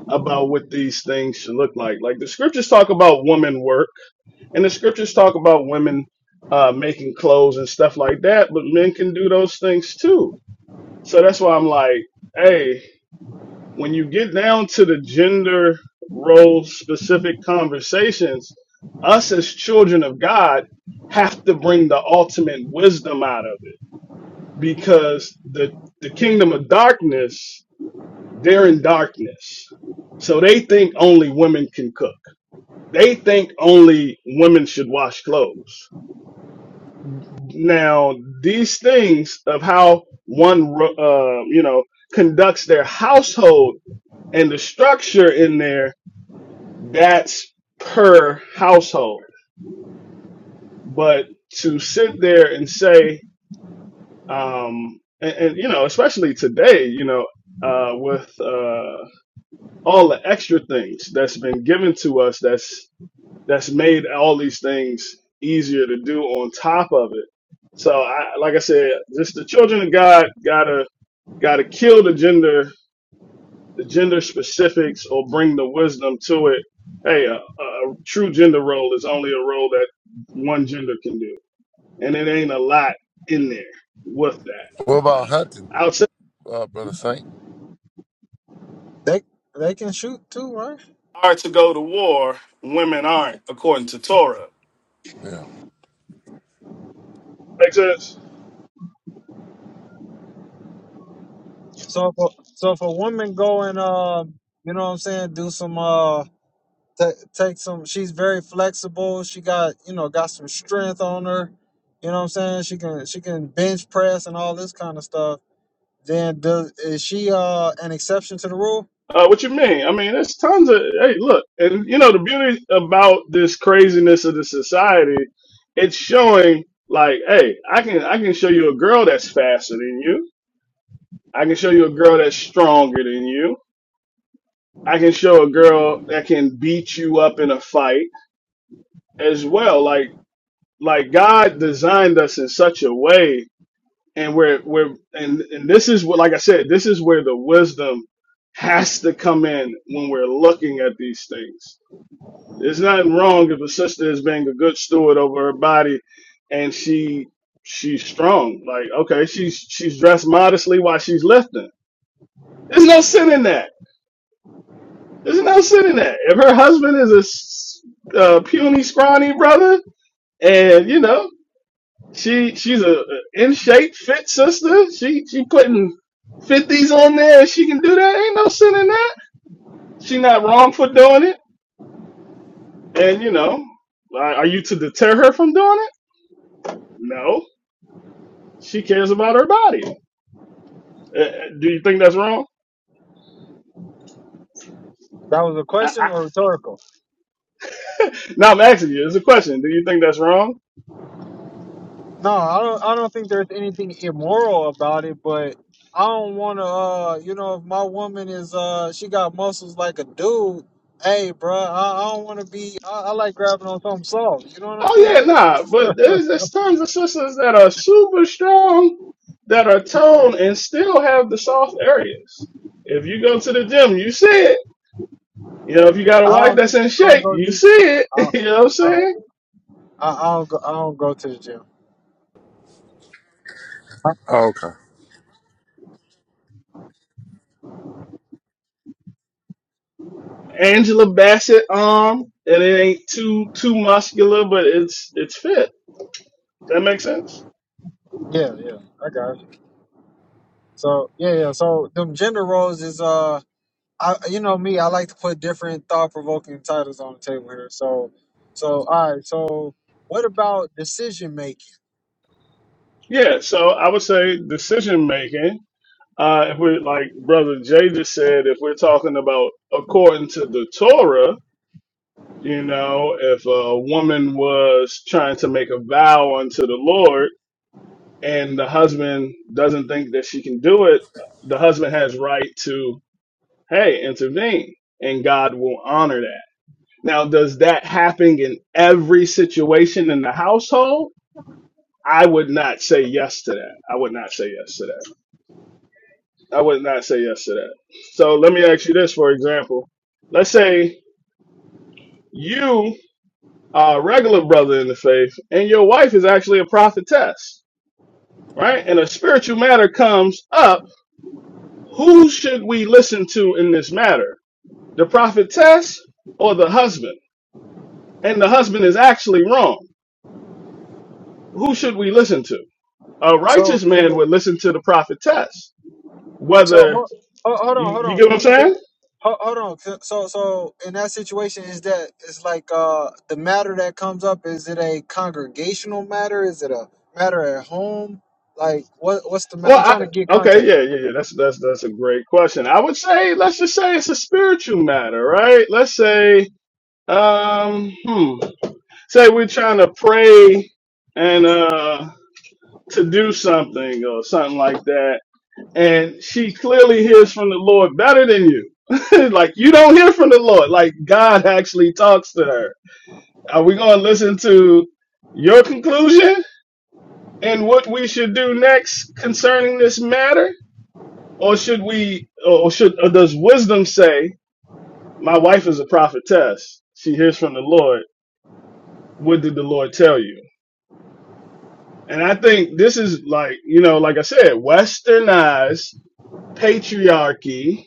Speaker 6: about what these things should look like. Like the scriptures talk about woman work and the scriptures talk about women uh, making clothes and stuff like that, but men can do those things too So that's why I'm like, hey, when you get down to the gender role specific conversations, us as children of God have to bring the ultimate wisdom out of it because the the kingdom of darkness, they're in darkness. So they think only women can cook. They think only women should wash clothes now these things of how one uh, you know conducts their household and the structure in there that's per household but to sit there and say um and, and you know especially today you know uh with uh all the extra things that's been given to us that's that's made all these things easier to do on top of it so I, like i said just the children of god gotta gotta kill the gender the gender specifics or bring the wisdom to it. Hey, a, a true gender role is only a role that one gender can do, and it ain't a lot in there with that.
Speaker 5: What about hunting,
Speaker 6: Outside
Speaker 5: uh, brother Saint?
Speaker 1: They they can shoot too, right?
Speaker 6: are to go to war, women aren't, according to Torah.
Speaker 5: Yeah.
Speaker 6: Makes sense.
Speaker 1: So if a, so if a woman go and um, you know what I'm saying, do some uh, ta take some. She's very flexible. She got you know got some strength on her. You know what I'm saying. She can she can bench press and all this kind of stuff. Then does is she uh an exception to the rule?
Speaker 6: Uh, what you mean? I mean, there's tons of hey, look, and you know the beauty about this craziness of the society, it's showing like, hey, I can I can show you a girl that's faster than you. I can show you a girl that's stronger than you. I can show a girl that can beat you up in a fight as well. Like like God designed us in such a way and we're we're and, and this is what like I said, this is where the wisdom has to come in when we're looking at these things. There's nothing wrong if a sister is being a good steward over her body and she she's strong. Like, okay, she's she's dressed modestly while she's lifting. There's no sin in that There's no sin in that. If her husband is a s- uh, puny, scrawny brother, and you know she she's a, a in shape, fit sister, she she putting fifties on there, and she can do that. Ain't no sin in that. She not wrong for doing it. And you know, are are you to deter her from doing it? No, she cares about her body. Uh, uh, do you think that's wrong?
Speaker 1: That was a
Speaker 6: I,
Speaker 1: question
Speaker 6: I,
Speaker 1: or rhetorical?
Speaker 6: no, I'm asking you. It's a question. Do you think that's wrong?
Speaker 1: No, I don't. I don't think there's anything immoral about it, but I don't want to. Uh, you know, if my woman is uh, she got muscles like a dude. Hey, bruh, I, I don't want to be. I, I like grabbing on something soft. You know what I'm
Speaker 6: Oh yeah,
Speaker 1: saying?
Speaker 6: nah. But there's, there's tons of sisters that are super strong, that are toned, and still have the soft areas. If you go to the gym, you see it. You know, if you got a
Speaker 1: I
Speaker 6: wife
Speaker 1: don't.
Speaker 6: that's in
Speaker 1: I don't
Speaker 6: shape,
Speaker 1: go.
Speaker 6: you see it.
Speaker 1: I,
Speaker 6: *laughs* you know what I'm
Speaker 1: I,
Speaker 6: saying?
Speaker 1: I I don't go. I don't go to the gym.
Speaker 5: Oh, okay.
Speaker 6: Angela Bassett arm, and it ain't too too muscular, but it's it's fit. That makes sense.
Speaker 1: Yeah, yeah, I got you. So yeah, yeah. So them gender roles is uh. I, you know me, I like to put different thought provoking titles on the table here. So, so all right. So, what about decision making?
Speaker 6: Yeah. So I would say decision making. Uh, if we're like Brother Jay just said, if we're talking about according to the Torah, You know, if a woman was trying to make a vow unto the Lord and the husband doesn't think that she can do it, the husband has right to, hey, intervene and God will honor that. Now, does that happen in every situation in the household? I would not say yes to that. I would not say yes to that. I would not say yes to that. So let me ask you this, for example. Let's say you uh, regular brother in the faith, and your wife is actually a prophetess, right? And a spiritual matter comes up. Who should we listen to in this matter? The prophetess or the husband? And the husband is actually wrong. Who should we listen to? A
Speaker 1: So,
Speaker 6: righteous man would listen to the prophetess.
Speaker 1: so
Speaker 6: Whether
Speaker 1: hold, hold
Speaker 6: you,
Speaker 1: on, hold
Speaker 6: you
Speaker 1: on,
Speaker 6: get what I'm
Speaker 1: can, can,
Speaker 6: saying?
Speaker 1: ho- hold on. So, so in that situation, is that it's like uh the matter that comes up? Is it a congregational matter? Is it a matter at home? Like what? What's the? ma-
Speaker 6: Well,
Speaker 1: I'm
Speaker 6: I,
Speaker 1: trying to get
Speaker 6: okay,
Speaker 1: context.
Speaker 6: yeah, yeah, yeah. That's that's that's a great question. I would say let's just say it's a spiritual matter, right? Let's say um, hmm. Say we're trying to pray and uh to do something or something like that. And she clearly hears from the Lord better than you. *laughs* like you don't hear from the Lord. Like God actually talks to her. Are we gonna listen to your conclusion and what we should do next concerning this matter? Or should we or should or does wisdom say, My wife is a prophetess, she hears from the Lord. What did the Lord tell you? And I think this is like, you know, like I said, westernized patriarchy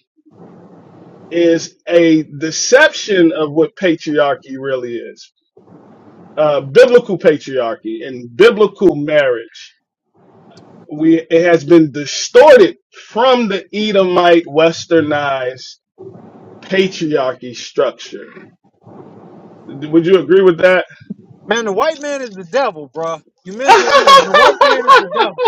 Speaker 6: is a deception of what patriarchy really is. Uh, biblical patriarchy and biblical marriage. We, it has been distorted from the Edomite westernized patriarchy structure. Would you agree with that?
Speaker 1: Man, the white man is the devil, bruh. You
Speaker 6: no,
Speaker 1: mentioned Edom. The white man is the devil.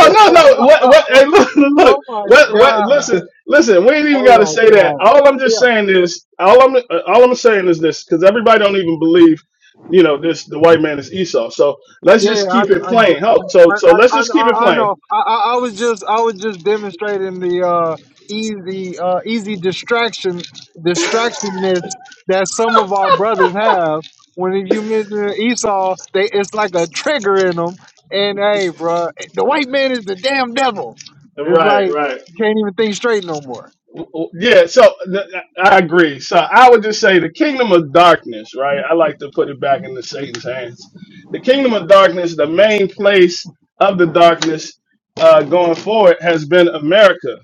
Speaker 1: *laughs*
Speaker 6: no, no. What? What? Hey, look, look.
Speaker 1: oh my
Speaker 6: What? What?
Speaker 1: god.
Speaker 6: Listen, listen. We ain't even
Speaker 1: Oh
Speaker 6: got to
Speaker 1: my
Speaker 6: say that.
Speaker 1: God.
Speaker 6: All I'm just
Speaker 1: Yeah,
Speaker 6: saying is, all I'm, uh, all I'm saying is this, because everybody don't even believe, you know, this. The white man is Esau. So let's
Speaker 1: yeah,
Speaker 6: just
Speaker 1: yeah. I,
Speaker 6: keep
Speaker 1: kn-
Speaker 6: it
Speaker 1: I know.
Speaker 6: plain.
Speaker 1: I,
Speaker 6: Oh, so,
Speaker 1: I,
Speaker 6: so
Speaker 1: I,
Speaker 6: let's just keep it
Speaker 1: I I
Speaker 6: plain.
Speaker 1: know. I, I I was just, I was just demonstrating the uh, easy, uh, easy distraction, distractionness that some of our brothers have. When if you mention Esau, they it's like a trigger in them. And hey, bro, the white man is the damn devil. It's
Speaker 6: Right,
Speaker 1: like
Speaker 6: right.
Speaker 1: you can't even think straight no more.
Speaker 6: Yeah, so th- I agree. So I would just say the kingdom of darkness, right? I like to put it back into Satan's hands. The kingdom of darkness, the main place of the darkness uh, going forward has been America.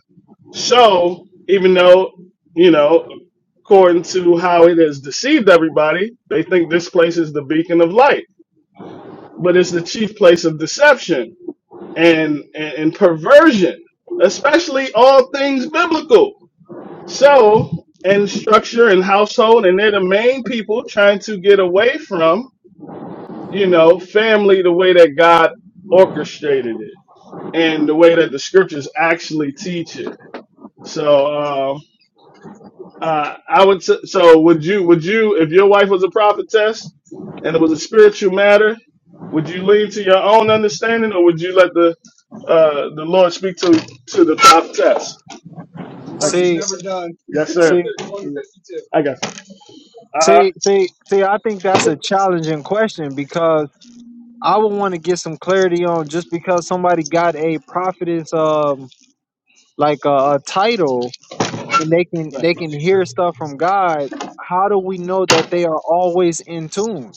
Speaker 6: So even though, you know, according to how it has deceived everybody, they think this place is the beacon of light, but it's the chief place of deception and, and, and perversion, especially all things biblical. So, and structure and household, and they're the main people trying to get away from, you know, family the way that God orchestrated it and the way that the scriptures actually teach it. So, um, uh, I would, s- so would you, would you, if your wife was a prophetess and it was a spiritual matter, would you lean to your own understanding or would you let the, uh, the Lord speak to, to the prophetess? The Thank
Speaker 1: See,
Speaker 6: Yes, sir.
Speaker 1: see,
Speaker 6: I got you. Uh
Speaker 1: see, see, see. I think that's a challenging question because I would want to get some clarity on just because somebody got a prophetess um like a, a title and they can
Speaker 6: huh.
Speaker 1: they can hear stuff from God. How do we know that they are always in tune?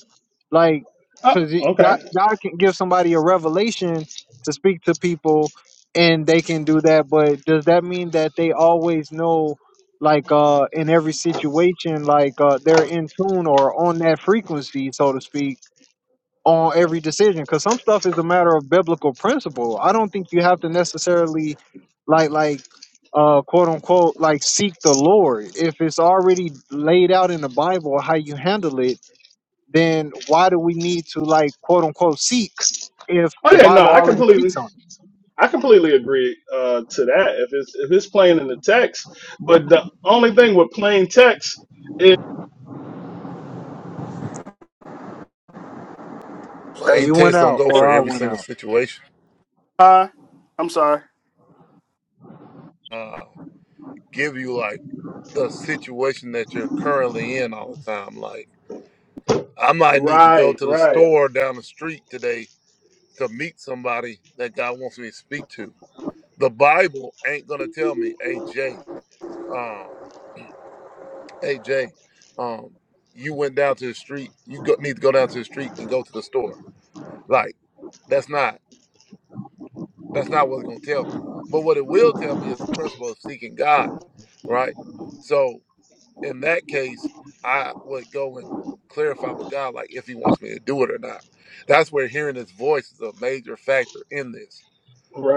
Speaker 1: Like,
Speaker 6: Oh,
Speaker 1: cause God
Speaker 6: okay.
Speaker 1: God can give somebody a revelation to speak to people, and they can do that. But does that mean that they always know? like uh in every situation like uh they're in tune or on that frequency so to speak on every decision because some stuff is a matter of biblical principle. I don't think you have to necessarily like like uh quote unquote like seek the Lord. If it's already laid out in the Bible how you handle it, then why do we need to like quote unquote seek if
Speaker 6: Oh
Speaker 1: the
Speaker 6: yeah, no,
Speaker 1: Bible
Speaker 6: I
Speaker 1: already
Speaker 6: completely,
Speaker 1: speaks on it?
Speaker 6: I completely agree uh, to that. If it's if it's plain in the text, but the only thing with plain text is
Speaker 5: So
Speaker 1: Hey,
Speaker 5: ain't
Speaker 1: you went
Speaker 5: text don't
Speaker 1: out
Speaker 5: go
Speaker 1: or
Speaker 5: for
Speaker 1: I
Speaker 5: every
Speaker 1: went
Speaker 5: single
Speaker 1: out.
Speaker 5: situation.
Speaker 6: Hi. I'm sorry.
Speaker 5: Uh, give you like the situation that you're currently in all the time, like I might need to go
Speaker 6: right,
Speaker 5: to the
Speaker 6: right,
Speaker 5: store down the street today to meet somebody that God wants me to speak to. The Bible ain't gonna tell me, hey Jay, um, hey Jay, um, you went down to the street. You go, need to go down to the street and go to the store. Like that's not that's not what it's gonna tell me. But what it will tell me is the principle of seeking God, right? So in that case, I would go and clarify with God, like if He wants me to do it or not. That's where hearing His voice is a major factor in this.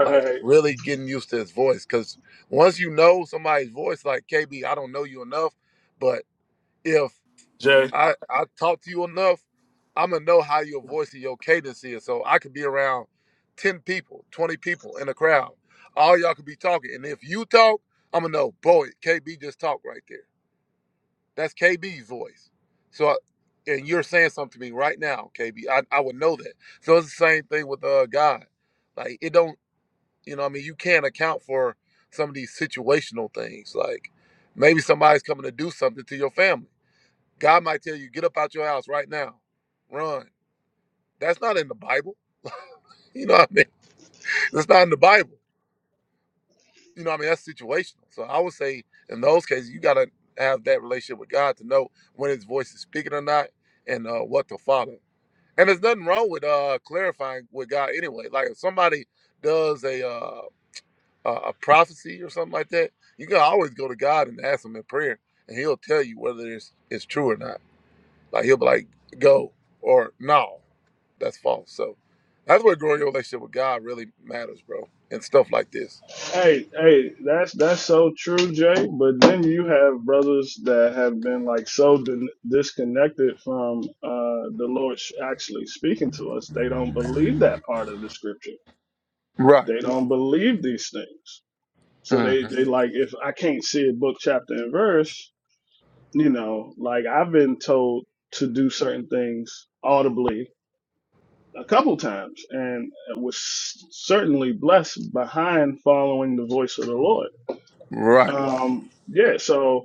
Speaker 5: Like really getting used to His voice, because once you know somebody's voice, like KB, I don't know you enough, but if
Speaker 6: Jay.
Speaker 5: I I talk to you enough, I'm gonna know how your voice and your cadence is. So I could be around ten people, twenty people in a crowd. All y'all could be talking, and if you talk, I'm gonna know. Boy, KB just talked right there that's KB's voice. So, and you're saying something to me right now, KB. I, I would know that. So it's the same thing with uh God. Like it don't, you know, what I mean, you can't account for some of these situational things. Like maybe somebody's coming to do something to your family. God might tell you, get up out your house right now, run. That's not in the Bible. *laughs* You know what I mean? That's not in the Bible. you know, what I mean, that's situational. So I would say in those cases, you got to have that relationship with God to know when His voice is speaking or not, and uh, what to follow. And there's nothing wrong with uh, clarifying with God anyway. Like if somebody does a uh, a a prophecy or something like that, you can always go to God and ask Him in prayer, and He'll tell you whether it's it's true or not. Like He'll be like, "Go," or "No, that's false." So that's where growing your relationship with God really matters, bro, and stuff like this.
Speaker 6: Hey, hey, that's that's so true, Jay. But then you have brothers that have been like so din disconnected from uh, the Lord sh- actually speaking to us. They don't believe that part of the scripture.
Speaker 5: Right.
Speaker 6: They don't believe these things. So
Speaker 5: hmm
Speaker 6: they they like if I can't see a book chapter and verse, you know, like I've been told to do certain things audibly a couple times, and was certainly blessed behind following the voice of the Lord.
Speaker 5: Right.
Speaker 6: Um, yeah, so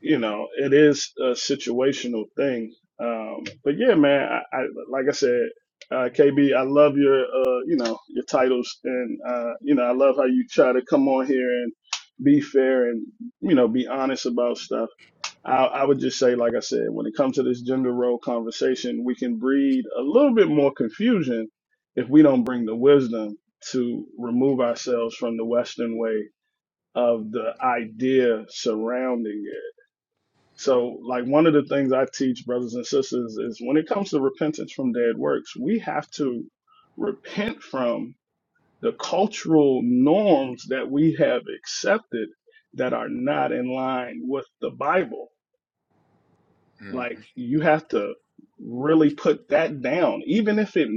Speaker 6: you know, it is a situational thing. Um, but yeah, man, I, I like I said, uh, KB, I love your, uh, you know, your titles, and uh, you know, I love how you try to come on here and be fair and you know be honest about stuff. I, I would just say, like I said, when it comes to this gender role conversation, we can breed a little bit more confusion if we don't bring the wisdom to remove ourselves from the Western way of the idea surrounding it so, like one of the things I teach brothers and sisters is when it comes to repentance from dead works, we have to repent from the cultural norms that we have accepted that are not in line with the Bible.
Speaker 5: Mhm.
Speaker 6: Like you have to really put that down, even if it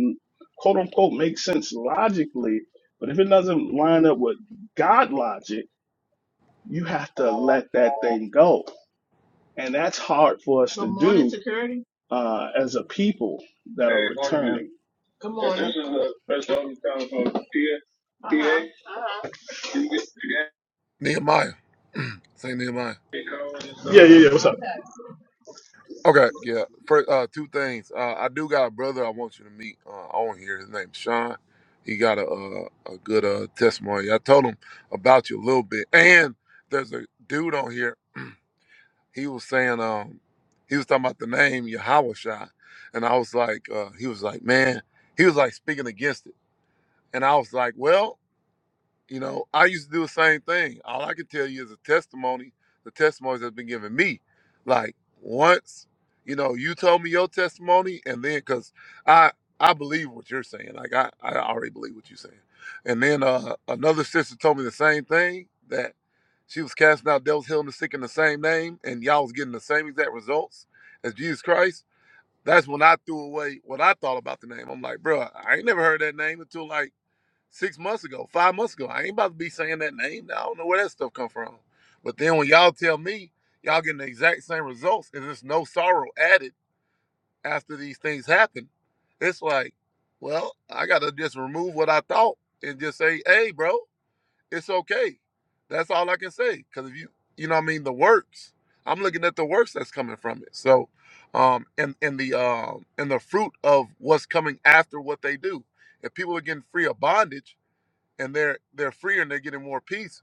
Speaker 6: quote unquote makes sense logically, but if it doesn't line up with God logic, you have to let that thing go And that's hard for us to Good do uh, as a people that are Hey, morning, man. returning. This is the first one we coming from Pierre. Can You get
Speaker 5: Nehemiah. *clears throat* Saint Nehemiah.
Speaker 6: the code and Yeah, stuff. yeah, yeah. yeah. What's up?
Speaker 5: Okay, yeah. First, uh, two things. Uh, I do got a brother I want you to meet uh, on here. His name's Sean. He got a a, a good uh, testimony. I told him about you a little bit. And there's a dude on here. *clears throat* He was saying um he was talking about the name Yahawashai, and I was like uh, he was like man he was like speaking against it, and I was like well You know, I used to do the same thing. All I can tell you is a testimony, the testimonies that's been given me. Like once, you know, you told me your testimony, and then because I I believe what you're saying. Like I I already believe what you're saying. And then uh, another sister told me the same thing that she was casting out devils, healing the sick in the same name, and y'all was getting the same exact results as Jesus Christ. That's when I threw away what I thought about the name. I'm like, bro, I ain't never heard that name until like six months ago, five months ago. I ain't about to be saying that name. I don't know where that stuff come from. But then when y'all tell me y'all getting the exact same results and there's no sorrow added after these things happen, it's like, well, I gotta just remove what I thought and just say, hey, bro, it's okay. That's all I can say. Cause if you, you know, what I mean, the works. I'm looking at the works that's coming from it. So, um, and and the um and the fruit of what's coming after what they do. If people are getting free of bondage and they're they're freer and they're getting more peace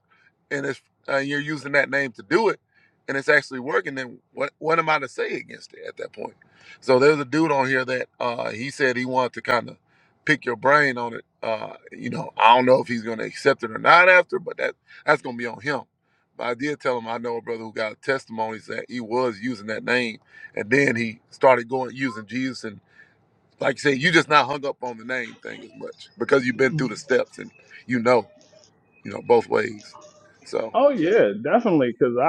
Speaker 5: and it's uh, you're using that name to do it and it's actually working then what what am i to say against it at that point so there's a dude on here that uh he said he wanted to kind of pick your brain on it uh you know i don't know if he's going to accept it or not after but that that's going to be on him but i did tell him i know a brother who got testimonies that he was using that name and then he started going using jesus and like you said you just not hung up on the name thing as much because you've been through the steps and you know you know, both ways. So
Speaker 6: Oh yeah, definitely. Because I,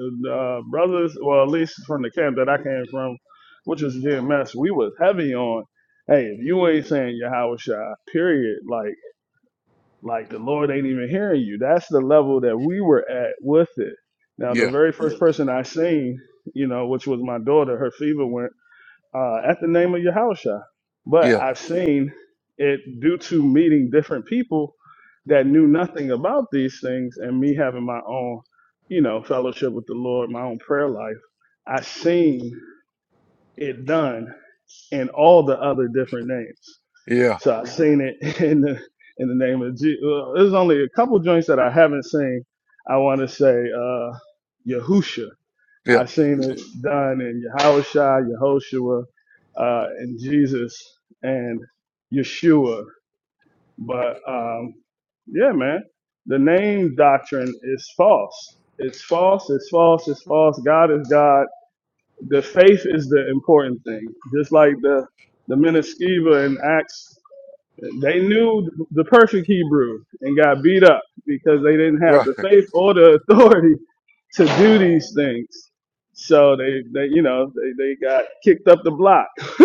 Speaker 6: I uh, brothers, well, at least from the camp that I came from, which was GMS, we was heavy on. Hey, if you ain't saying Yahweh Shai, period. Like. Like the Lord ain't even hearing you. That's the level that we were at with it. Now, the
Speaker 5: yeah,
Speaker 6: very first person I seen, you know, which was my daughter, her fever went uh, at the name of Yahusha. But
Speaker 5: yeah,
Speaker 6: I've seen it due to meeting different people that knew nothing about these things and me having my own, you know, fellowship with the Lord, my own prayer life. I seen it done in all the other different names.
Speaker 5: yeah,
Speaker 6: So I seen it *laughs* in the in the name of Jesus. Well, there's only a couple joints that I haven't seen. I want to say uh Yahusha.
Speaker 5: yeah.
Speaker 6: I seen it done in Yahushua, Yehoshua, uh, and Jesus and Yeshua. But um, yeah, man, the name doctrine is false. It's false. It's false. It's false. God is God. The faith is the important thing. Just like the the Meniskeva in Acts they knew the perfect Hebrew and got beat up because they didn't have
Speaker 5: Right,
Speaker 6: the faith or the authority to do these things. So they, they you know, they, they got kicked up the block, *laughs*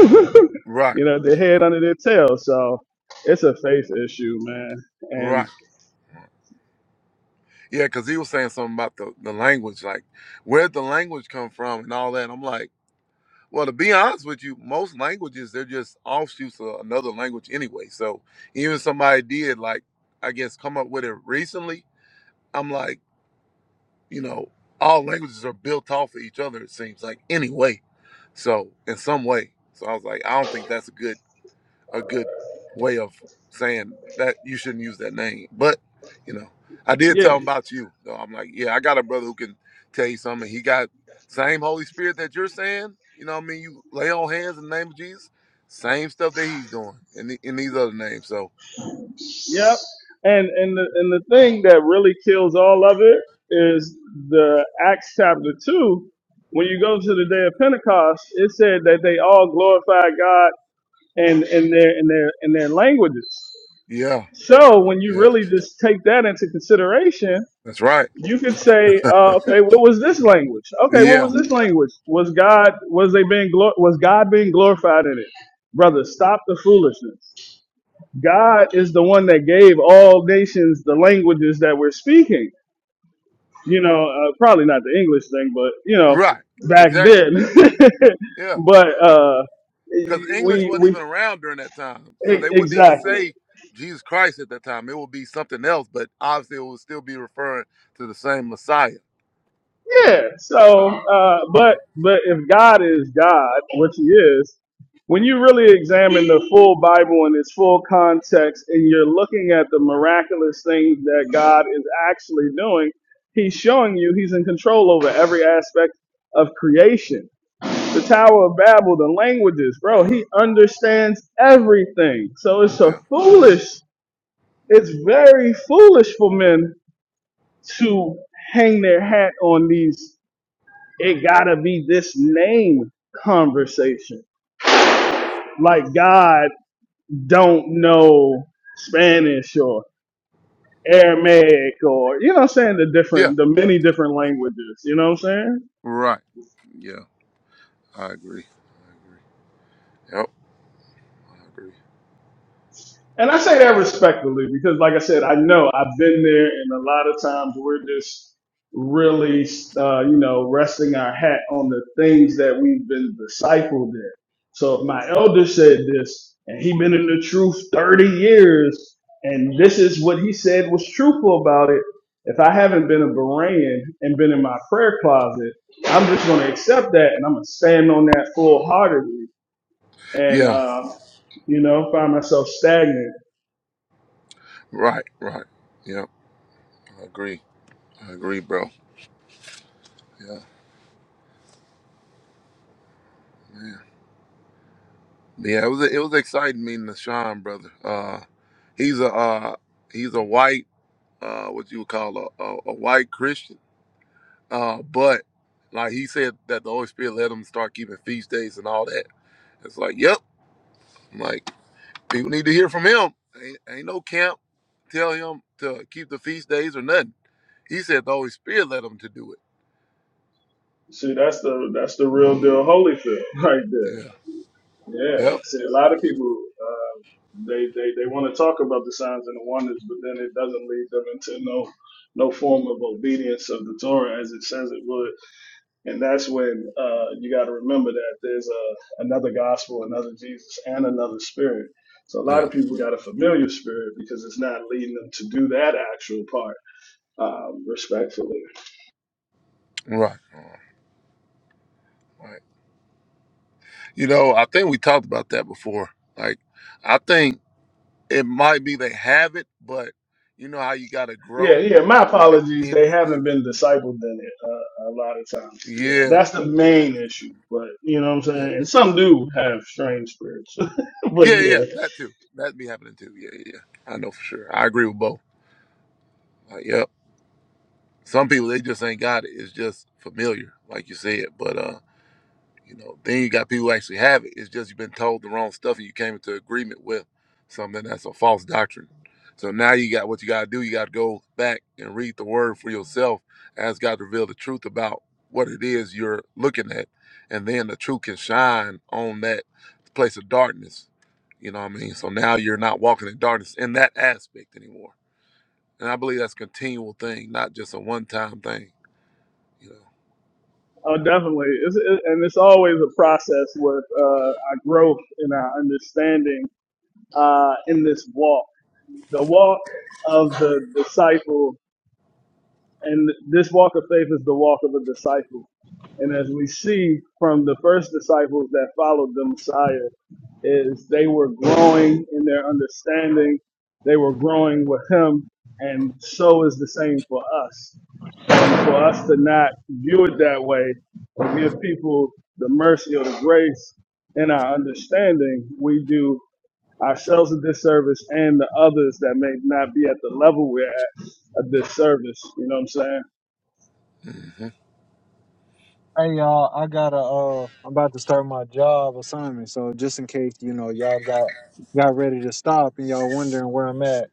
Speaker 5: *laughs* right,
Speaker 6: you know, their head under their tail. So it's a faith issue, man. And
Speaker 5: right. Yeah, because he was saying something about the, the language, like where'd the language come from and all that. I'm like, well, to be honest with you, most languages they're just offshoots of another language anyway. So even somebody did like, I guess, come up with it recently. I'm like, you know, all languages are built off of each other. It seems like anyway. So in some way, so I was like, I don't think that's a good. a good way of saying that you shouldn't use that name. But, you know, I did
Speaker 6: yeah,
Speaker 5: tell him about you. So I'm like, yeah, I got a brother who can tell you something. He got same Holy Spirit that you're saying. You know what I mean? You lay on hands in the name of Jesus. Same stuff that he's doing in, the, in these other names. So,
Speaker 6: yep. And and the and the thing that really kills all of it is the Acts chapter two. When you go to the day of Pentecost, it said that they all glorified God and in their in their in their languages.
Speaker 5: yeah,
Speaker 6: So when you
Speaker 5: yeah,
Speaker 6: really just take that into consideration,
Speaker 5: that's right.
Speaker 6: you could say, uh, okay, what was this language? Okay, what
Speaker 5: Yeah,
Speaker 6: was this language? Was God was they being glor- was God being glorified in it? Brother, stop the foolishness. God is the one that gave all nations the languages that we're speaking. You know, uh, probably not the English thing, but you know,
Speaker 5: right.
Speaker 6: back
Speaker 5: Exactly.
Speaker 6: then.
Speaker 5: Yeah.
Speaker 6: *laughs* but uh,
Speaker 5: because English
Speaker 6: we
Speaker 5: wasn't
Speaker 6: we
Speaker 5: even around during that time, so
Speaker 6: e-
Speaker 5: they wouldn't even
Speaker 6: exactly
Speaker 5: say Jesus Christ at that time. It would be something else, but obviously it would still be referring to the same Messiah.
Speaker 6: Yeah. So, uh,
Speaker 5: Yeah,
Speaker 6: but but if God is God, which He is, when you really examine the full Bible in its full context, and you're looking at the miraculous things that God is actually doing, He's showing you He's in control over every aspect of creation. The Tower of Babel, the languages, bro. He understands everything. So it's a
Speaker 5: yeah,
Speaker 6: foolish. It's very foolish for men to hang their hat on these it gotta be this name conversation.
Speaker 5: yeah,
Speaker 6: Like God don't know Spanish or Aramaic or you know what I'm saying the
Speaker 5: yeah.
Speaker 6: different the many different languages. You know what I'm saying?
Speaker 5: Right. Yeah, I agree. I agree. Yep, I agree.
Speaker 6: And I say that
Speaker 5: So,
Speaker 6: respectfully because, like I said, I know I've been there, and a lot of times we're just really, uh, you know, resting our hat on the things that we've been discipled in. So if my elder said this, and he been in the truth 30 years, and this is what he said was truthful about it, if I haven't been a Berean and been in my prayer closet, I'm just going to accept that, and I'm going to stand on that full heartedly. And
Speaker 5: yeah.
Speaker 6: uh, you know, find myself stagnant.
Speaker 5: Right. Right. Yep, I agree. I agree, bro. Yeah, man. Yeah, it was it was exciting meeting the Sean brother. Uh, he's a uh, he's a white uh, what you would call a, a, a white Christian Uh, but like he said that the Holy Spirit let him start keeping feast days and all that. It's like, yep, like people need to hear from him. Ain't, ain't no camp tell him to keep the feast days or nothing. He said the Holy Spirit led him to do it.
Speaker 6: See, that's the that's the real deal Holyfield *laughs* right there.
Speaker 5: Yeah.
Speaker 6: Yeah.
Speaker 5: Yep.
Speaker 6: See, a lot of people uh, they they they want to talk about the signs and the wonders, but then it doesn't lead them into no no form of obedience of the Torah as it says it would. And that's when uh, you got to remember that there's a another gospel, another Jesus, and another Spirit. So a lot
Speaker 5: Yeah.
Speaker 6: of people got a familiar spirit because it's not leading them to do that actual part um, respectfully.
Speaker 5: Right. Uh, right. You know, I think we talked about that before. Like, I think it might be they have it, but you know how you got to
Speaker 6: Yeah,
Speaker 5: grow.
Speaker 6: yeah. My
Speaker 5: Like
Speaker 6: apologies.
Speaker 5: in.
Speaker 6: They haven't been discipled in it uh, a lot of times. Yeah,
Speaker 5: Yeah.
Speaker 6: that's the
Speaker 5: Yeah.
Speaker 6: main issue. But you know what I'm
Speaker 5: Yeah.
Speaker 6: saying. And some do have strange spirits. *laughs* but
Speaker 5: Yeah, yeah, yeah.
Speaker 6: yeah,
Speaker 5: that too. That be happening too. Yeah, yeah, yeah. I know for sure. I agree with both. Like, yep. Some people they just ain't got it. It's just familiar, like you said. But uh you know, then you got people who actually have it. It's just you've been told the wrong stuff and you came into agreement with something that's a false doctrine. So now you got what you got to do. You got to go back and read the word for yourself as God revealed the truth about what it is you're looking at. And then the truth can shine on that place of darkness. You know what I mean? So now you're not walking in darkness in that aspect anymore. And I believe that's a continual thing, not just a one time thing. You know?
Speaker 6: oh, definitely. It's, it, and it's always a process with uh, our growth and our understanding uh, in this walk, the walk of the disciple. And this walk of faith is the walk of a disciple. And as we see from the first disciples that followed the Messiah. is they were growing in their understanding. They were growing with him. And so is the same for us. And for us to not view it that way, to give people the mercy or the grace in our understanding, we do ourselves a disservice and the others that may not be at the level we're at a disservice. You know what I'm saying?
Speaker 5: hmm
Speaker 1: Hey y'all, I gotta uh I'm about to start my job assignment, so just in case, you know, y'all got got ready to stop and y'all wondering where I'm at,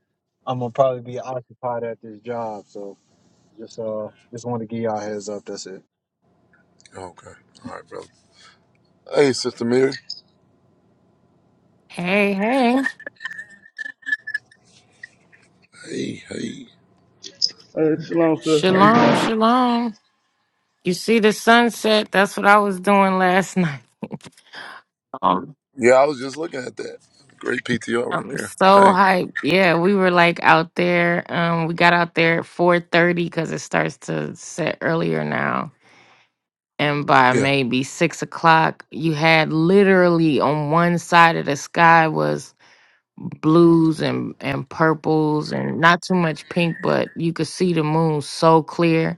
Speaker 1: I'm gonna probably be occupied at this job. So just uh just wanna give y'all a heads up, that's it.
Speaker 5: Okay. All right, brother. Hey, Sister Mary.
Speaker 7: Hey, hey.
Speaker 5: Hey, hey.
Speaker 6: Hey, shalom, sis. How you
Speaker 7: Shalom, shalom. You see the sunset? That's what I was doing last *laughs* night. Um,
Speaker 5: Yeah, I was just looking at that. Great PTR right
Speaker 7: I'm
Speaker 5: there.
Speaker 7: so
Speaker 5: Hey.
Speaker 7: hyped. Yeah, we were like out there. Um, we got out there at 4.30 because it starts to set earlier now. And by
Speaker 5: Yeah,
Speaker 7: maybe 6 o'clock, you had literally on one side of the sky was blues and, and purples and not too much pink, but you could see the moon so clear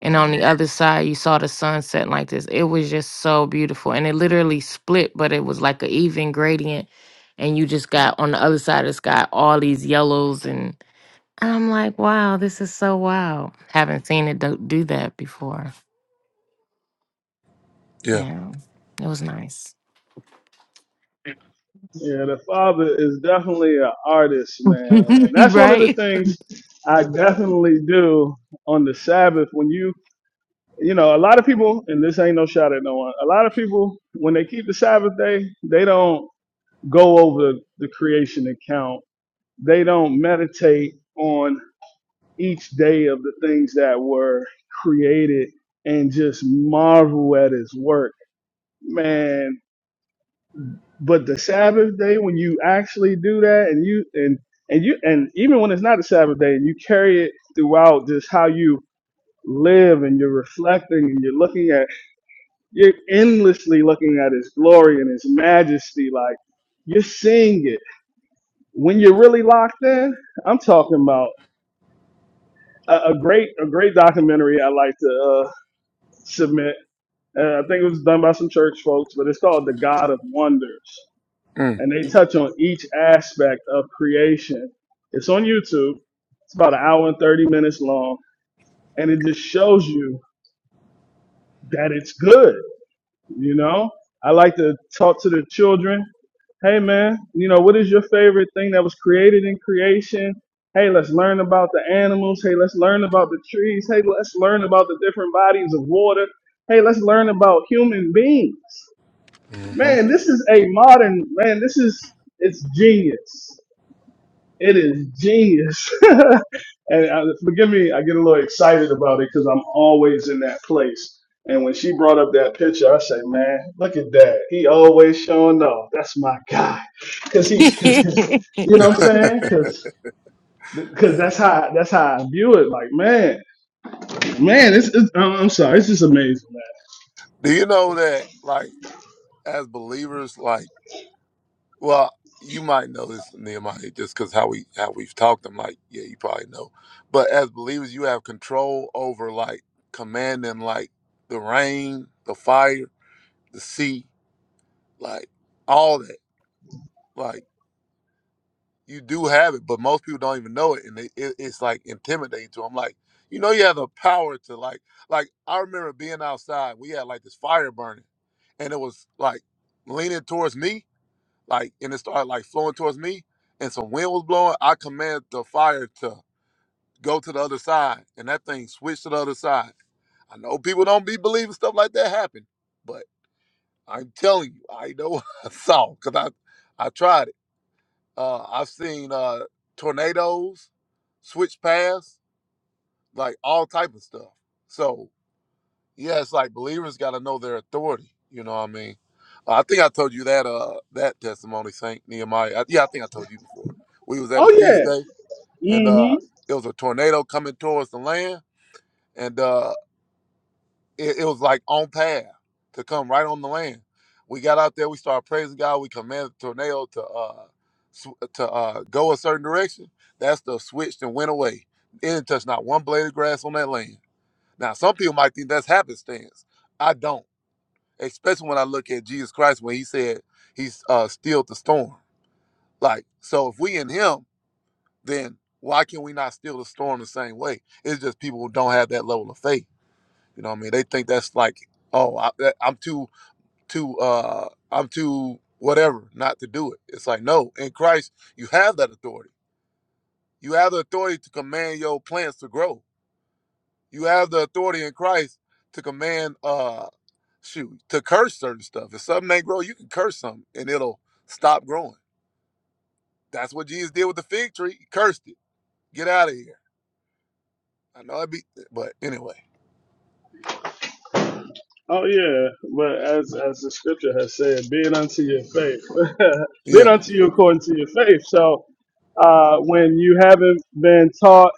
Speaker 7: and on the other side you saw the sunset like this it was just so beautiful and it literally split but it was like an even gradient and you just got on the other side of the sky all these yellows and and i'm like wow this is so wild haven't seen it do, do that before
Speaker 5: yeah.
Speaker 7: yeah it was nice
Speaker 6: Yeah, the father is definitely an artist, man. And
Speaker 7: *laughs*
Speaker 6: that's one of the
Speaker 7: right
Speaker 6: things I definitely do on the Sabbath. When you, you know, a lot of people, and this ain't no shot at no one, a lot of people, when they keep the Sabbath day, they don't go over the creation account. They don't meditate on each day of the things that were created and just marvel at his work. Man, But the Sabbath day, when you actually do that, and you and and you and even when it's not a Sabbath day, and you carry it throughout, just how you live and you're reflecting and you're looking at, you're endlessly looking at His glory and His majesty. Like you're seeing it when you're really locked in. I'm talking about a, a great a great documentary I like to uh, submit. Uh, I think it was done by some church folks, but it's called The God of Wonders
Speaker 5: Mm.
Speaker 6: and they touch on each aspect of creation. It's on YouTube. It's about an hour and 30 minutes long, and it just shows you that it's good. You know, I like to talk to the children. Hey, man, you know, what is your favorite thing that was created in creation? Hey, let's learn about the animals. Hey, let's learn about the trees. Hey, let's learn about the different bodies of water. Hey, let's learn about human beings.
Speaker 5: hmm
Speaker 6: Man, this is a modern, man, this is, it's genius It is genius. *laughs* and uh, forgive me, I get a little excited about it because I'm always in that place. And when she brought up that picture, I say, "Man, look at that! He always showing off. That's my guy." Cause he, cause,
Speaker 7: *laughs*
Speaker 6: cause, you know what I'm saying? Cause, cause that's how that's how I view it. Like, man, man, it's, it's I'm I'm sorry, it's just amazing, man.
Speaker 5: Do you know that, like, as believers, like, well, you might know this, Nehemiah, just because how we how we've talked. I'm like, yeah, you probably know. But as believers, you have control over like commanding, like the rain, the fire, the sea, like all that. Like. you do have it, but most people don't even know it, and they, it, it's like intimidating to them. Like, you know, you have the power to like, like I remember being outside. We had like this fire burning, and it was like leaning towards me, like, and it started like flowing towards me, and some wind was blowing. I commanded the fire to go to the other side, and that thing switched to the other side. I know people don't be believing stuff like that happen, but I'm telling you, I know *laughs* what I saw because I, I tried it. Uh, I've seen uh, tornadoes, switch paths, like all type of stuff. So yeah, it's like believers got to know their authority. You know what I mean? Uh, I think I told you that uh, that testimony, Saint Nehemiah. I, yeah, I think I told you before. We was at a
Speaker 6: Oh
Speaker 5: feast
Speaker 6: yeah,
Speaker 5: day, and
Speaker 6: Mm-hmm.
Speaker 5: uh, it was a tornado coming towards the land, and uh, it, it was like on path to come right on the land. We got out there, we started praising God. We commanded the tornado to uh sw- to uh go a certain direction. That stuff switched and went away. It didn't touch not one blade of grass on that land. Now some people might think that's happenstance. I don't, especially when I look at Jesus Christ when He said He's uh stilled the storm. Like so, if we in Him, then why can we not steal the storm the same way? It's just people who don't have that level of faith you know what I mean? They think that's like, oh, I, that, I'm too, too, uh, I'm too whatever not to do it. It's like, no, in Christ, you have that authority. You have the authority to command your plants to grow. You have the authority in Christ to command, uh, shoot, to curse certain stuff. If something ain't grow, you can curse something and it'll stop growing. That's what Jesus did with the fig tree. He cursed it. Get out of here. I know it would be, but anyway,
Speaker 6: Oh yeah, but as as the scripture has said, be it unto your faith, *laughs* be
Speaker 5: yeah,
Speaker 6: it unto you according to your faith. So uh, when you haven't been taught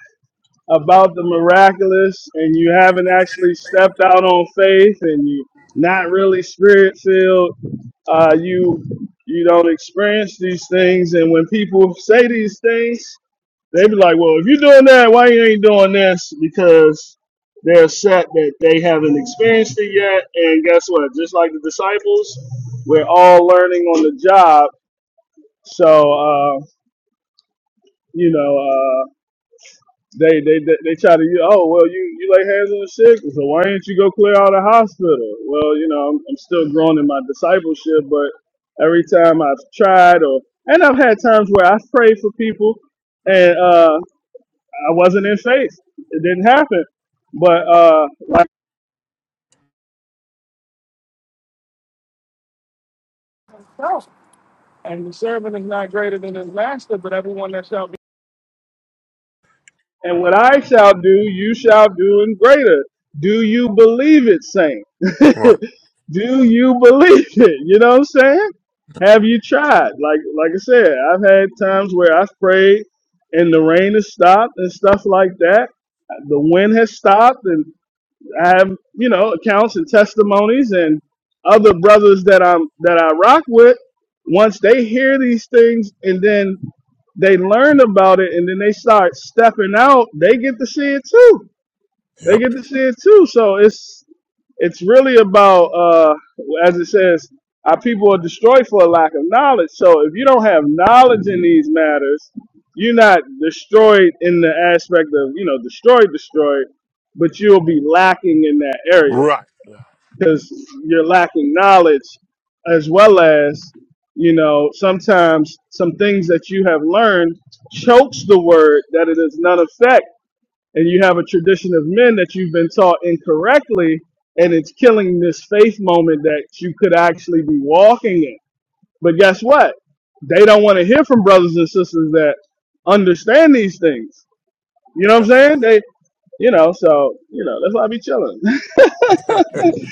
Speaker 6: about the miraculous and you haven't actually stepped out on faith and you not really spirit filled, uh, you you don't experience these things. And when people say these things, they be like, well, if you're doing that, why you ain't doing this? Because they're upset that they haven't experienced it yet. And guess what? Just like the disciples, we're all learning on the job. So, uh, you know, uh, they, they they they try to you oh well you you lay hands on the sick so why didn't you go clear out a hospital well you know I'm, I'm still growing in my discipleship but every time I've tried or and I've had times where I've prayed for people and. uh, I wasn't in faith. It didn't happen. But uh, like, And the servant is not greater than his master, but everyone that shall be and what I shall do, you shall do in greater. Do you believe it, saint? *laughs*
Speaker 5: right,
Speaker 6: do you believe it? You know what I'm saying? Have you tried? Like, like I said, I've had times where I've prayed and the rain has stopped and stuff like that. The wind has stopped and. I have you know accounts and testimonies and other brothers that I'm that I rock with. Once they hear these things and then they learn about it and then they start stepping out, they get to see it too. They
Speaker 5: yep,
Speaker 6: get to see it too. So it's it's really about uh as it says our people are destroyed for a lack of knowledge so if you don't have knowledge in these matters you're not destroyed in the aspect of you know destroyed destroyed but you'll be lacking in that area
Speaker 5: right,
Speaker 6: because you're lacking knowledge as well as you know sometimes some things that you have learned chokes the word that it is none effect and you have a tradition of men that you've been taught incorrectly, and it's killing this faith moment that you could actually be walking in. But guess what? They don't want to hear from brothers and sisters that understand these things. You know what I'm
Speaker 5: yeah,
Speaker 6: saying? They, you know, so you know that's why I be chilling. *laughs*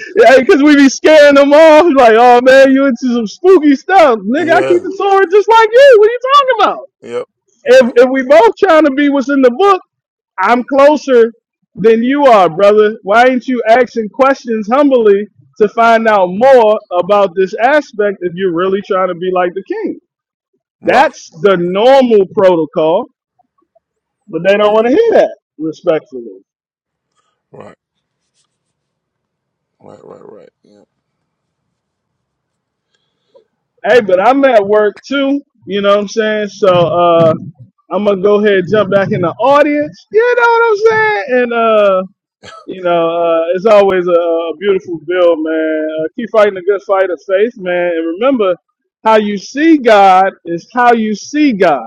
Speaker 6: yeah, because we be scaring them off. Like, oh man, you
Speaker 5: *laughs*
Speaker 6: into some spooky stuff, nigga. I keep
Speaker 5: yeah.
Speaker 6: the sword just like you. What are you talking about?
Speaker 5: Yep.
Speaker 6: If
Speaker 5: Yep.
Speaker 6: if we both trying to be what's in the book I'm closer than you are, brother. Why ain't you asking questions humbly to find out more about this aspect if you're really trying to be like the king?
Speaker 5: Right.
Speaker 6: That's the normal protocol, but they don't
Speaker 5: Mm.
Speaker 6: want to hear that, respectfully.
Speaker 5: Right. Right. Right. Right. Yep.
Speaker 6: Hey, but I'm at work too, you know what I'm saying? So uh I'm gonna go ahead and jump back in the audience. You know what I'm saying? And. uh, You know, uh, it's always a, a beautiful build, man. Uh, keep fighting a good fight of faith, man. And remember, how you see God is how you see God.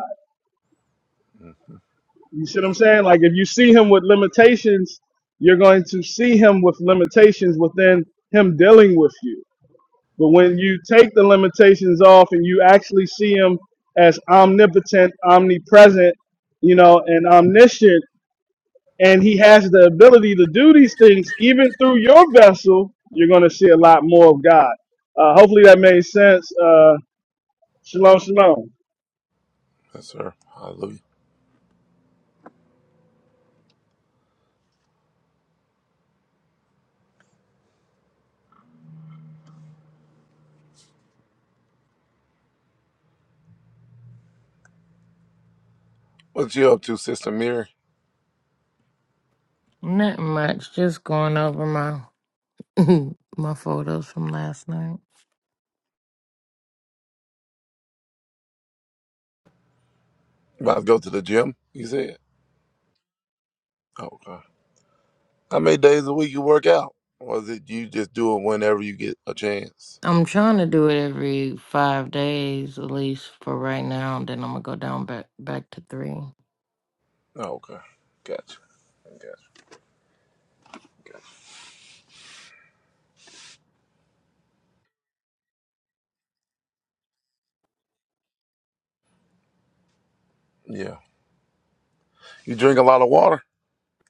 Speaker 5: Mm.
Speaker 6: You see what I'm
Speaker 5: Yep.
Speaker 6: saying? Like, if you see Him with limitations, you're going to see Him with limitations within Him dealing with you. But when you take the limitations off and you actually see Him as omnipotent, omnipresent, you know, and omniscient, and he has the ability to do these things even through your vessel, you're going to see a lot more of God. Uh, hopefully that made sense. Uh, shalom, shalom.
Speaker 5: Yes, sir. Hallelujah. What you up to, Sister Mary?
Speaker 7: not much just going over my *laughs* my photos from last night
Speaker 5: You about to go to the gym? You said. Oh, God. How many days a week you work out? Or is it you just do it whenever you get a chance?
Speaker 7: I'm trying to do it every five days at least for right now. Then I'm gonna go down back back to three.
Speaker 5: Oh, okay. Gotcha. Gotcha. Yeah. You drink a lot of water?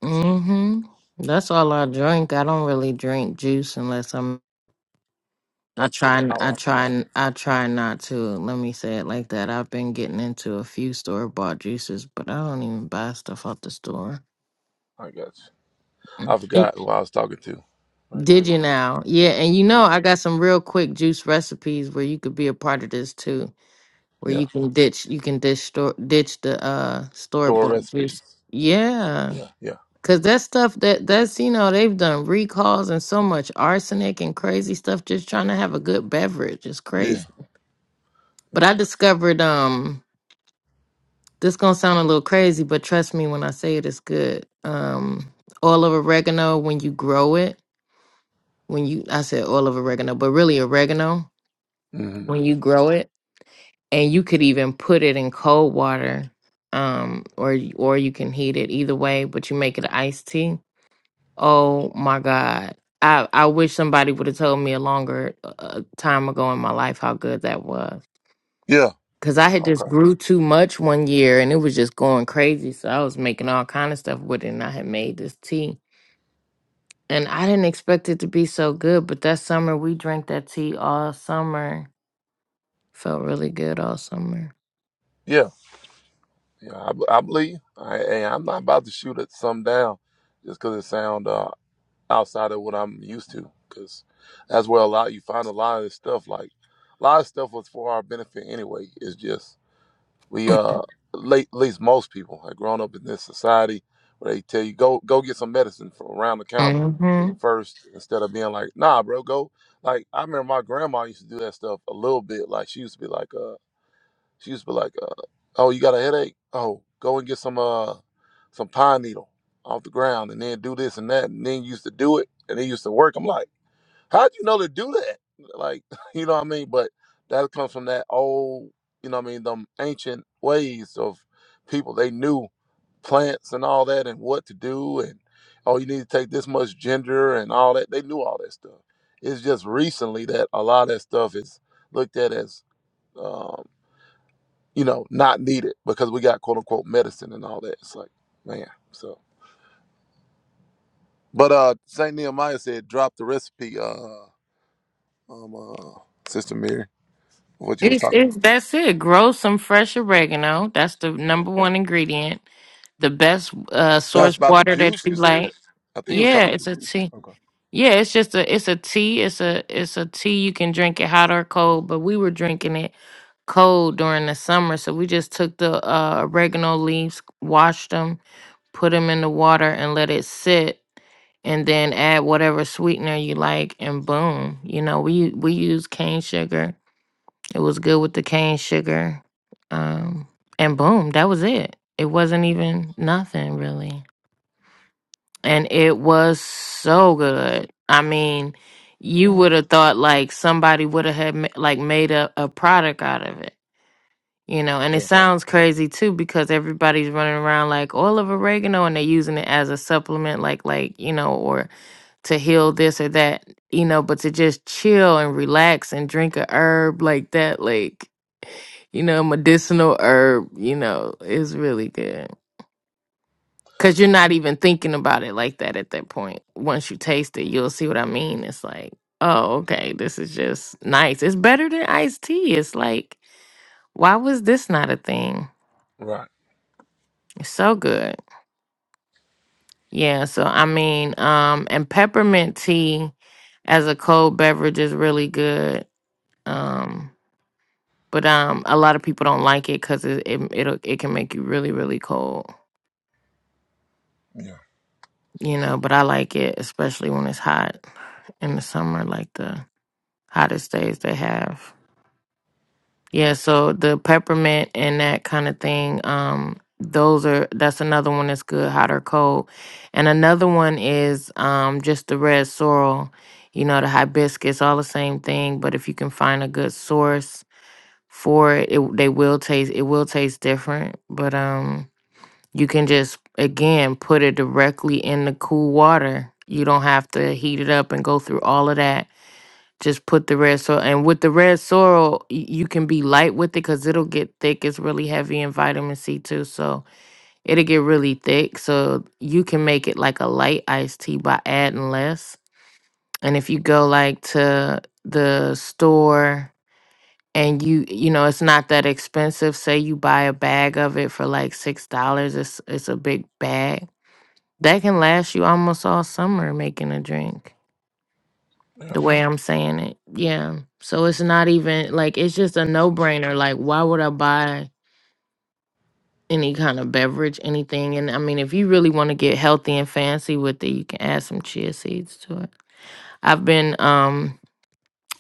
Speaker 7: Mm-hmm. That's all I drink. I don't really drink juice unless I'm. I try. n-
Speaker 5: Oh,
Speaker 7: I
Speaker 5: I
Speaker 7: try.
Speaker 5: forgot.
Speaker 7: n- I try not to. Let me say it like that. I've been getting into a few store bought juices, but I don't even buy stuff out the store.
Speaker 5: I got you.
Speaker 7: Mm.
Speaker 5: I
Speaker 7: Eh,
Speaker 5: forgot who I was talking to. Right
Speaker 7: Did
Speaker 5: quick.
Speaker 7: you now? Yeah, and you know
Speaker 5: Yeah.
Speaker 7: I got some real quick juice recipes where you could be a part of this too. where
Speaker 5: Yeah.
Speaker 7: you can ditch you can ditch store ditch the uh store
Speaker 5: Store
Speaker 7: bought
Speaker 5: recipes.
Speaker 7: juice. Yeah.
Speaker 5: Yeah. Yeah.
Speaker 7: Cause that stuff that that's you know, they've done recalls and so much arsenic and crazy stuff just trying to have a good beverage. It's
Speaker 5: Yeah.
Speaker 7: crazy.
Speaker 5: Yeah.
Speaker 7: But I discovered um this gonna sound a little crazy, but trust me when I say it it's good. Um oil of oregano when you grow it. When you I said oil of oregano, but really oregano
Speaker 5: hmm
Speaker 7: when you grow it and you could even put it in cold water um or y- or you can heat it either way but you make it an iced tea oh my god i i wish somebody would have told me a longer uh, uh, time ago in my life how good that was
Speaker 5: Yeah.
Speaker 7: because i
Speaker 5: Yeah.
Speaker 7: had just
Speaker 5: Okay.
Speaker 7: grew too much one year and it was just going crazy so i was making all kind of stuff with it and i had made this tea and i didn't expect it to be so good but that summer we drank that tea all summer felt really good all summer
Speaker 5: Yeah. Yeah, I, b- I believe. you. I, hey, I'm not about to shoot at some down just 'cause it sound uh, outside of what I'm used to. 'Cause that's where a lot you find a lot of this stuff. Like a lot of stuff was for our benefit anyway. It's just we uh, late, at least most people have grown up in this society where they tell you go go get some medicine from around the counter
Speaker 7: hmm
Speaker 5: first instead of being like nah, bro, go. Like I remember my grandma used to do that stuff a little bit. Like she used to be like uh. She used to be like, uh, "Oh, you got a headache? Oh, go and get some uh some pine needle off the ground, and then do this and that, and then used to do it, and it used to work." I'm like, "How'd you know to do that?" Like, *laughs* you know what I mean? But that comes from that old, you know what I mean, them ancient ways of people. They knew plants and all that, and what to do, and oh, you need to take this much ginger and all that. They knew all that stuff. It's just recently that a lot of that stuff is looked at as um you know, not needed because we got quote unquote medicine and all that. It's like, man, so. But uh Saint Nehemiah said, drop the recipe, uh, um, uh, Sister Mary, what you was
Speaker 7: It's,
Speaker 5: talking about.
Speaker 7: it's that's it. Grow some fresh oregano. That's the
Speaker 5: Yeah.
Speaker 7: number one ingredient. The best uh
Speaker 5: That's
Speaker 7: source
Speaker 5: about the
Speaker 7: water that
Speaker 5: juice
Speaker 7: you
Speaker 5: you said.
Speaker 7: like.
Speaker 5: I think he was
Speaker 7: Yeah,
Speaker 5: talking about the
Speaker 7: it's a
Speaker 5: juice.
Speaker 7: tea.
Speaker 5: Okay.
Speaker 7: Yeah, it's just a it's a tea. It's a it's a tea. You can drink it hot or cold, but we were drinking it cold during the summer, so we just took the uh, oregano leaves, washed them, put them in the water, and let it sit. And then add whatever sweetener you like, and boom, you know we we use cane sugar it was good with the cane sugar. Um, and boom, that was it. It wasn't even nothing really. And it was so good. I mean, you would have thought like somebody would have had ma- like made a, a product out of it, you know. And it
Speaker 5: Yeah.
Speaker 7: sounds crazy too because everybody's running around like oil of oregano and they're using it as a supplement, like like you know, or to heal this or that, you know, but to just chill and relax and drink a herb like that, like, you know, medicinal herb, you know, is really good. Cause you're not even thinking about it like that at that point. Once you taste it, you'll see what I mean. It's like, oh, okay, this is just nice. It's better than iced tea. It's like, why was this not a thing?
Speaker 5: Right.
Speaker 7: It's so good. Yeah, so I mean, um, and peppermint tea as a cold beverage is really good. Um, but um a lot of people don't like it because it, it it'll it can make you really really cold
Speaker 5: Yeah.
Speaker 7: you know but i like it especially when it's hot in the summer like the hottest days they have
Speaker 5: Yeah.
Speaker 7: yeah so the peppermint and that kind of thing um those are that's another one that's good hot or cold and another one is um just the red sorrel you know the hibiscus all the same thing but if you can find a good source for it, it they will taste it will taste different but um You can just, again, put it directly in the cool water. You don't have to heat it up and go through all of that. Just put the red sorrel. And with the red sorrel, y- you can be light with it because it'll get thick. It's really heavy in vitamin C too. So it'll get really thick. So you can make it like a light iced tea by adding less. And if you go like to the store and you you know it's not that expensive say you buy a bag of it for like six dollars it's it's a big bag that can last you almost all summer making a drink,
Speaker 5: Yeah.
Speaker 7: the way I'm saying it. Yeah. So it's not even like it's just a no brainer. Like, why would I buy any kind of beverage, anything? And I mean, if you really want to get healthy and fancy with it, you can add some chia seeds to it. I've been, um,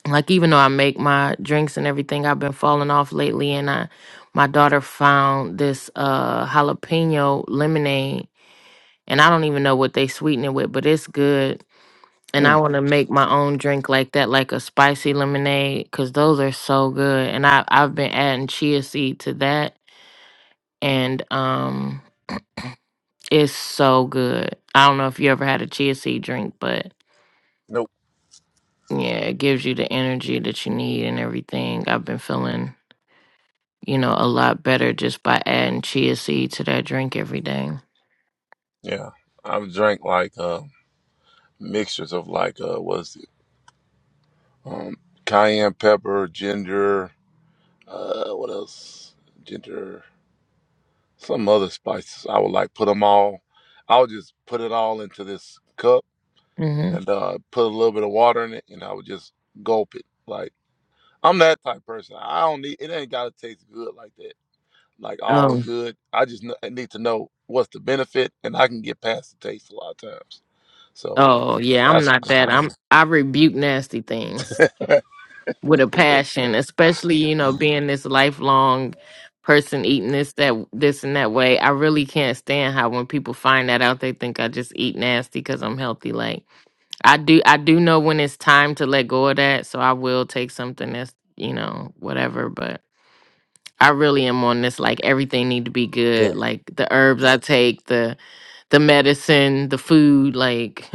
Speaker 7: like even though I make my drinks and everything, I've been falling off lately and I my daughter found this uh jalapeno lemonade and I don't even know what they sweeten it with, but it's good And I
Speaker 5: Mm.
Speaker 7: want to make my own drink like that, like a spicy lemonade, because those are so good. And I, I've been adding chia seed to that, and um, it's so good. I don't know if you ever had a chia seed drink, but
Speaker 5: Nope.
Speaker 7: yeah, it gives you the energy that you need and everything. I've been feeling you know, a lot better just by adding chia seed to that drink every day.
Speaker 5: Yeah. I've drank like uh, mixtures of like uh, what is it? Um, cayenne pepper, ginger. Uh, what else? Ginger. some other spices. I would like put them all. I would just put it all into this cup
Speaker 7: Mm-hmm.
Speaker 5: and uh, put a little bit of water in it, and I would just gulp it. Like I'm that type of person. I don't need it. Ain't gotta taste good like that. Like all
Speaker 7: Oh,
Speaker 5: good. I just kn- need to know what's the benefit, and I can get past the taste a lot of times. So
Speaker 7: oh yeah, I'm
Speaker 5: that's
Speaker 7: not
Speaker 5: kind of how
Speaker 7: that.
Speaker 5: I am.
Speaker 7: I'm I rebuke nasty things. with a passion, especially you know being this lifelong person eating this that this and that way. I really can't stand how when people find that out, they think I just eat nasty because I'm healthy. Like I do, I do know when it's time to let go of that, so I will take something that's you know whatever. But I really am on this like everything need to be good,
Speaker 5: yeah,
Speaker 7: like the herbs I take, the the medicine, the food, like. *laughs*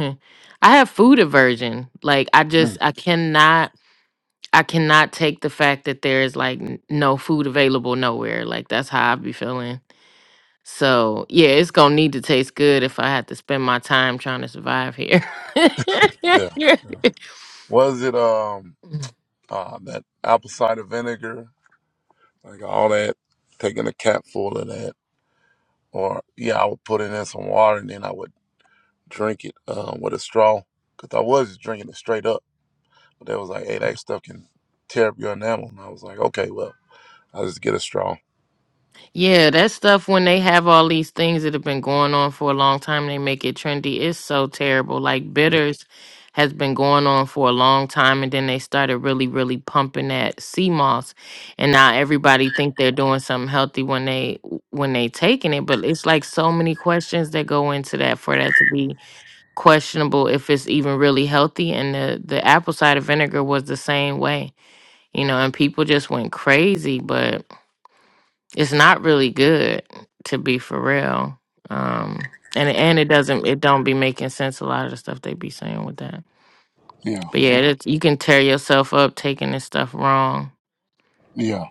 Speaker 7: I have food aversion. Like I just
Speaker 5: Mm,
Speaker 7: I cannot I cannot take the fact that there is like n- no food available nowhere. Like that's how I be feeling. So yeah, it's gonna need to taste good if I have to spend my time trying to survive here.
Speaker 5: yeah, yeah. Was it um
Speaker 7: *laughs*
Speaker 5: uh, that apple cider vinegar? Like all that, taking a cap full of that. or yeah, I would put it in some water and then I would drink it um, with a straw because I was just drinking it straight up. But they was like, hey, that stuff can tear up your enamel, and I was like, okay, well, I'll just get a straw.
Speaker 7: Yeah, that stuff when they have all these things that have been going on for a long time, they make it trendy. It's so terrible. Like
Speaker 5: Yeah,
Speaker 7: bitters has been going on for a long time and then they started really, really pumping that sea moss. And now everybody think they're doing something healthy when they when they taking it. But it's like so many questions that go into that for that to be questionable if it's even really healthy. And the, the apple cider vinegar was the same way. You know, and people just went crazy, but it's not really good to be for real. Um, and and it doesn't it don't be making sense a lot of the stuff they be saying with that.
Speaker 5: yeah,
Speaker 7: But yeah, it's, you can tear yourself up taking this stuff wrong.
Speaker 5: yeah,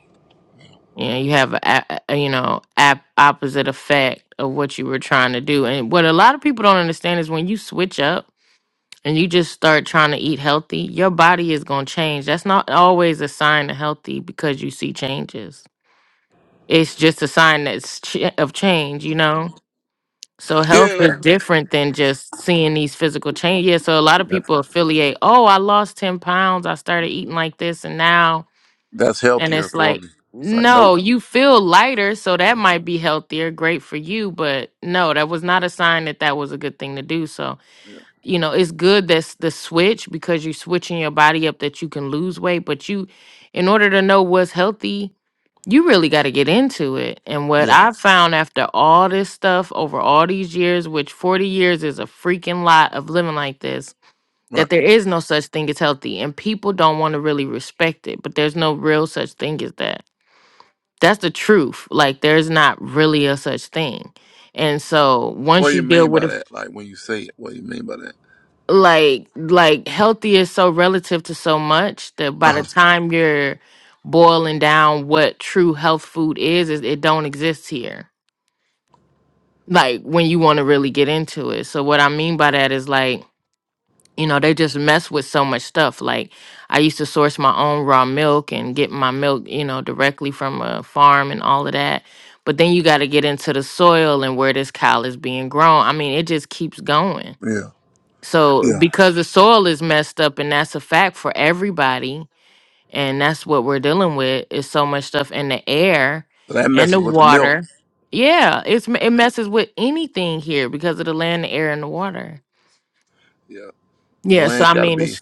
Speaker 7: You know, you have a, a a- you know ap- opposite effect of what you were trying to do. And what a lot of people don't understand is when you switch up and you just start trying to eat healthy, your body is going to change. That's not always a sign of healthy because you see changes. It's just a sign that's ch- of change, you know So health
Speaker 5: yeah.
Speaker 7: is
Speaker 5: yeah.
Speaker 7: different than just seeing these physical changes. Yeah, so a lot of
Speaker 5: That,
Speaker 7: people affiliate, oh, I lost 10 pounds, I started eating like this and now
Speaker 5: that's
Speaker 7: and
Speaker 5: healthier
Speaker 7: it's
Speaker 5: for
Speaker 7: like,
Speaker 5: me. It's like nope.
Speaker 7: no, you feel lighter, so that
Speaker 5: Yeah,
Speaker 7: might be healthier, great for you, but no, that was not a sign that that was a good thing to do. So,
Speaker 5: yeah,
Speaker 7: you know, it's good that's the switch because you're switching your body up that you can lose weight, but you in order to know what's healthy you really got to get into it. And what
Speaker 5: yeah.
Speaker 7: I found after all this stuff over all these years, which 40 years is a freaking lot of living like this,
Speaker 5: Right.
Speaker 7: that there is no such thing as healthy. And people don't want to really respect it, but there's no real such thing as that. That's the truth. Like, there's not really a such thing. And so
Speaker 5: What
Speaker 7: once
Speaker 5: do
Speaker 7: you
Speaker 5: you
Speaker 7: deal
Speaker 5: mean
Speaker 7: with
Speaker 5: by
Speaker 7: it,
Speaker 5: that? Like when you say it, what do you mean by that?
Speaker 7: like, like healthy is so relative to so much that
Speaker 5: Uh
Speaker 7: by the
Speaker 5: huh.
Speaker 7: time you're boiling down what true health food is, is it don't exist here like when you want to really get into it. So what I mean by that is like, you know, they just mess with so much stuff. Like I used to source my own raw milk and get my milk, you know, directly from a farm and all of that. But then you got to get into the soil and where this cow is being grown. I mean, it just keeps going.
Speaker 5: Yeah.
Speaker 7: So
Speaker 5: Yeah.
Speaker 7: because the soil is messed up and that's a fact for everybody, and that's what we're dealing with is so much stuff in the air
Speaker 5: So that
Speaker 7: and the
Speaker 5: messes with the milk.
Speaker 7: water yeah it's it messes with anything here because of the land the air and the water
Speaker 5: Yeah. The
Speaker 7: yeah so
Speaker 5: land
Speaker 7: i
Speaker 5: got to
Speaker 7: mean
Speaker 5: be
Speaker 7: it's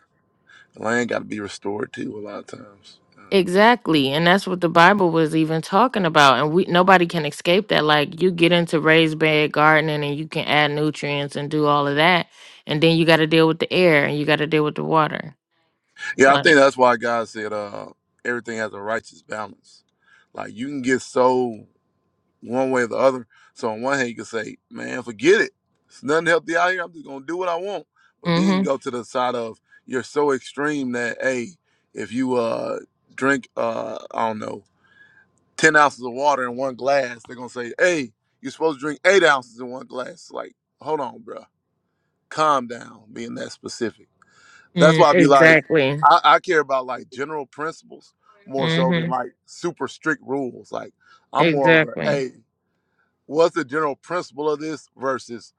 Speaker 5: the land got to be restored too. A lot of times. Uh,
Speaker 7: exactly and that's what the bible was even talking about and we nobody can escape that like you get into raised bed gardening and you can add nutrients and do all of that and then you got to deal with the air and you got to deal with the water
Speaker 5: yeah, I
Speaker 7: like
Speaker 5: think that's why God said uh, everything has a righteous balance. Like you can get so one way or the other. So on one hand you can say, man, forget it. It's nothing healthy out here. I'm just gonna do what I want.
Speaker 7: mm
Speaker 5: But then you can
Speaker 7: mhm
Speaker 5: go to the side of you're so extreme that hey, if you uh drink uh I don't know ten ounces of water in one glass, they're gonna say, "Hey, you're supposed to drink eight ounces in one glass." Like, hold on, bro. calm down. Being that specific, that's
Speaker 7: mm,
Speaker 5: why I be like,
Speaker 7: exactly
Speaker 5: I, I care about like general principles more so than
Speaker 7: mhm
Speaker 5: like super strict rules. Like, I'm more of a,
Speaker 7: exactly
Speaker 5: hey, what's the general principle of this versus,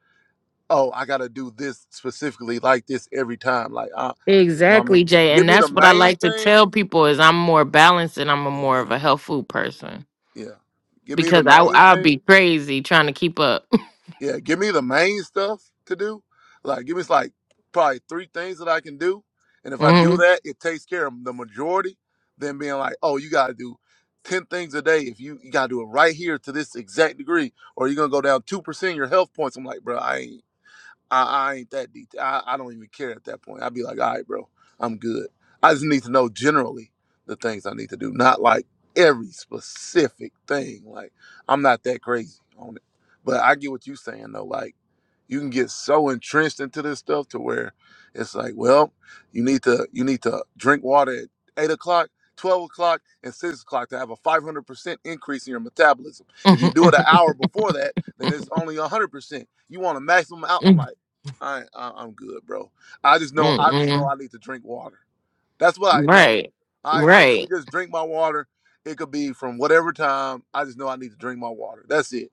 Speaker 5: oh, I gotta do this specifically like this every time. Like, I, you know what I
Speaker 7: Exactly,
Speaker 5: mean?
Speaker 7: Jay. And
Speaker 5: Give me the
Speaker 7: that's what I
Speaker 5: main
Speaker 7: like to tell
Speaker 5: thing.
Speaker 7: people is I'm more balanced and I'm a
Speaker 5: Yeah,
Speaker 7: more of a health food person
Speaker 5: yeah. Give me the
Speaker 7: because I
Speaker 5: main
Speaker 7: I'll be
Speaker 5: thing
Speaker 7: crazy trying to keep up. *laughs*
Speaker 5: Yeah, give me the main stuff to do. Like, give me like probably three things that I can do. And if I do
Speaker 7: Mhm,
Speaker 5: that, it takes care of the majority. Then being like, oh, you gotta do ten things a day. If you you gotta do it right here to this exact degree, or you're gonna go down two percent of your health points. I'm like, bro, I ain't. I, I ain't that deep. I, I don't even care at that point. I'd be like, all right, bro, I'm good. I just need to know generally the things I need to do, not like every specific thing. Like, I'm not that crazy on it. But I get what you're saying, though. Like, you can get so entrenched into this stuff to where it's like, well, you need to you need to drink water at eight o'clock, twelve o'clock, and six o'clock to have a five hundred percent increase in your metabolism. If you
Speaker 7: mhm,
Speaker 5: do it an hour before that, then it's only hundred percent. You want a maximum out. I'm like.
Speaker 7: mhm,
Speaker 5: I, I I'm good, bro. I just know
Speaker 7: mhm,
Speaker 5: I just know
Speaker 7: mhm.
Speaker 5: I need to drink water. That's what I know.
Speaker 7: Right.
Speaker 5: All right, so let me
Speaker 7: Right.
Speaker 5: just drink my water. It could be from whatever time. I just know I need to drink my water. That's it.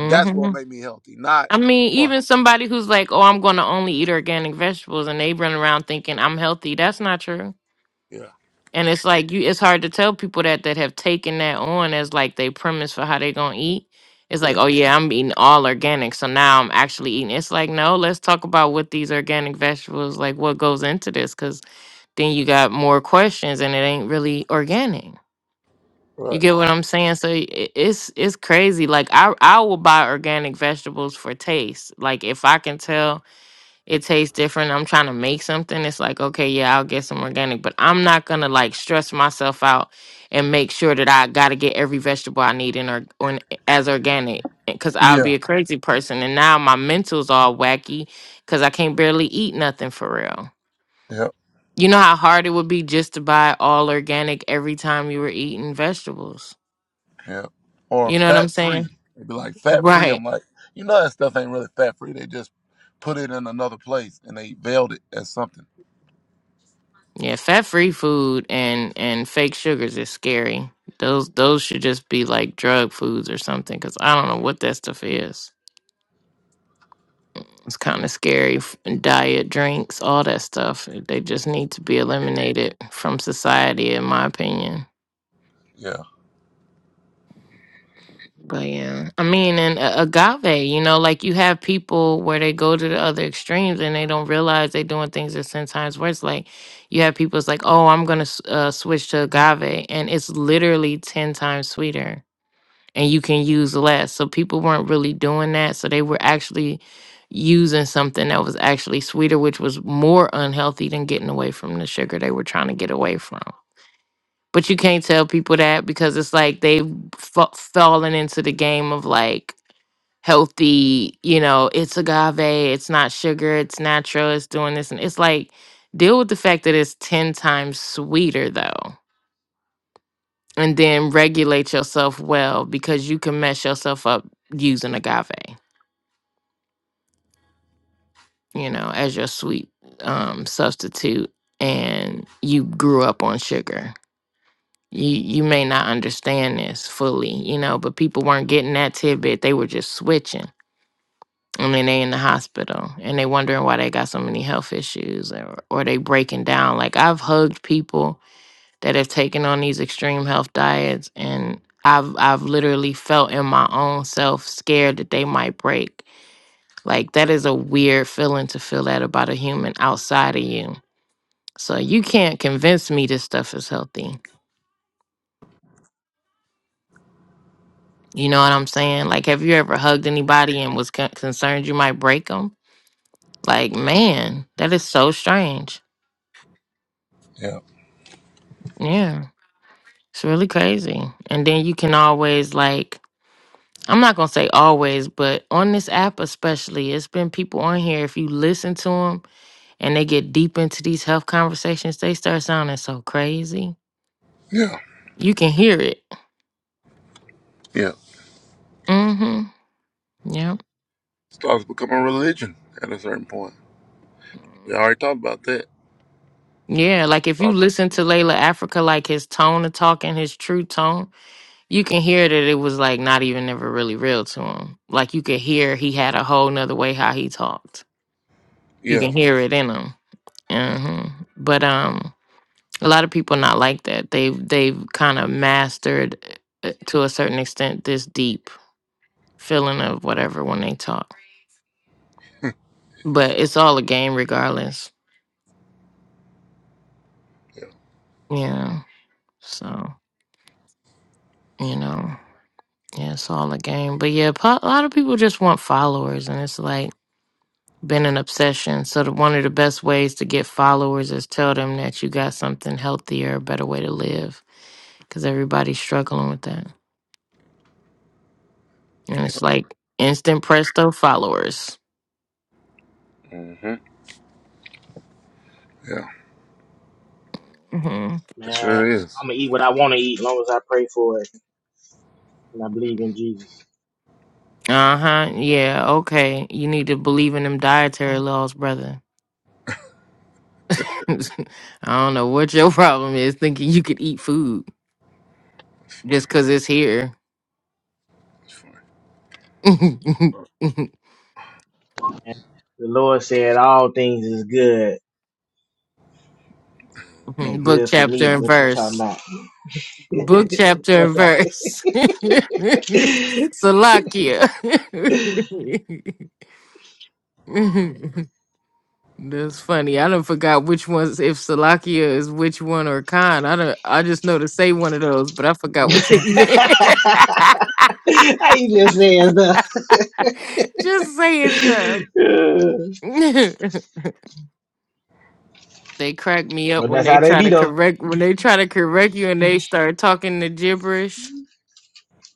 Speaker 5: That's what will make me healthy. Not
Speaker 7: I mean,
Speaker 5: or
Speaker 7: even somebody who's like, "Oh, I'm going to only eat organic vegetables," and they run around thinking I'm healthy. That's not true.
Speaker 5: yeah,
Speaker 7: And it's like you it's hard to tell people that that have taken that on as like they premise for how they gonna eat. It's
Speaker 5: yeah,
Speaker 7: like, oh yeah, I'm eating all organic, so now I'm actually eating. It's like, no, let's talk about what these organic vegetables like what goes into this, because then you got more questions and it ain't really organic. You
Speaker 5: right,
Speaker 7: get what I'm saying? So i- i- it's it's crazy. Like I I will buy organic vegetables for taste. Like if I can tell it tastes different. I'm trying to make something. It's like, okay, yeah, I'll get some organic, but I'm not gonna like stress myself out and make sure that I gotta get every vegetable I need in or, or as organic because I'll
Speaker 5: yeah,
Speaker 7: be a crazy person. And now my mental's all wacky because I can't barely eat nothing for real.
Speaker 5: yeah,
Speaker 7: You know how hard it would be just to buy all organic every time you were eating vegetables.
Speaker 5: yeah. Or
Speaker 7: You know what I'm
Speaker 5: fat free.
Speaker 7: saying?
Speaker 5: It'd be like fat free.
Speaker 7: Right.
Speaker 5: I'm like, you know, that stuff ain't really fat free. They just put it in another place and they veiled it as something.
Speaker 7: Yeah, fat free food and and fake sugars is scary. Those those should just be like drug foods or something because I don't know what that stuff is. It's kind of scary. F- Diet drinks, all that stuff. They just need to be eliminated from society, in my opinion.
Speaker 5: Yeah,
Speaker 7: But yeah, I mean, and a- agave, you know, like you have people where they go to the other extremes and they don't realize they're doing things that's 10 times worse. Like you have people, it's like, oh, I'm going to uh, switch to agave. And it's literally 10 times sweeter and you can use less. So people weren't really doing that. So they were actually using something that was actually sweeter, which was more unhealthy than getting away from the sugar they were trying to get away from. But you can't tell people that because it's like they've fa- fallen into the game of like healthy, you know, it's agave, it's not sugar, it's natural, it's doing this. And it's like, deal with the fact that it's 10 times sweeter though and then regulate yourself well because you can mess yourself up using agave, you know, as your sweet um, substitute, and you grew up on sugar. You you may not understand this fully, you know, but people weren't getting that tidbit. They were just switching. And then they in the hospital and they wondering why they got so many health issues or, or they breaking down. Like I've hugged people that have taken on these extreme health diets and I've I've literally felt in my own self scared that they might break. Like that is a weird feeling to feel that about a human outside of you. So you can't convince me this stuff is healthy. You know what I'm saying? Like have you ever hugged anybody and was con- concerned you might break them? Like man, that is so strange.
Speaker 5: yeah,
Speaker 7: Yeah. It's really crazy. And then you can always like I'm not gonna say always, but on this app especially, it's been people on here. If you listen to them and they get deep into these health conversations, they start sounding so crazy.
Speaker 5: yeah,
Speaker 7: You can hear it.
Speaker 5: yeah.
Speaker 7: Mm-hmm. Yep.
Speaker 5: Starts becoming religion at a certain point. We
Speaker 7: Mhm.
Speaker 5: already talked about that.
Speaker 7: Yeah, like if you
Speaker 5: Thoughts?
Speaker 7: listen to Layla Africa, like his tone of talking, his true tone, you can hear that it was like not even ever really real to him. Like you could hear he had a whole nother way how he talked. You
Speaker 5: Yeah,
Speaker 7: can hear it in him. Mm-hmm. But um. A lot of people not like that. They've they've kind of mastered uh, to a certain extent this deep feeling of whatever when they talk. But it's all a game regardless.
Speaker 5: yeah,
Speaker 7: Yeah. So, you know, yeah, it's all a game. But yeah, po- a lot of people just want followers and it's like been an obsession. So the, one of the best ways to get followers is tell them that you got something healthier, a better way to live cuz everybody's struggling with that. And
Speaker 5: Yep.
Speaker 7: it's like instant presto followers.
Speaker 5: hmm yeah.
Speaker 7: Mm-hmm.
Speaker 5: It sure is.
Speaker 7: Uh huh. Yeah. Okay. You need to believe in them dietary laws, brother. *laughs* I don't know what your *laughs* problem is thinking you could eat food
Speaker 5: It's
Speaker 7: just
Speaker 5: fine.
Speaker 7: because it's here. *laughs*
Speaker 5: It's fine. Uh,
Speaker 4: Look at- And
Speaker 7: Book, chapter, and verse. Book, chapter,
Speaker 4: what's
Speaker 7: and
Speaker 4: happening?
Speaker 7: verse. *laughs* Salakia. *laughs* That's funny. I don't forgot which ones, if Salakia is which one or Khan. I don't. I just know to say one of those, but I forgot what they meant. *laughs*
Speaker 4: *laughs*
Speaker 7: *laughs* Just saying stuff. *laughs* they crack me up
Speaker 4: But
Speaker 7: when
Speaker 4: that's
Speaker 7: they
Speaker 4: how they
Speaker 7: try
Speaker 4: be
Speaker 7: to
Speaker 4: though.
Speaker 7: correct when they try to correct you and they start talking the gibberish.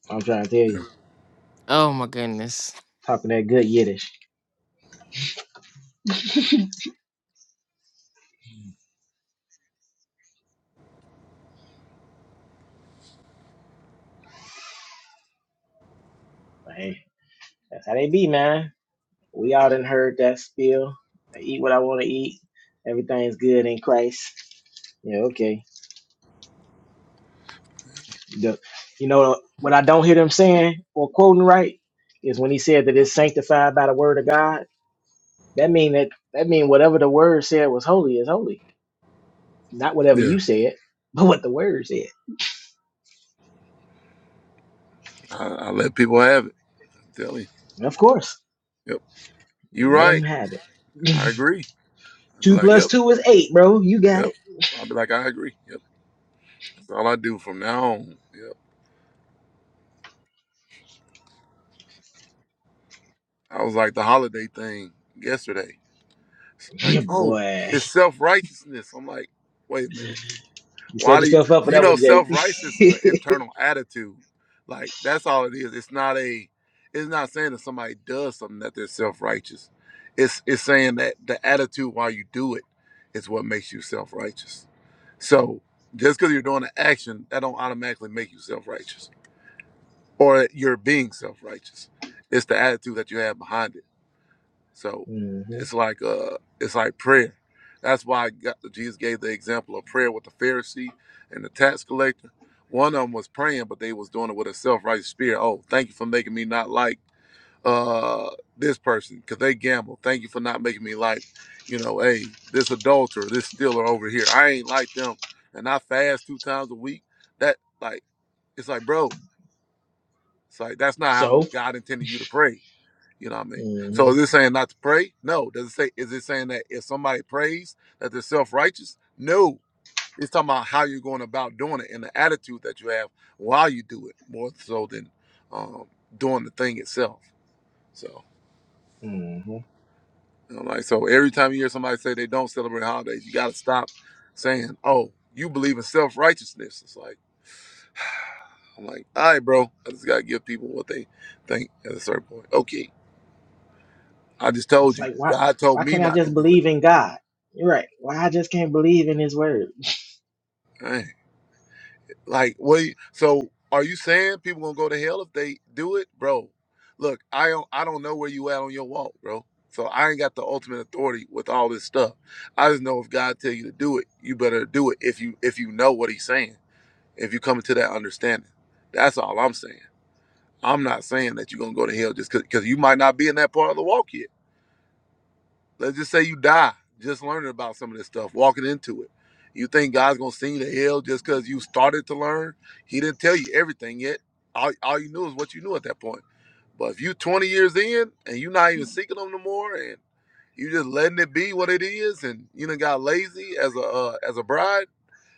Speaker 4: I'm trying to tell you.
Speaker 7: Oh my goodness.
Speaker 4: Talking that good Yiddish. But hey, that's how they be, man. We all done heard that spiel. I eat what I want to eat. Everything's good in Christ. Yeah, okay. The- you know what I don't hear them saying or quoting right is when he said that it's sanctified by the word of God. That mean that that mean whatever the word said was holy is holy. Not whatever
Speaker 5: Yeah,
Speaker 4: you said, but what the word said.
Speaker 5: I, I let people have it. I'm telling you.
Speaker 4: Of course.
Speaker 5: Yep, you
Speaker 4: Let them
Speaker 5: right.
Speaker 4: have it.
Speaker 5: I agree. I'd be
Speaker 4: Two
Speaker 5: like,
Speaker 4: plus
Speaker 5: yep,
Speaker 4: two is eight, bro. You got
Speaker 5: yep.
Speaker 4: it.
Speaker 5: I'll be like, I agree. Yep. That's all I do from now on. Yep. I was like the holiday thing yesterday. Like,
Speaker 4: *clears throat*
Speaker 5: oh,
Speaker 4: Boy.
Speaker 5: it's self righteousness. I'm like, wait a minute.
Speaker 4: You
Speaker 5: Why
Speaker 4: set
Speaker 5: do you,
Speaker 4: yourself up for
Speaker 5: you
Speaker 4: that
Speaker 5: know
Speaker 4: one, Jay.
Speaker 5: self righteousness is an internal attitude. Like that's all it is. It's not a it's not saying that somebody does something that they're self righteous. It's it's saying that the attitude while you do it is what makes you self righteous. So just because you're doing an action, that don't automatically make you self righteous. Or you're being self righteous. It's the attitude that you have behind it. So
Speaker 4: hmm
Speaker 5: it's like uh it's like prayer. That's why God, Jesus gave the example of prayer with the Pharisee and the tax collector. One of them was praying, but they was doing it with a self-righteous spirit. Oh, thank you for making me not like uh this person because they gamble. Thank you for not making me like, you know, hey, this adulterer, this stealer over here. I ain't like them, and I fast two times a week. That like, it's like, bro, it's like that's not how God intended you to pray. You know what I mean? So is it saying not to pray? No. Does it say is it saying that if somebody prays that they're self righteous? No. It's talking about how you're going about doing it and the attitude that you have while you do it, more so than um, doing the thing itself. So you know, like so every time you hear somebody say they don't celebrate holidays, you gotta stop saying, Oh, you believe in self righteousness. It's like I'm like, all right, bro, I just gotta give people what they think at a certain point. Okay. I just
Speaker 4: It's
Speaker 5: told you.
Speaker 4: like why
Speaker 5: God told
Speaker 4: why
Speaker 5: me
Speaker 4: can't I
Speaker 5: not to
Speaker 4: just
Speaker 5: do it.
Speaker 4: believe in God? You're right. Why I just can't believe in His word?
Speaker 5: Dang. Like, what? you- So, are you saying people gonna go to hell if they do it, bro? Look, I don't, I don't know where you at on your walk, bro. So I ain't got the ultimate authority with all this stuff. I just know if God tell you to do it, you better do it. If you, if you know what He's saying, if you come to that understanding, that's all I'm saying. I'm not saying that you're gonna go to hell just because you might not be in that part of the walk yet. Let's just say you die just learning about some of this stuff, walking into it. You think God's gonna send you to hell just because you started to learn? He didn't tell you everything yet. All, all you knew is what you knew at that point. But if you 20 years in and you're not even seeking them no more, and you just letting it be what it is, and you done got lazy as a uh, as a bride,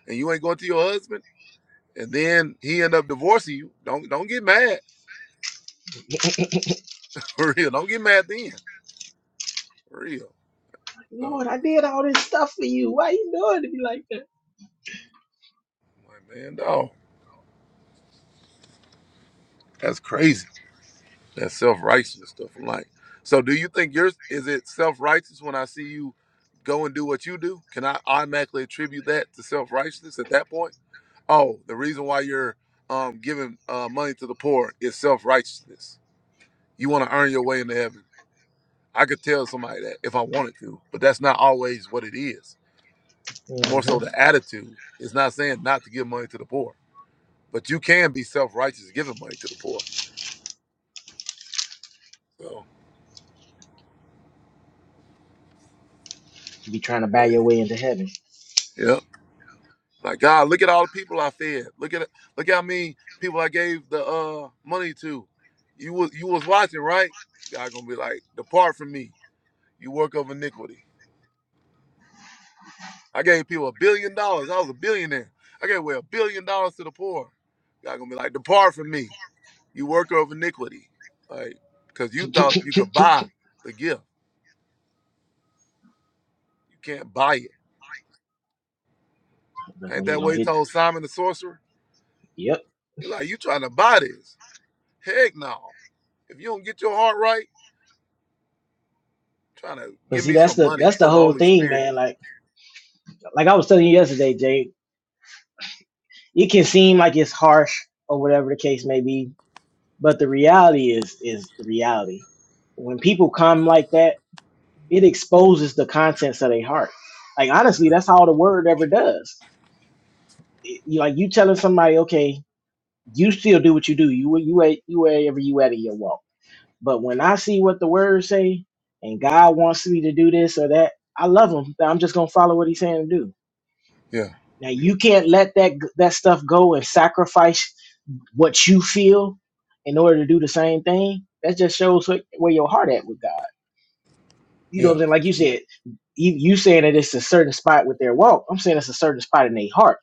Speaker 5: and you ain't going to your husband, and then he end up divorcing you. Don't don't get mad *laughs* for real. Don't get mad then for real. So,
Speaker 4: Lord, I did all this stuff for you. Why you doing to me like that?
Speaker 5: my man, dog, that's crazy. That self righteousness stuff. I'm like, so do you think yours is it self righteous when I see you go and do what you do? Can I automatically attribute that to self righteousness at that point? Oh, the reason why you're um, giving uh, money to the poor is self righteousness. You want to earn your way into heaven. I could tell somebody that if I wanted to, but that's not always what it is. More so
Speaker 4: hmm
Speaker 5: the attitude. It's not saying not to give money to the poor, but you can be self righteous giving money to the poor. So,
Speaker 4: You be trying to buy
Speaker 5: so,
Speaker 4: your way into heaven.
Speaker 5: yeah. My God, look at all the people I fed. Look at look how many people I gave the uh money to. You was you was watching, right? God gonna be like, depart from me, you work of iniquity. I gave people a billion dollars. I was a billionaire. I gave away a billion dollars to the poor. God gonna be like, depart from me, you worker of iniquity. Like, cause
Speaker 4: *laughs*
Speaker 5: you thought you could buy the gift. You can't buy it.
Speaker 4: that's
Speaker 5: Ain't
Speaker 4: when He
Speaker 5: that what
Speaker 4: gonna
Speaker 5: he
Speaker 4: hit
Speaker 5: told Simon the sorcerer?
Speaker 4: you. Yep.
Speaker 5: He like, you trying to buy this? Heck no. If you don't get your heart right. trying to
Speaker 4: But
Speaker 5: give
Speaker 4: see,
Speaker 5: me
Speaker 4: that's
Speaker 5: some
Speaker 4: the
Speaker 5: money
Speaker 4: that's the
Speaker 5: for the
Speaker 4: whole
Speaker 5: Holy
Speaker 4: thing,
Speaker 5: Spirit.
Speaker 4: man. Like like I was telling you yesterday, Jay. It can seem like it's harsh or whatever the case may be, but the reality is is the reality. When people come like that It exposes the contents of their heart. Like honestly,
Speaker 5: Yeah,
Speaker 4: that's all the word ever does. It- you like you telling somebody, okay, you still do what you do. You you at you wherever you at in your walk. But when I see what the word say, and God wants me to do this or that, I love Him. I'm just gonna follow what He's saying to do.
Speaker 5: yeah,
Speaker 4: Now you can't let that that stuff go and sacrifice what you feel in order to do the same thing. That just shows what, where your heart at with God. You know what I'm
Speaker 5: yeah,
Speaker 4: saying? Like you said, you, you saying that it's a certain spot with their walk. I'm saying it's a certain spot in their heart.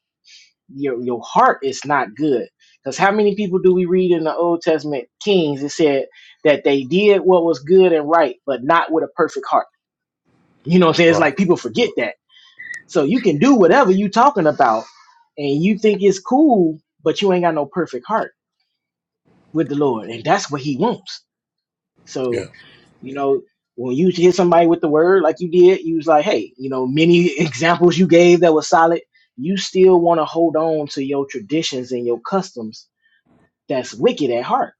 Speaker 4: Your your heart is not good. Because how many people do we read in the Old Testament Kings? It said that they did what was good and right, but not with a perfect heart. You know what I'm saying? It's
Speaker 5: right.
Speaker 4: like people forget that. So you can do whatever you talking about, and you think it's cool, but you ain't got no perfect heart with the Lord, and that's what He wants.
Speaker 5: Yeah.
Speaker 4: So You know, when you hit somebody with the word like you did, you was like, hey, you know, many *laughs* examples you gave that was solid. You still want to hold on to your traditions and your customs that's wicked at heart.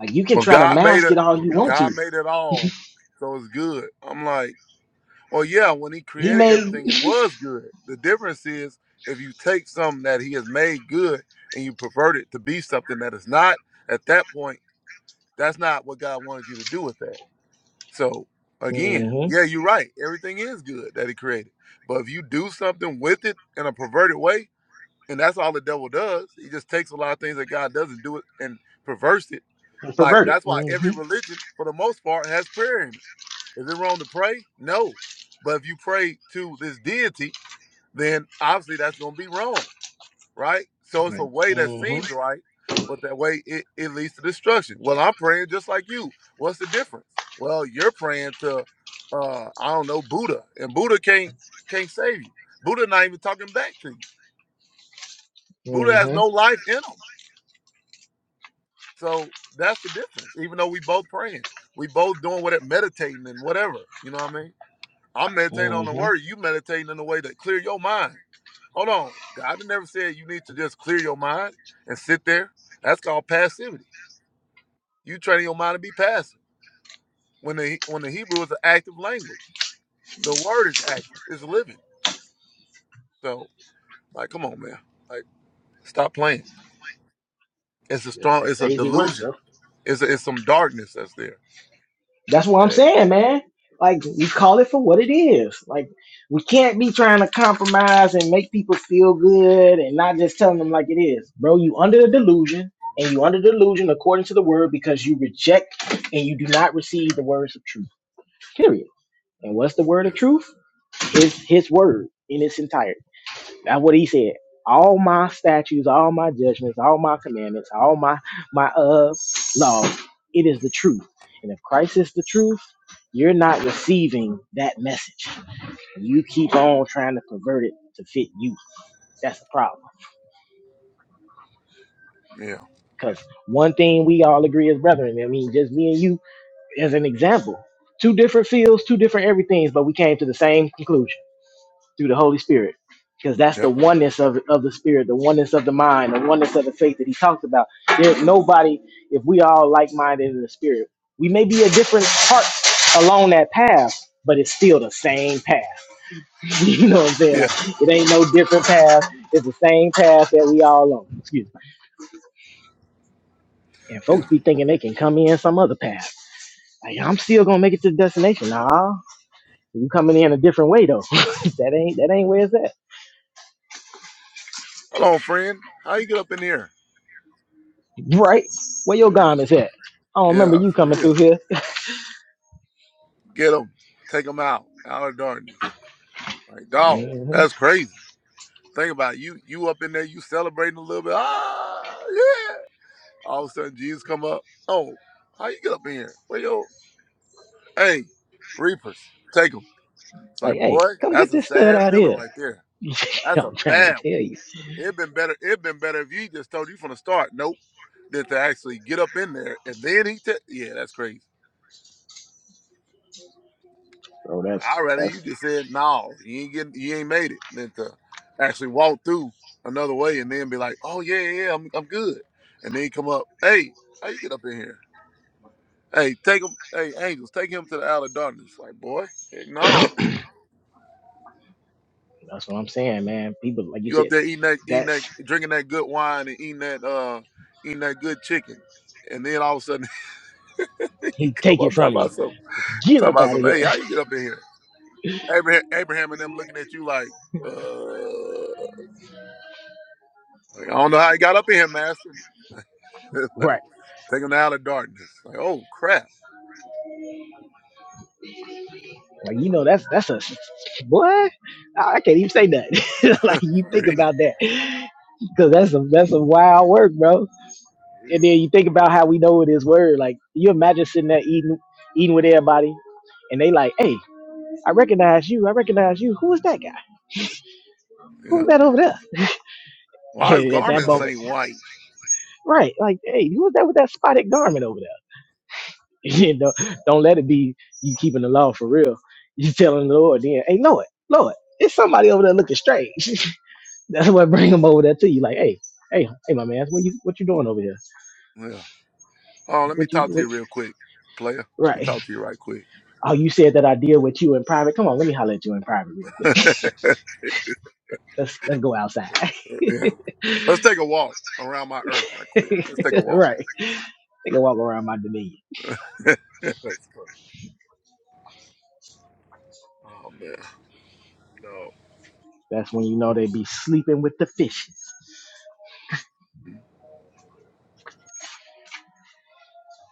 Speaker 4: Like you can
Speaker 5: Well,
Speaker 4: try to
Speaker 5: God made
Speaker 4: mask
Speaker 5: it.
Speaker 4: it all you want to.
Speaker 5: God made it all, so it's good. I'm like, well, yeah. When He
Speaker 4: He
Speaker 5: created
Speaker 4: may
Speaker 5: everything, it was good. The difference is if you take something that He has made good and you pervert it to be something that is not. At that point, that's not what God wanted you to do with that. So again,
Speaker 4: mm-hmm,
Speaker 5: yeah, you're right. Everything is good that He created, but if you do something with it in a perverted way, And that's all the devil does. He just takes a lot of things that God doesn't do it and perverse it. Like
Speaker 4: pervert it.
Speaker 5: that's why every
Speaker 4: Mm-hmm,
Speaker 5: religion, for the most part, has prayer in it. Is it wrong to pray? No. But if you pray to this deity, then obviously that's gonna be wrong, right? So it's a way that seems
Speaker 4: mm-hmm,
Speaker 5: right, but that way it, it leads to destruction. Well, I'm praying just like you. What's the difference? Well, you're praying to uh I don't know, Buddha. And Buddha can't can't save you. Buddha not even talking back to you. Buddha has no
Speaker 4: mm-hmm,
Speaker 5: life in him. So that's the difference. Even though we both praying, we both doing what it meditating and whatever. You know what I mean? I'm meditating on the
Speaker 4: mm-hmm.
Speaker 5: word. You meditating in a way that clear your mind. Hold on, God never said you need to just clear your mind and sit there. That's called passivity. You training your mind to be passive. When the when the Hebrew is an active language, the word is active. It's living. So like, come on, man. Like, stop playing. It's a
Speaker 4: That's
Speaker 5: strong.
Speaker 4: that
Speaker 5: It's a
Speaker 4: crazy work, bro.
Speaker 5: delusion. It's a, it's some darkness that's there.
Speaker 4: That's what I'm
Speaker 5: And it,
Speaker 4: saying, man. Like we call it for what it is. Like we can't be trying to compromise and make people feel good and not just telling them like it is. Bro, you under the delusion and you under the delusion according to the word because you reject and you do not receive the words of truth. Period. And what's the word
Speaker 5: yeah.
Speaker 4: of truth? It's his word in its entirety. That's what he said. All my statutes, all my judgments, all my commandments, all my my uh laws. It is the truth. And if Christ is the truth, you're not receiving that message. You keep on trying to pervert it to fit you. That's the problem.
Speaker 5: Yeah.
Speaker 4: Because one thing we all agree as brethren, I mean, just me and you as an example. Two different fields, two different everythings, but we came to the same conclusion. through the Holy Spirit. Because that's the
Speaker 5: Yep.
Speaker 4: oneness of, of the spirit, the oneness of the mind, the oneness of the faith that he talked about. There's nobody, if we all like minded in the spirit, we may be a different part along that path, but it's still the same path. *laughs* you know what I'm saying?
Speaker 5: Yeah.
Speaker 4: Like, it ain't no different path. It's the same path that we all on. Excuse me. And folks
Speaker 5: Yeah.
Speaker 4: be thinking they can come in some other path. Like, I'm still going to make it to the destination. Nah, you coming in a different way, though. *laughs* that ain't that ain't where it's at.
Speaker 5: Hello, friend. How you get up in here?
Speaker 4: Right? Where your
Speaker 5: For real.
Speaker 4: garments at? I don't remember
Speaker 5: Yeah,
Speaker 4: you
Speaker 5: for
Speaker 4: coming
Speaker 5: real.
Speaker 4: through here.
Speaker 5: Get them. Take them out. Out of darkness. Like, dog,
Speaker 4: hmm *laughs*
Speaker 5: that's crazy. Think about it. you. You up in there, you celebrating a little bit. Ah, yeah. All of a sudden, Jesus come up. Oh, how you get up in here? Where yo? Hey, reapers, take them. It's like,
Speaker 4: Like, hey,
Speaker 5: boy,
Speaker 4: come get
Speaker 5: that's a
Speaker 4: this stud
Speaker 5: sad
Speaker 4: out
Speaker 5: feeling
Speaker 4: here.
Speaker 5: right there.
Speaker 4: *laughs*
Speaker 5: That's a
Speaker 4: I'm trying
Speaker 5: bad
Speaker 4: to
Speaker 5: one.
Speaker 4: tell you.
Speaker 5: It had been better. It had been better if you just told you from the start. Nope. Than to actually get up in there and then he. T- yeah, that's crazy.
Speaker 4: So that's
Speaker 5: I rather you
Speaker 4: that's
Speaker 5: just said no, you ain't getting, you ain't made it, than to actually walk through another way and then be like, oh yeah, yeah, yeah, I'm, I'm good, and then you come up, hey, how you get up in here? Hey, take him, hey, angels, take him to the outer darkness. Like boy, heck no,
Speaker 4: that's what I'm saying, man. People, like you
Speaker 5: you up
Speaker 4: said,
Speaker 5: there eating that, eating that,
Speaker 4: that's
Speaker 5: drinking that good wine and eating that, uh, eating that good chicken, and then all of a sudden *laughs* you
Speaker 4: he
Speaker 5: come
Speaker 4: take it
Speaker 5: up
Speaker 4: from
Speaker 5: talking
Speaker 4: you.
Speaker 5: about some,
Speaker 4: Get
Speaker 5: talking
Speaker 4: up
Speaker 5: about
Speaker 4: out of
Speaker 5: some,
Speaker 4: here.
Speaker 5: hey,
Speaker 4: *laughs*
Speaker 5: how you get up in here? Abraham, Abraham and them looking at you like, uh. Like, I don't know how he got up in here, Master. *laughs*
Speaker 4: Right.
Speaker 5: like, take him out of darkness. Like, oh crap.
Speaker 4: Like you know, that's that's a boy. I I can't even say that. *laughs*
Speaker 5: *laughs*
Speaker 4: like
Speaker 5: For
Speaker 4: you think
Speaker 5: real.
Speaker 4: about
Speaker 5: For
Speaker 4: that, because that's a that's a wild work, bro. And
Speaker 5: real.
Speaker 4: then you think about how we know it is word. Like you imagine sitting there eating eating with everybody and they like, hey, I recognize you, I recognize you. Who is that guy?
Speaker 5: Yeah.
Speaker 4: Who's that over there? *laughs*
Speaker 5: Why his
Speaker 4: And at that
Speaker 5: garments
Speaker 4: moment,
Speaker 5: ain't white?
Speaker 4: right, like, hey, who is that with that spotted garment over there? *laughs* you know, don't let it be you keeping the law for real. You telling the Lord then, hey Lord, Lord, it's somebody over there looking strange. *laughs* That's what bring them over there to you. Like, hey, hey, hey my man, what you what you doing over here?
Speaker 5: Yeah. Oh, let me
Speaker 4: What you
Speaker 5: talk to
Speaker 4: what,
Speaker 5: you real quick, player. Let me
Speaker 4: right. *laughs*
Speaker 5: talk to you right quick.
Speaker 4: Oh, you said that I deal with you in private. Come on, let me holler at you in private real quick.
Speaker 5: *laughs* yeah.
Speaker 4: Let's let's go outside. *laughs*
Speaker 5: Let's take a walk around my earth right quick. Let's take a walk.
Speaker 4: right. They can walk around my dominion.
Speaker 5: *laughs* That's funny. Oh man. No.
Speaker 4: That's when you know they be sleeping with the fishes.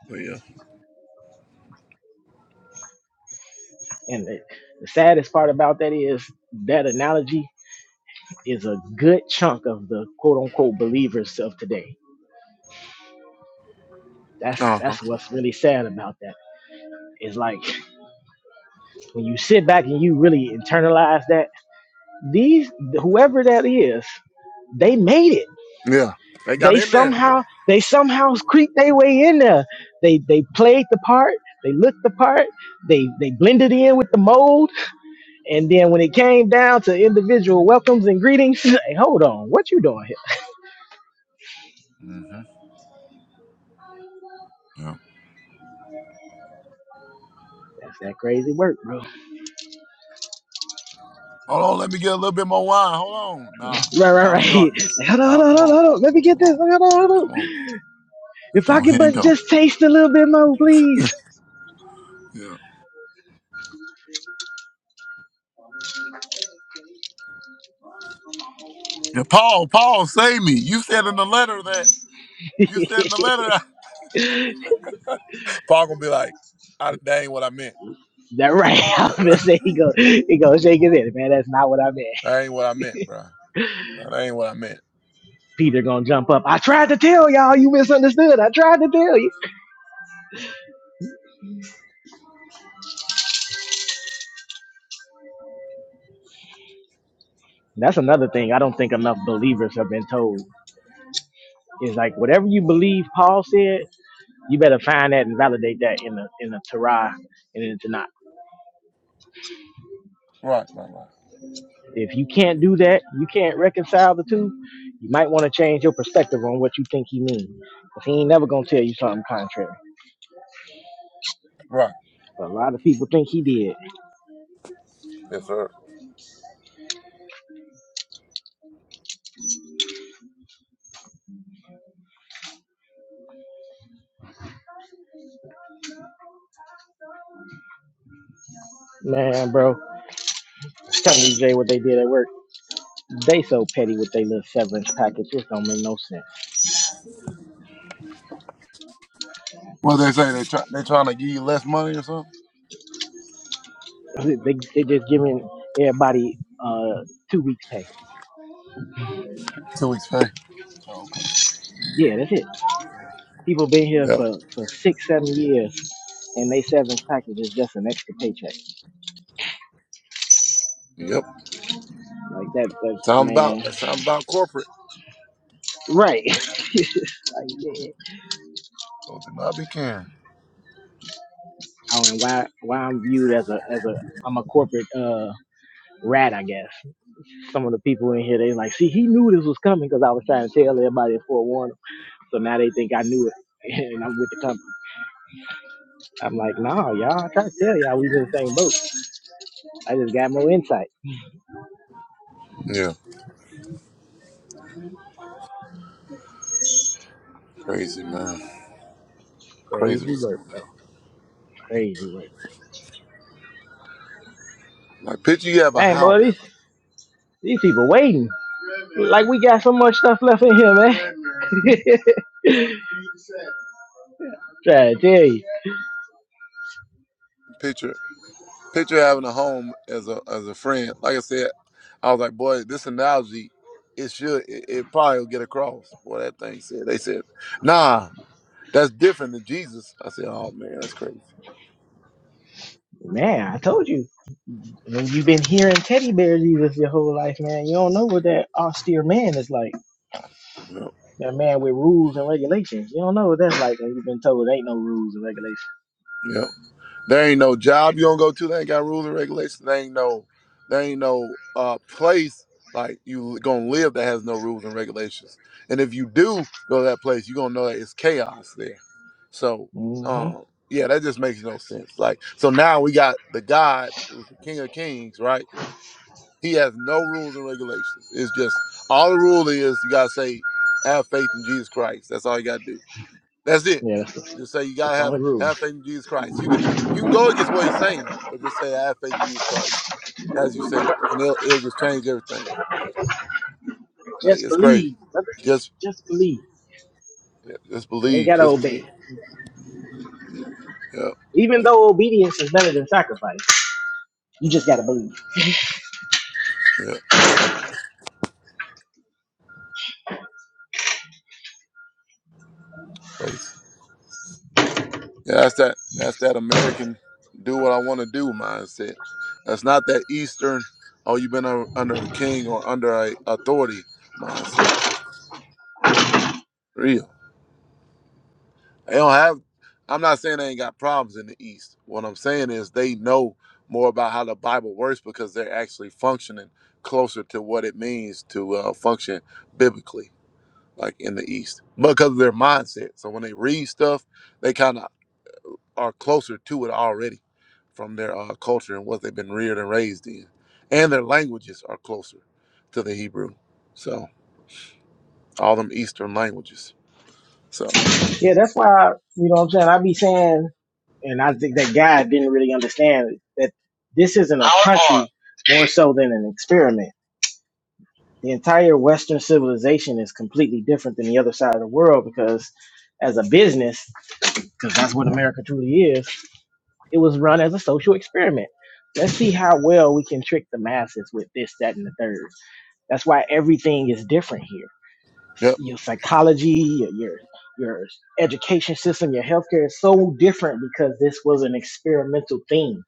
Speaker 5: But yeah.
Speaker 4: And the, the saddest part about that is that analogy is a good chunk of the quote unquote believers of today. That's
Speaker 5: Uh huh.
Speaker 4: that's what's really sad about that. It's like when you sit back and you really internalize that, these whoever that is, they made it
Speaker 5: Yeah. They got
Speaker 4: they
Speaker 5: in there.
Speaker 4: somehow they somehow creeped their way in there. They they played the part, they looked the part, they they blended in with the mold, and then when it came down to individual welcomes and greetings, *laughs* hey, hold on, what you doing here?
Speaker 5: hmm Yeah.
Speaker 4: That's that crazy work, bro.
Speaker 5: Hold on. Let me get a little bit more wine. Hold on. Nah.
Speaker 4: Right, right,
Speaker 5: Out of
Speaker 4: right. *laughs*
Speaker 5: darkness.
Speaker 4: Like, hold on, hold
Speaker 5: Out.
Speaker 4: on,
Speaker 5: Come
Speaker 4: hold on,
Speaker 5: on.
Speaker 4: hold on. Let me get
Speaker 5: Come
Speaker 4: this.
Speaker 5: on.
Speaker 4: Hold on, hold on.
Speaker 5: Come on. Let's
Speaker 4: If
Speaker 5: go
Speaker 4: I could
Speaker 5: ahead and
Speaker 4: but
Speaker 5: go.
Speaker 4: just taste a little bit more, please.
Speaker 5: Yeah. Yeah, Paul, Paul, save me. You said in the letter that you said in the letter that *laughs* Paul gonna be like, I, that ain't what I meant.
Speaker 4: That right. *laughs*
Speaker 5: *laughs*
Speaker 4: I'm gonna
Speaker 5: that
Speaker 4: say he go he go shake his head, man. That's not what I meant.
Speaker 5: ain't what I meant, bro. That ain't what I meant.
Speaker 4: Peter gonna jump up. I tried to tell y'all, you misunderstood. I tried to tell you. That's another thing I don't think enough believers have been told is like whatever you believe Paul said, you better find that and validate that in the in the Torah and in the Tanakh.
Speaker 5: Right, right, right.
Speaker 4: If you can't do that, you can't reconcile the two. You might want to change your perspective on what you think he means, cause he ain't never gonna tell you something contrary.
Speaker 5: Right.
Speaker 4: But a lot of people think he did.
Speaker 5: Yes, sir.
Speaker 4: Man, bro, tell me Jay what they did at work. They so petty with their little severance package. It don't make no sense.
Speaker 5: What they say, they try they trying to give you less money or something?
Speaker 4: They they just giving everybody uh two weeks pay.
Speaker 5: Two weeks pay. Oh, okay.
Speaker 4: Yeah, that's it. People been here
Speaker 5: Yep.
Speaker 4: for, for six, seven years, and they severance package is just an extra paycheck.
Speaker 5: Yep.
Speaker 4: Like that, that's
Speaker 5: Sounds about
Speaker 4: man,
Speaker 5: that sounds about corporate.
Speaker 4: right? *laughs* like, yeah.
Speaker 5: So do not be caring.
Speaker 4: I don't know why why I'm viewed as a as a I'm a corporate uh rat, I guess. Some of the people in here, they like, see, he knew this was coming because I was trying to tell everybody and forewarn them. So now they think I knew it. *laughs* And I'm with the company. I'm like, nah, y'all. I try to tell y'all we was in the same boat. I just got more insight.
Speaker 5: Yeah. Crazy man. Crazy.
Speaker 4: Crazy work, bro. Crazy work.
Speaker 5: Like picture you have a
Speaker 4: Dang, boy, these,
Speaker 5: house.
Speaker 4: these people waiting. Like we got so much stuff left in here, man. *laughs* Try to tell you,
Speaker 5: Picture picture having a home as a as a friend. Like I said, I was like, boy, this analogy, it should it, it probably will get across. Boy, that thing said they said, nah, that's different than Jesus. I said, oh man, that's crazy.
Speaker 4: man. I told you. When you've been hearing teddy bear Jesus your whole life, man, you don't know what that austere man is like.
Speaker 5: Yep.
Speaker 4: That man with rules and regulations. You don't know what that's like when you've been told there ain't no rules and
Speaker 5: Yep. There ain't no job you don't go to. They ain't got rules and regulations. There ain't no, there ain't no uh, place like you gonna live that has no rules and regulations. And if you do go to that place, you gonna know that it's chaos there. So,
Speaker 4: regulations.
Speaker 5: um,
Speaker 4: hmm
Speaker 5: yeah, that just makes no sense. Like, so now we got the God who's the King of Kings, right? He has no rules and regulations. It's just all the rule is you gotta say have faith in Jesus Christ. That's all you gotta do that's it.
Speaker 4: Yeah, that's
Speaker 5: Just say you gotta have
Speaker 4: true.
Speaker 5: have faith in Jesus Christ. You can you can go against what he's saying, but just say I have faith in Jesus Christ as you say it, and it'll it'll just change everything. Like
Speaker 4: Just
Speaker 5: it's crazy.
Speaker 4: believe, brother.
Speaker 5: Just
Speaker 4: Just believe.
Speaker 5: yeah, just
Speaker 4: You ain't
Speaker 5: believe.
Speaker 4: gotta
Speaker 5: Just
Speaker 4: obey.
Speaker 5: believe. Yeah,
Speaker 4: Even though obedience is better than sacrifice, you just gotta believe.
Speaker 5: yeah, crazy. Yeah, that's that. That's that American do what I want to do mindset. That's not that Eastern. Oh, you've been un- under a king or under a authority mindset. They don't have. I'm not saying they ain't got problems in the East. What I'm saying is they know more about how the Bible works because they're actually functioning closer to what it means to uh, function biblically, like in the East, because of their mindset. So when they read stuff, they kind of are closer to it already from their uh, culture and what they've been reared and raised in, and their languages are closer to the Hebrew. So all them Eastern languages. So.
Speaker 4: Yeah, that's why you know what I'm saying. I be saying, and I think that God didn't really understand that this isn't. a more so than an experiment. The entire Western civilization is completely different than the other side of the world because, as a business, because that's what America truly is, it was run as a social experiment. Let's see how well we can trick the masses with this, that, and the third. That's why everything is different here.
Speaker 5: yeah.
Speaker 4: Your psychology, your your, your education system, your healthcare is so different because this was an experimental thing.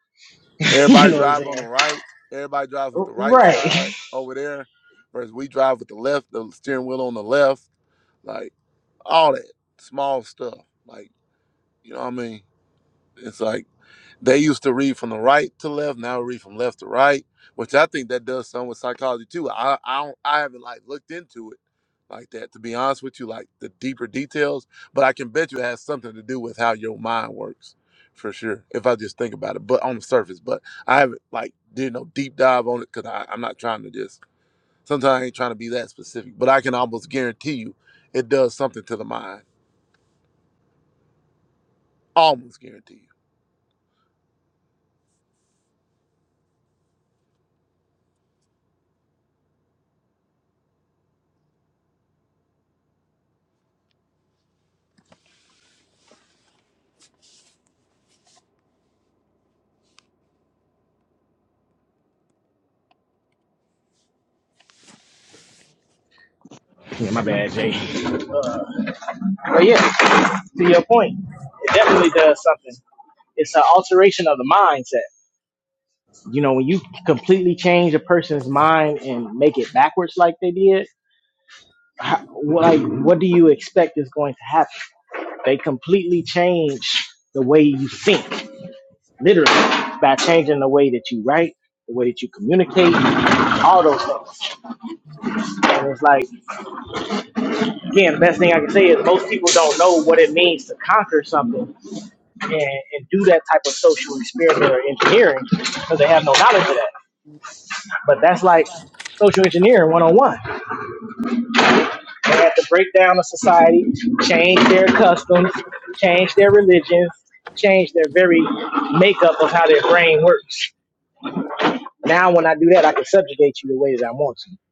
Speaker 4: *laughs* you
Speaker 5: Everybody
Speaker 4: know what I'm
Speaker 5: drive
Speaker 4: saying?
Speaker 5: on the right. Everybody drives with the right side
Speaker 4: Right. *laughs*
Speaker 5: over there, whereas we drive with the left, the steering wheel on the left. Like all that small stuff. Like you know what I mean? It's like they used to read from the right to left. Now read from left to right, which I think that does some with psychology too. I I don't, I haven't like looked into it like that to be honest with you, like the deeper details. But I can bet you it has something to do with how your mind works for sure. If I just think about it, but on the surface, but I haven't like did no deep dive on it because I'm not trying to just. Sometimes I ain't trying to be that specific, but I can almost guarantee you it does something to the mind. Almost guarantee you.
Speaker 4: Yeah, my bad, Jay. But yeah. to your point, it definitely does something. It's an alteration of the mindset. You know, when you completely change a person's mind and make it backwards like they did, how, like what do you expect is going to happen? They completely change the way you think, literally, by changing the way that you write, the way that you communicate, all those things. And it's like, again, the best thing I can say is most people don't know what it means to conquer something and, and do that type of social experiment or engineering because they have no knowledge of that. But that's like social engineering 101. They have to break down a society, change their customs, change their religions, change their very makeup of how their brain works. Now, when I do that, I can subjugate you the way that I want to.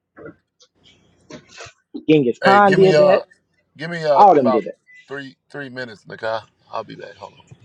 Speaker 4: Genghis
Speaker 5: Hey,
Speaker 4: Khan
Speaker 5: give me
Speaker 4: did
Speaker 5: uh,
Speaker 4: that.
Speaker 5: give me uh
Speaker 4: All of them
Speaker 5: about
Speaker 4: did it.
Speaker 5: three three minutes, Nakai. I'll be back. Hold on.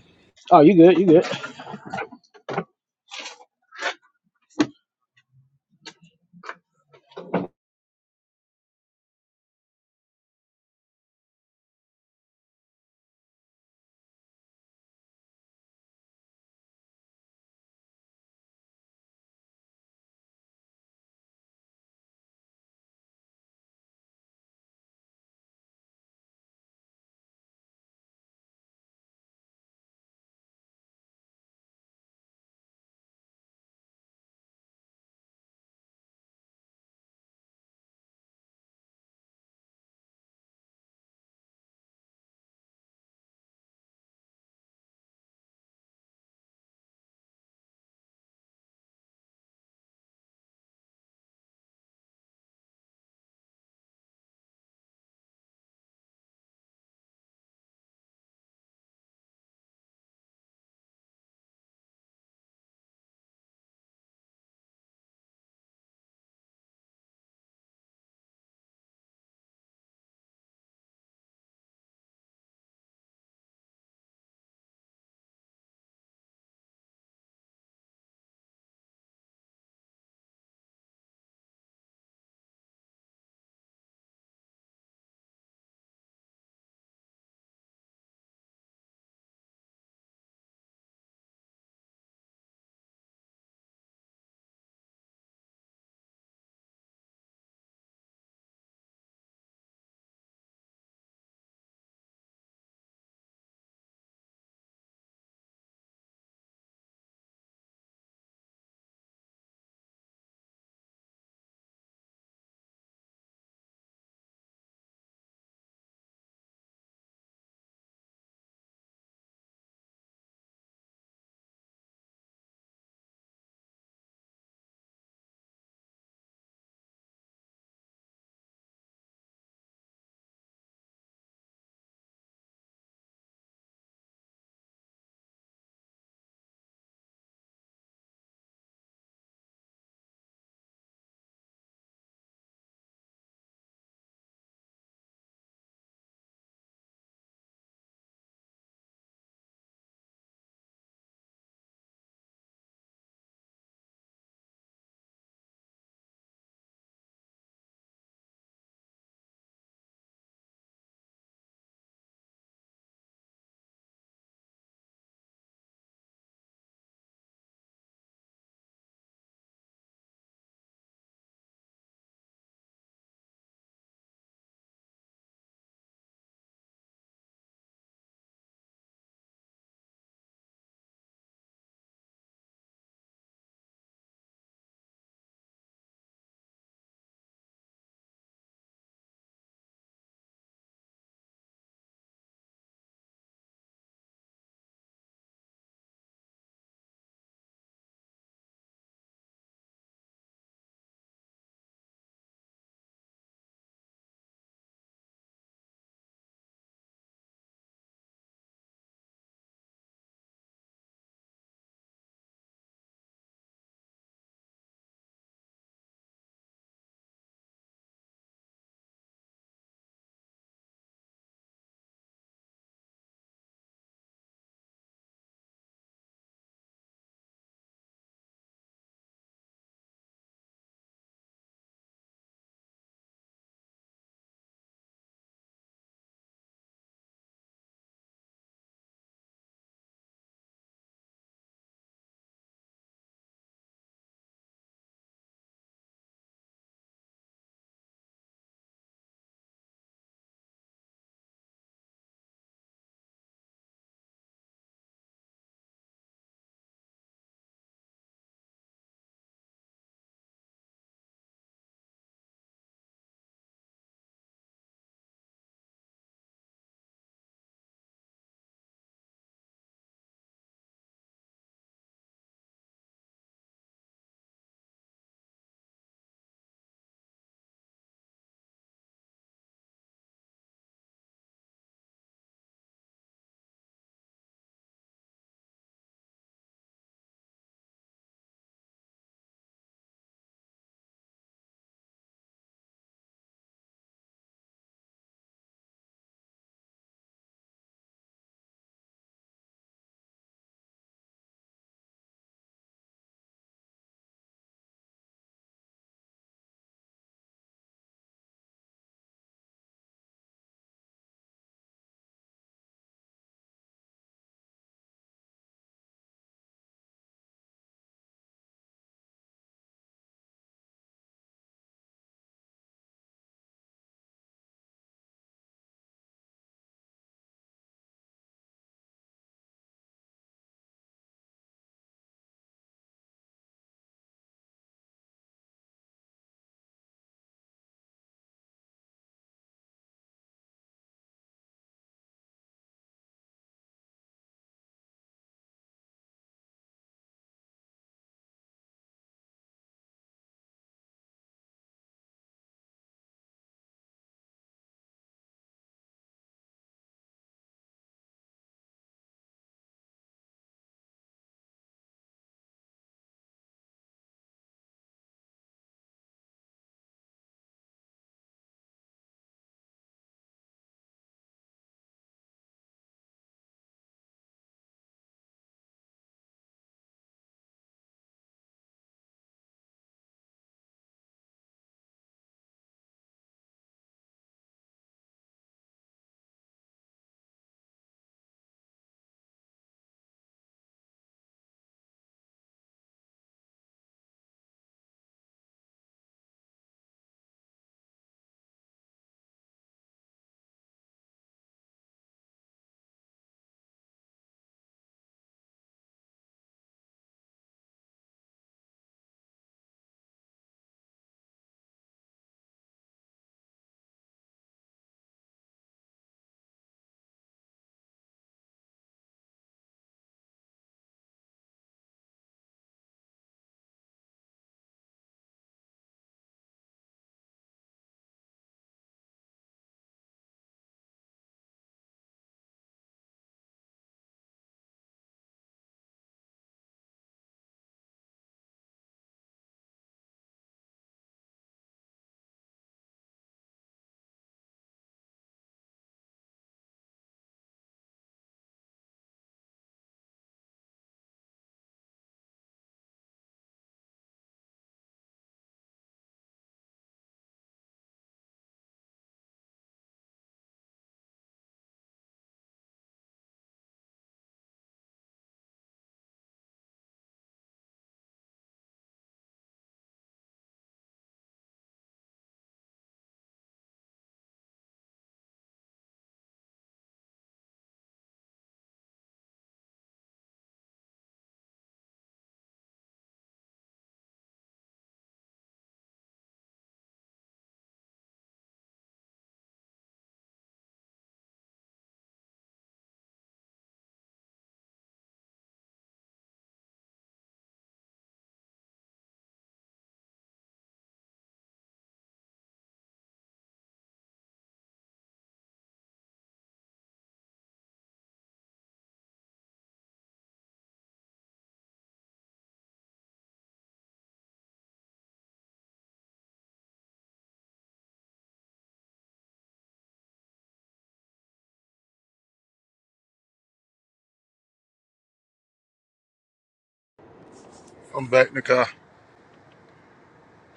Speaker 5: I'm back, Nakai.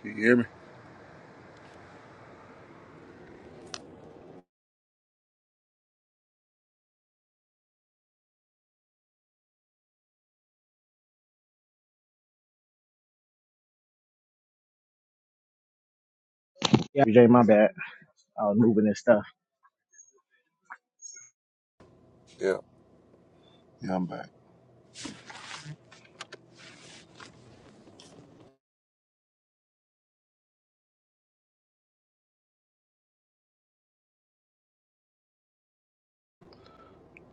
Speaker 5: Can you hear me?
Speaker 4: Yeah, Jay, my bad. I was moving and stuff.
Speaker 5: Yeah, yeah, I'm back.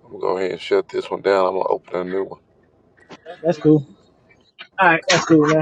Speaker 5: I'm gonna go ahead and shut this one down. I'm gonna open a new one.
Speaker 4: That's cool. All right, that's cool, man.